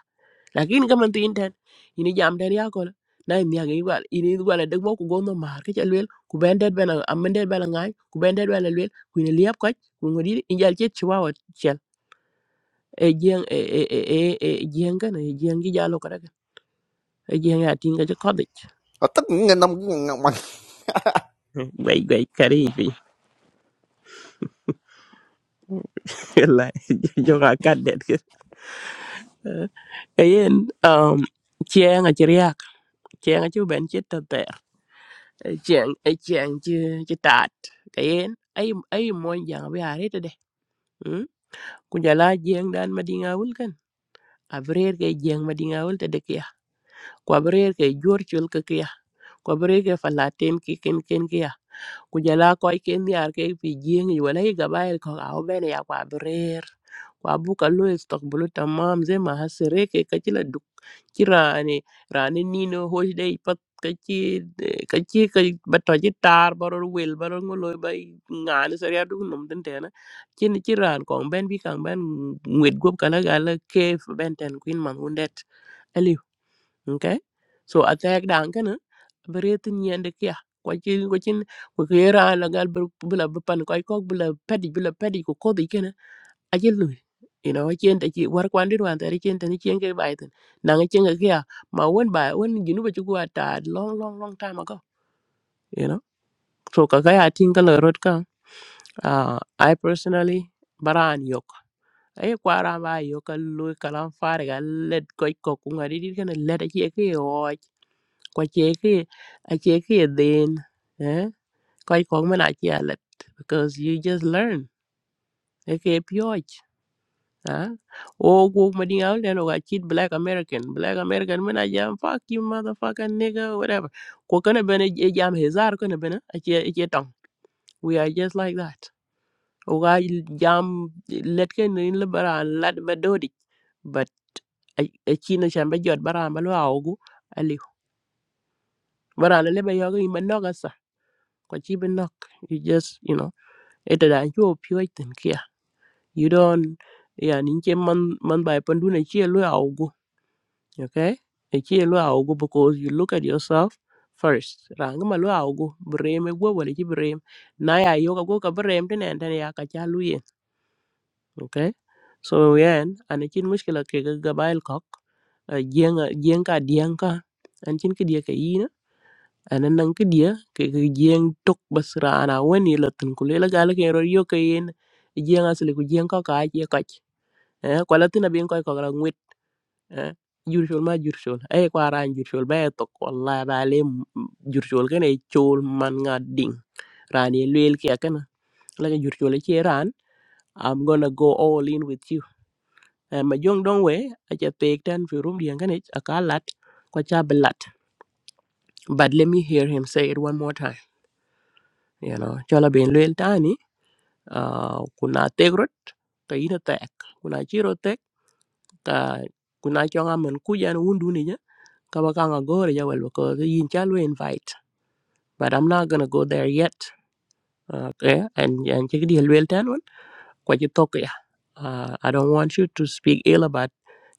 lakin ka man tin ten ini jam ten ya ko na ni ya ngi wal ini wala de mo ko gono mar ke ci wel ku ben det ben am men det ben ngai ku ben det ben wel ku ni liap ko ku ngodi injal che chwa e jieng e e e e e e jieng kana e jieng gi jalo kada ka e jieng ya tinga je kodich I'm just a normal human. gwai gwai kari fi la joka kadet ke e yen um chieng a chiriak chieng a chu ben chit tater e chieng e chieng chi chi tat ka yen ay ay mon jang bi are tede hmm? ku jala jieng dan madinga wul kan abrer ke jieng madinga wul tede kia ku abrer ke jor chul ke kia ku abrer ke falaten ki ken ken kia kujala ko ke niar ke fi jeng yi wala hi gabail ko aw bene ya kwa brer kwa buka lo istaqbulu tamam zai ma hasire ke kachila duk kirani rani nino hoy dai pat kachi kachi ka bato ji tar baror wel baror ngolo bay ngani sariya duk num den tena chin chiran ko ben bi kan ben ngwet gop kala gala kef ben ten queen man hundet okay so attack dan kana beretin yende kya ko ci ko ci ko yera la gal bu la bu pan ko ko bu la pedi bu la pedi ko ko di kana ajel lu you know ci ente ci war ko andir wan tari ci ente ni ci ngi bayten na nga ci nga kya ma won ba won ginu ba ci ko ta long long long time ago you know so ka ga ya tinga la rot ka uh, I personally baran yok ay kwara ba yok a loy kalam fare ga led koy ko ku ngari di kana led ci ke o kwa che ke a che ke den eh kai kong mena che because you just learn e ke pyoj ah o go mading out and o chit black american black american mena jam fuck you motherfucker nigga whatever ko kana bene e jam hezar kana bene a che a che tong we are just like that o ga jam let ke nin le bara lat ba dodi but a chino chamba jot bara ma lo ogu ali bara le le ba yoga imanoga ko chi bên nok you just you know ete da chu pyo ten kia you don't ya nin che man man bai pan du ne chi lu au gu okay e chi lu au gu because you look at yourself first rang ma lu au gu brem e gwo wala chi brem na ya yo ka go ka brem ten en ten ya ka cha lu ye okay so yen an chin mushkila ke ga gabail kok jeng jeng ka dieng ka an chin ke dia ka ana nan ki dia ke ke jeng tok bas rana wen ila tin ku lela gala ke ro yo ke yen jeng asli ku jeng ko ka ye ka eh ko la tin abin ko ko la ngwit eh jur shol ma jur shol ay ko aran jur shol ba e tok wallahi ba le jur shol ke ne chol man nga ding rani lel ke kana la jur shol ke ran i'm gonna go all in with you eh ma jong dong we a cha pek tan fi rum dien kanich akalat ko cha belat but let me hear him say it one more time you know chola ben lel tani uh, kuna tegrot ka ina tek kuna chiro tek ka kuna chonga men kujan wundu ni ja ka ba kanga gore ja wel ko yin chal we invite but i'm not gonna go there yet okay and and check the wel tan won kwa ji tok ya uh, i don't want you to speak ill about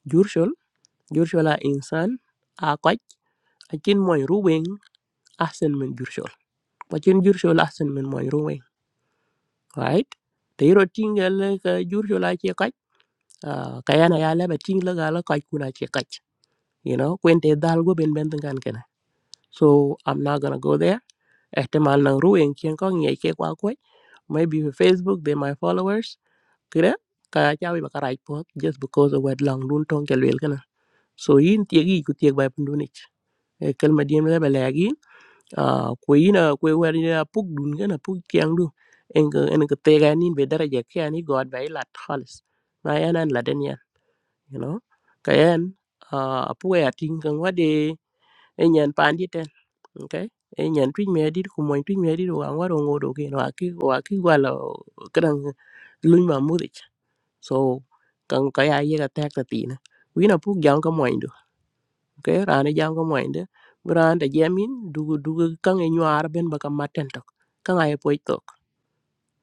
jurshol jurshol a insan a kwaj a chin moy ruweng asen men jurshol kwa chin jurshol asen men moy ruweng right te iro tingel ka jurshol a che kwaj uh, kayana ya leba ting la gala kaj kuna che kaj you know kwente dal go ben ben kan kana so i'm not gonna go there ehtimal nang ruin kien ko ngi ke kwa kwe maybe for facebook they my followers kire ka chawi ba karaj po just because of what long dun tong ke lel kana so yin tiegi ku tieg ba pandunich e kelma diem leba lagi uh, kwe ina kwe wer ina puk dun kana puk tiang du en en ke tega nin be daraja ke ani god ba ilat khalis na yana laden you know kayen uh, apuwe ating kang wade enyan pandi ten okay enyan twin me adit ku moy twin me adit wa ngwaro ngodo ke no aki wa aki gwala kadang luny ma mudich so kang kaya ye ka tak ta tina wina puk jam ka moy do okay rane jam ka moy de brande jamin dugu dugu kang e nyuar ben baka maten tok kang ay poy tok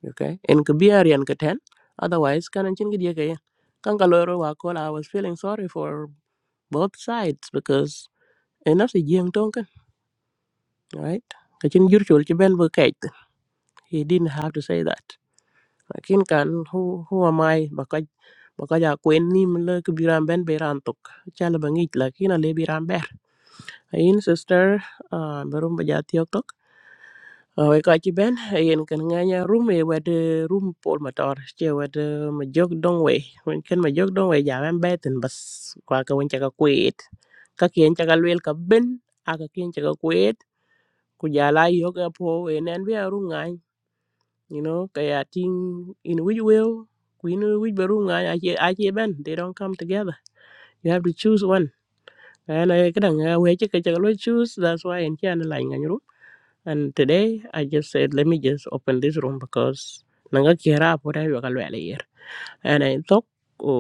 okay en ka biar yan ka ten otherwise kanan chin gidi ka yen kang ka loro wa kola i was feeling sorry for both sides because enough is young tonkin, right? Kachin jurchul chi ben bu kait. He didn't have to say that. Lakin kan who who am I bakaj bakaja kwen ni mle ke biran ben beran tok. Chala bangit lakin ale biran ber. Ain sister uh, berum baja tiok tok. Awe kachi ben ain kan nganya room e wede room pol motor che wede majok We Wen ken majok dongwe ja ben beten bas kwa ka wen chaka kwet. Kakien chaka lwel ka ben aka kien chaka kwet ku jala yok apo en en be aru ngai you know kaya ting in which will ku in which be ru ngai ache ache ben they don't come together you have to choose one and i kadang uh, we che ke choose that's why en chan la ngai ru and today i just said let me just open this room because nanga kira apo da yo ka lo le yer and i talk ku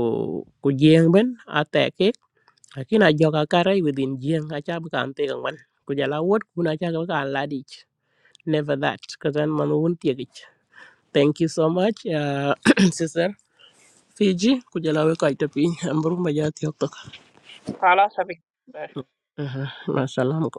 ku jeng ben attack it lakini ajoka karai within jeng acha bu kan te kan wan ku jala wot ku na cha ka la dich never that kazan manu won tiagich thank you so much uh, sister fiji kujala we kaita piny amburu majati I lost everything. hoktok